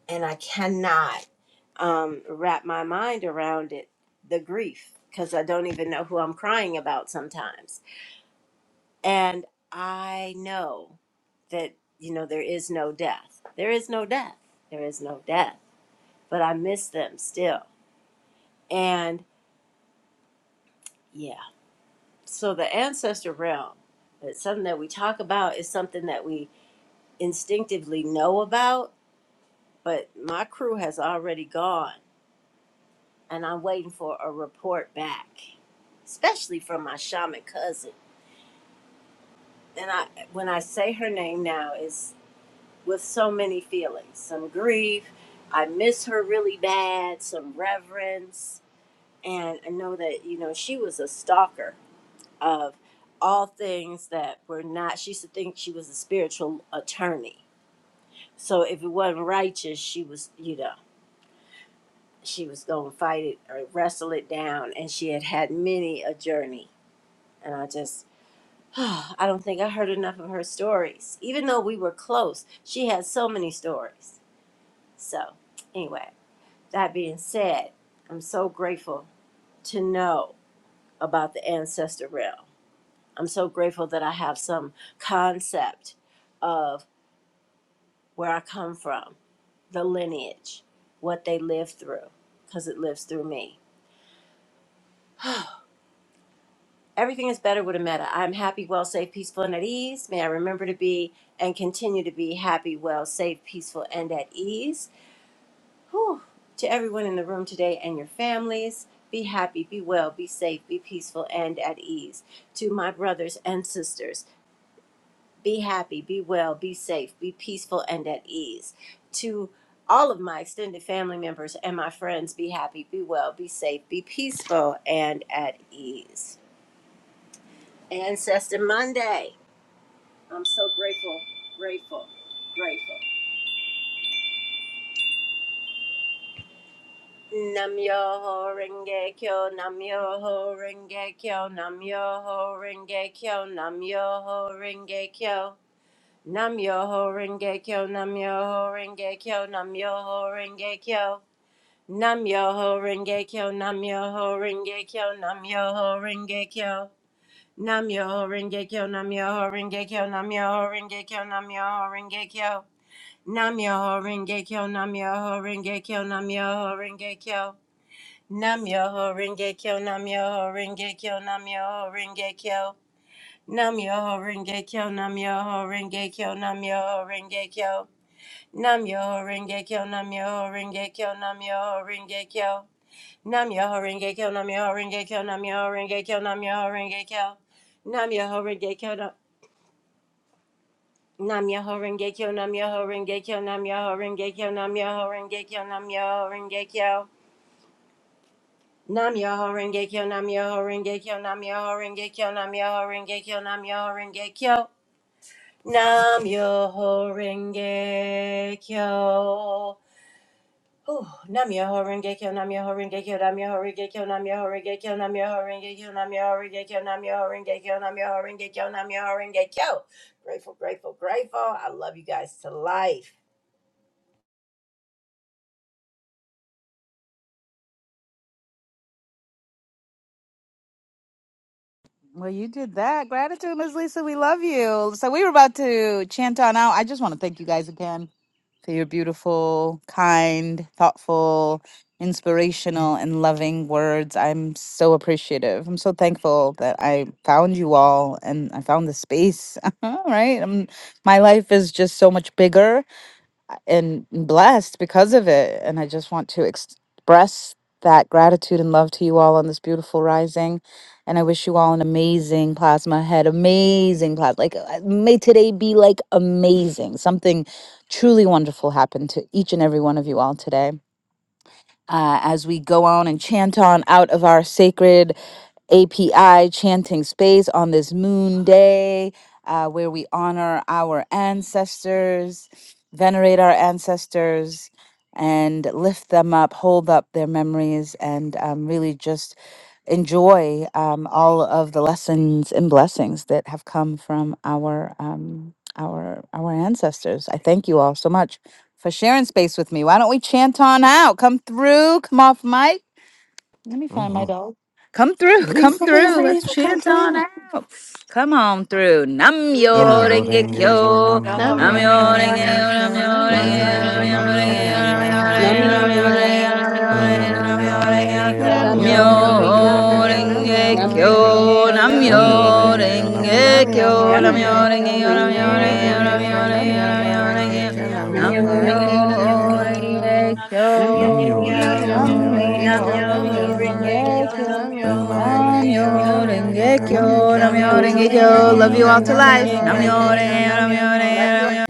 [SPEAKER 11] And I cannot um, wrap my mind around it the grief because I don't even know who I'm crying about sometimes. And I know that, you know, there is no death. There is no death. There is no death. But I miss them still. And yeah, so the ancestor realm, it's something that we talk about, is something that we instinctively know about. But my crew has already gone, and I'm waiting for a report back, especially from my shaman cousin and I when I say her name now is with so many feelings, some grief, I miss her really bad, some reverence, and I know that you know she was a stalker of all things that were not. She used to think she was a spiritual attorney, so if it wasn't righteous, she was you know she was going to fight it or wrestle it down, and she had had many a journey, and I just I don't think I heard enough of her stories. Even though we were close, she had so many stories. So, anyway, that being said, I'm so grateful to know about the ancestor realm. I'm so grateful that I have some concept of where I come from, the lineage, what they lived through, because it lives through me. Everything is better with a meta. I'm happy, well, safe, peaceful, and at ease. May I remember to be and continue to be happy, well, safe, peaceful, and at ease. Whew. To everyone in the room today and your families, be happy, be well, be safe, be peaceful, and at ease. To my brothers and sisters, be happy, be well, be safe, be peaceful, and at ease. To all of my extended family members and my friends, be happy, be well, be safe, be peaceful, and at ease. Ancestor Monday. I'm so grateful, grateful, grateful. Namyoho Renge Kyo, Namyoho Renge Kyo, Namyoho Renge Kyo, Namyoho Renge Kyo. Namyoho Renge Kyo, Namyoho Renge Kyo, Namyoho Renge Kyo. Namyoho Renge Kyo, Namyoho Renge Kyo, Namyoho Renge Kyo. Namyoho Renge Kyo, Namyoho Renge Kyo, Namyoho Renge Kyo, Namyoho Renge Kyo. Namyoho Renge Kyo, Namyoho Renge Kyo, Namyoho Renge Kyo. Nam Yoho Renge Kyo, Nam Yoho Renge Kyo, Nam Yoho Renge Kyo. Nam Yoho Renge Kyo, Nam Yoho Renge Kyo, Nam Yoho Renge Kyo. Nam Yoho Renge Kyo, Nam Yoho Renge Kyo, Nam Yoho Renge Kyo. Nam Yoho Renge Kyo, Nam Yoho Renge Kyo, Nam Yoho Renge Kyo, Nam Yoho Renge Kyo. Nam Yoho Renge Kyo, Nam Nam Yoho Renge Kyo, Nam Yoho Renge Kyo, Nam Yoho Renge Kyo, Nam Yoho Renge Kyo, Nam Yoho Renge Kyo. Nam Yoho Renge Kyo, Nam Yoho Renge Kyo, Nam Yoho Renge Kyo, Nam Yoho Renge Kyo, Nam Yoho Renge Kyo. Nam Yoho Renge Kyo. Ooh, Nam Yoho Renge Kyo, Nam Yoho Renge Kyo, Nam Yoho Renge Kyo, Nam Yoho Renge Kyo, Nam Yoho Renge Kyo, Nam Yoho Renge Kyo, Nam Yoho Renge Kyo, Nam Yoho Renge Kyo, Nam Yoho Renge Kyo. Grateful, grateful, grateful. I love you guys to life.
[SPEAKER 1] Well, you did that. Gratitude, Ms. Lisa. We love you. So we were about to chant on out. I just want to thank you guys again for your beautiful, kind, thoughtful, inspirational, and loving words. I'm so appreciative. I'm so thankful that I found you all and I found the space. right? i my life is just so much bigger and blessed because of it. And I just want to express that gratitude and love to you all on this beautiful rising. And I wish you all an amazing plasma head, amazing plasma. Like, uh, may today be like amazing. Something truly wonderful happened to each and every one of you all today. Uh, as we go on and chant on out of our sacred API chanting space on this moon day uh, where we honor our ancestors, venerate our ancestors, and lift them up, hold up their memories, and um, really just enjoy um, all of the lessons and blessings that have come from our um, our our ancestors. I thank you all so much for sharing space with me. Why don't we chant on out? Come through, come off mic let me find
[SPEAKER 5] Mm-hmm.
[SPEAKER 1] my dog. Come through, come
[SPEAKER 5] Lisa,
[SPEAKER 1] through.
[SPEAKER 5] Lisa,
[SPEAKER 1] Let's
[SPEAKER 5] Lisa, come
[SPEAKER 1] chant on
[SPEAKER 5] through.
[SPEAKER 1] out. Come on through. Nam
[SPEAKER 5] Nam
[SPEAKER 11] Yo,
[SPEAKER 1] yo
[SPEAKER 5] yo
[SPEAKER 1] renge
[SPEAKER 11] Renge
[SPEAKER 3] N-
[SPEAKER 5] horenge
[SPEAKER 11] Kyo,
[SPEAKER 5] yo,
[SPEAKER 1] kyo.
[SPEAKER 5] nam
[SPEAKER 11] Nam
[SPEAKER 5] yo
[SPEAKER 11] Yoho
[SPEAKER 1] Nam
[SPEAKER 3] Namyo
[SPEAKER 1] yo
[SPEAKER 11] Renge
[SPEAKER 5] horenge yo,
[SPEAKER 11] Kyo.
[SPEAKER 1] renge
[SPEAKER 3] Horenge
[SPEAKER 1] nam
[SPEAKER 3] Kyo,
[SPEAKER 1] yo
[SPEAKER 5] nam
[SPEAKER 11] Nam
[SPEAKER 5] yo
[SPEAKER 1] renge
[SPEAKER 3] Namyo
[SPEAKER 11] Yoho
[SPEAKER 5] horenge
[SPEAKER 1] nam
[SPEAKER 5] yo,
[SPEAKER 1] yo
[SPEAKER 5] nam
[SPEAKER 11] Renge
[SPEAKER 3] Horenge
[SPEAKER 11] Kyo,
[SPEAKER 5] yo
[SPEAKER 3] Kyo,
[SPEAKER 1] renge
[SPEAKER 11] Nam
[SPEAKER 5] horenge yo,
[SPEAKER 1] nam
[SPEAKER 3] Namyo
[SPEAKER 11] Yoho
[SPEAKER 1] yo
[SPEAKER 5] nam yo
[SPEAKER 11] Renge
[SPEAKER 5] horenge
[SPEAKER 3] Horenge
[SPEAKER 8] Namyoho
[SPEAKER 11] Kyo,
[SPEAKER 5] yo,
[SPEAKER 1] renge
[SPEAKER 8] Renge-kyo,
[SPEAKER 5] nam
[SPEAKER 8] Namyoho
[SPEAKER 5] yo
[SPEAKER 3] Kyo.
[SPEAKER 5] horenge
[SPEAKER 1] nam
[SPEAKER 11] Namyo
[SPEAKER 5] yo,
[SPEAKER 1] yo
[SPEAKER 5] nam yo horenge
[SPEAKER 1] renge nam yo renge nam
[SPEAKER 5] yo,
[SPEAKER 8] Renge-kyo,
[SPEAKER 11] Rengekyo.
[SPEAKER 5] nam yo
[SPEAKER 3] Namyo
[SPEAKER 8] Namyoho
[SPEAKER 5] horenge yo,
[SPEAKER 1] yo
[SPEAKER 5] nam yo
[SPEAKER 3] Horenge
[SPEAKER 8] Renge-kyo,
[SPEAKER 3] Kyo,
[SPEAKER 5] horenge yo,
[SPEAKER 11] Namyo
[SPEAKER 5] nam
[SPEAKER 3] Namyo
[SPEAKER 5] yo
[SPEAKER 1] renge
[SPEAKER 5] horenge yo,
[SPEAKER 3] Horenge
[SPEAKER 1] kyo.
[SPEAKER 3] Kyo,
[SPEAKER 8] Namyoho
[SPEAKER 5] nam yo horenge yo,
[SPEAKER 1] Nam
[SPEAKER 11] Rengekyo.
[SPEAKER 1] yo
[SPEAKER 5] nam
[SPEAKER 3] Namyo
[SPEAKER 5] yo
[SPEAKER 8] Renge-kyo,
[SPEAKER 5] horenge yo,
[SPEAKER 3] Horenge Kyo,
[SPEAKER 1] renge kyo.
[SPEAKER 3] Namyo
[SPEAKER 5] nam yo
[SPEAKER 1] Nam
[SPEAKER 5] horenge
[SPEAKER 1] yo
[SPEAKER 11] Rengekyo.
[SPEAKER 5] yo,
[SPEAKER 3] Horenge
[SPEAKER 1] renge
[SPEAKER 3] Kyo,
[SPEAKER 8] Namyoho Renge-kyo, Namyoho
[SPEAKER 1] nam yo renge nam yo renge
[SPEAKER 3] Namyo
[SPEAKER 8] Renge-kyo,
[SPEAKER 3] Horenge
[SPEAKER 11] Namyo
[SPEAKER 1] nam yo
[SPEAKER 3] Kyo,
[SPEAKER 8] Namyoho
[SPEAKER 11] Rengekyo.
[SPEAKER 3] Namyo
[SPEAKER 8] Renge-kyo,
[SPEAKER 11] Namyo
[SPEAKER 3] Horenge Kyo,
[SPEAKER 11] Rengekyo.
[SPEAKER 3] Namyo
[SPEAKER 8] Namyoho Renge-kyo,
[SPEAKER 3] Horenge
[SPEAKER 8] Namyoho
[SPEAKER 1] renge
[SPEAKER 8] Renge-kyo,
[SPEAKER 1] nam yo
[SPEAKER 3] Kyo.
[SPEAKER 1] renge
[SPEAKER 11] Namyo
[SPEAKER 8] Namyo
[SPEAKER 1] kyo.
[SPEAKER 11] Rengekyo.
[SPEAKER 8] Renge Kyo, Namyo
[SPEAKER 3] Namyoho
[SPEAKER 8] Renge
[SPEAKER 11] Namyo Rengekyo.
[SPEAKER 3] Renge Kyo,
[SPEAKER 11] Namyo
[SPEAKER 1] Namyo
[SPEAKER 8] Kyo,
[SPEAKER 3] Namyoho
[SPEAKER 8] Namyo
[SPEAKER 3] Renge
[SPEAKER 1] Renge
[SPEAKER 11] Rengekyo.
[SPEAKER 3] Kyo,
[SPEAKER 1] Kyo.
[SPEAKER 11] Namyo
[SPEAKER 3] Namyoho Renge Kyo,
[SPEAKER 11] Rengekyo.
[SPEAKER 1] Namyo
[SPEAKER 3] Namyoho
[SPEAKER 1] Renge Kyo.
[SPEAKER 3] Renge
[SPEAKER 11] Namyo Rengekyo.
[SPEAKER 3] Kyo,
[SPEAKER 1] Namyo
[SPEAKER 11] Namyo
[SPEAKER 1] Renge
[SPEAKER 3] Namyoho
[SPEAKER 11] Rengekyo.
[SPEAKER 1] Kyo.
[SPEAKER 3] Renge
[SPEAKER 1] Love you
[SPEAKER 3] Kyo,
[SPEAKER 1] all to
[SPEAKER 11] Namyo
[SPEAKER 8] Renge
[SPEAKER 1] life.
[SPEAKER 3] Namyoho
[SPEAKER 11] Rengekyo.
[SPEAKER 3] Renge
[SPEAKER 1] Namyo
[SPEAKER 11] Namyo Rengekyo.
[SPEAKER 3] Kyo,
[SPEAKER 1] Renge Namyo
[SPEAKER 3] Namyoho
[SPEAKER 8] Kyo,
[SPEAKER 1] Renge
[SPEAKER 11] love
[SPEAKER 8] Namyo
[SPEAKER 11] you.
[SPEAKER 3] Renge
[SPEAKER 1] Namyo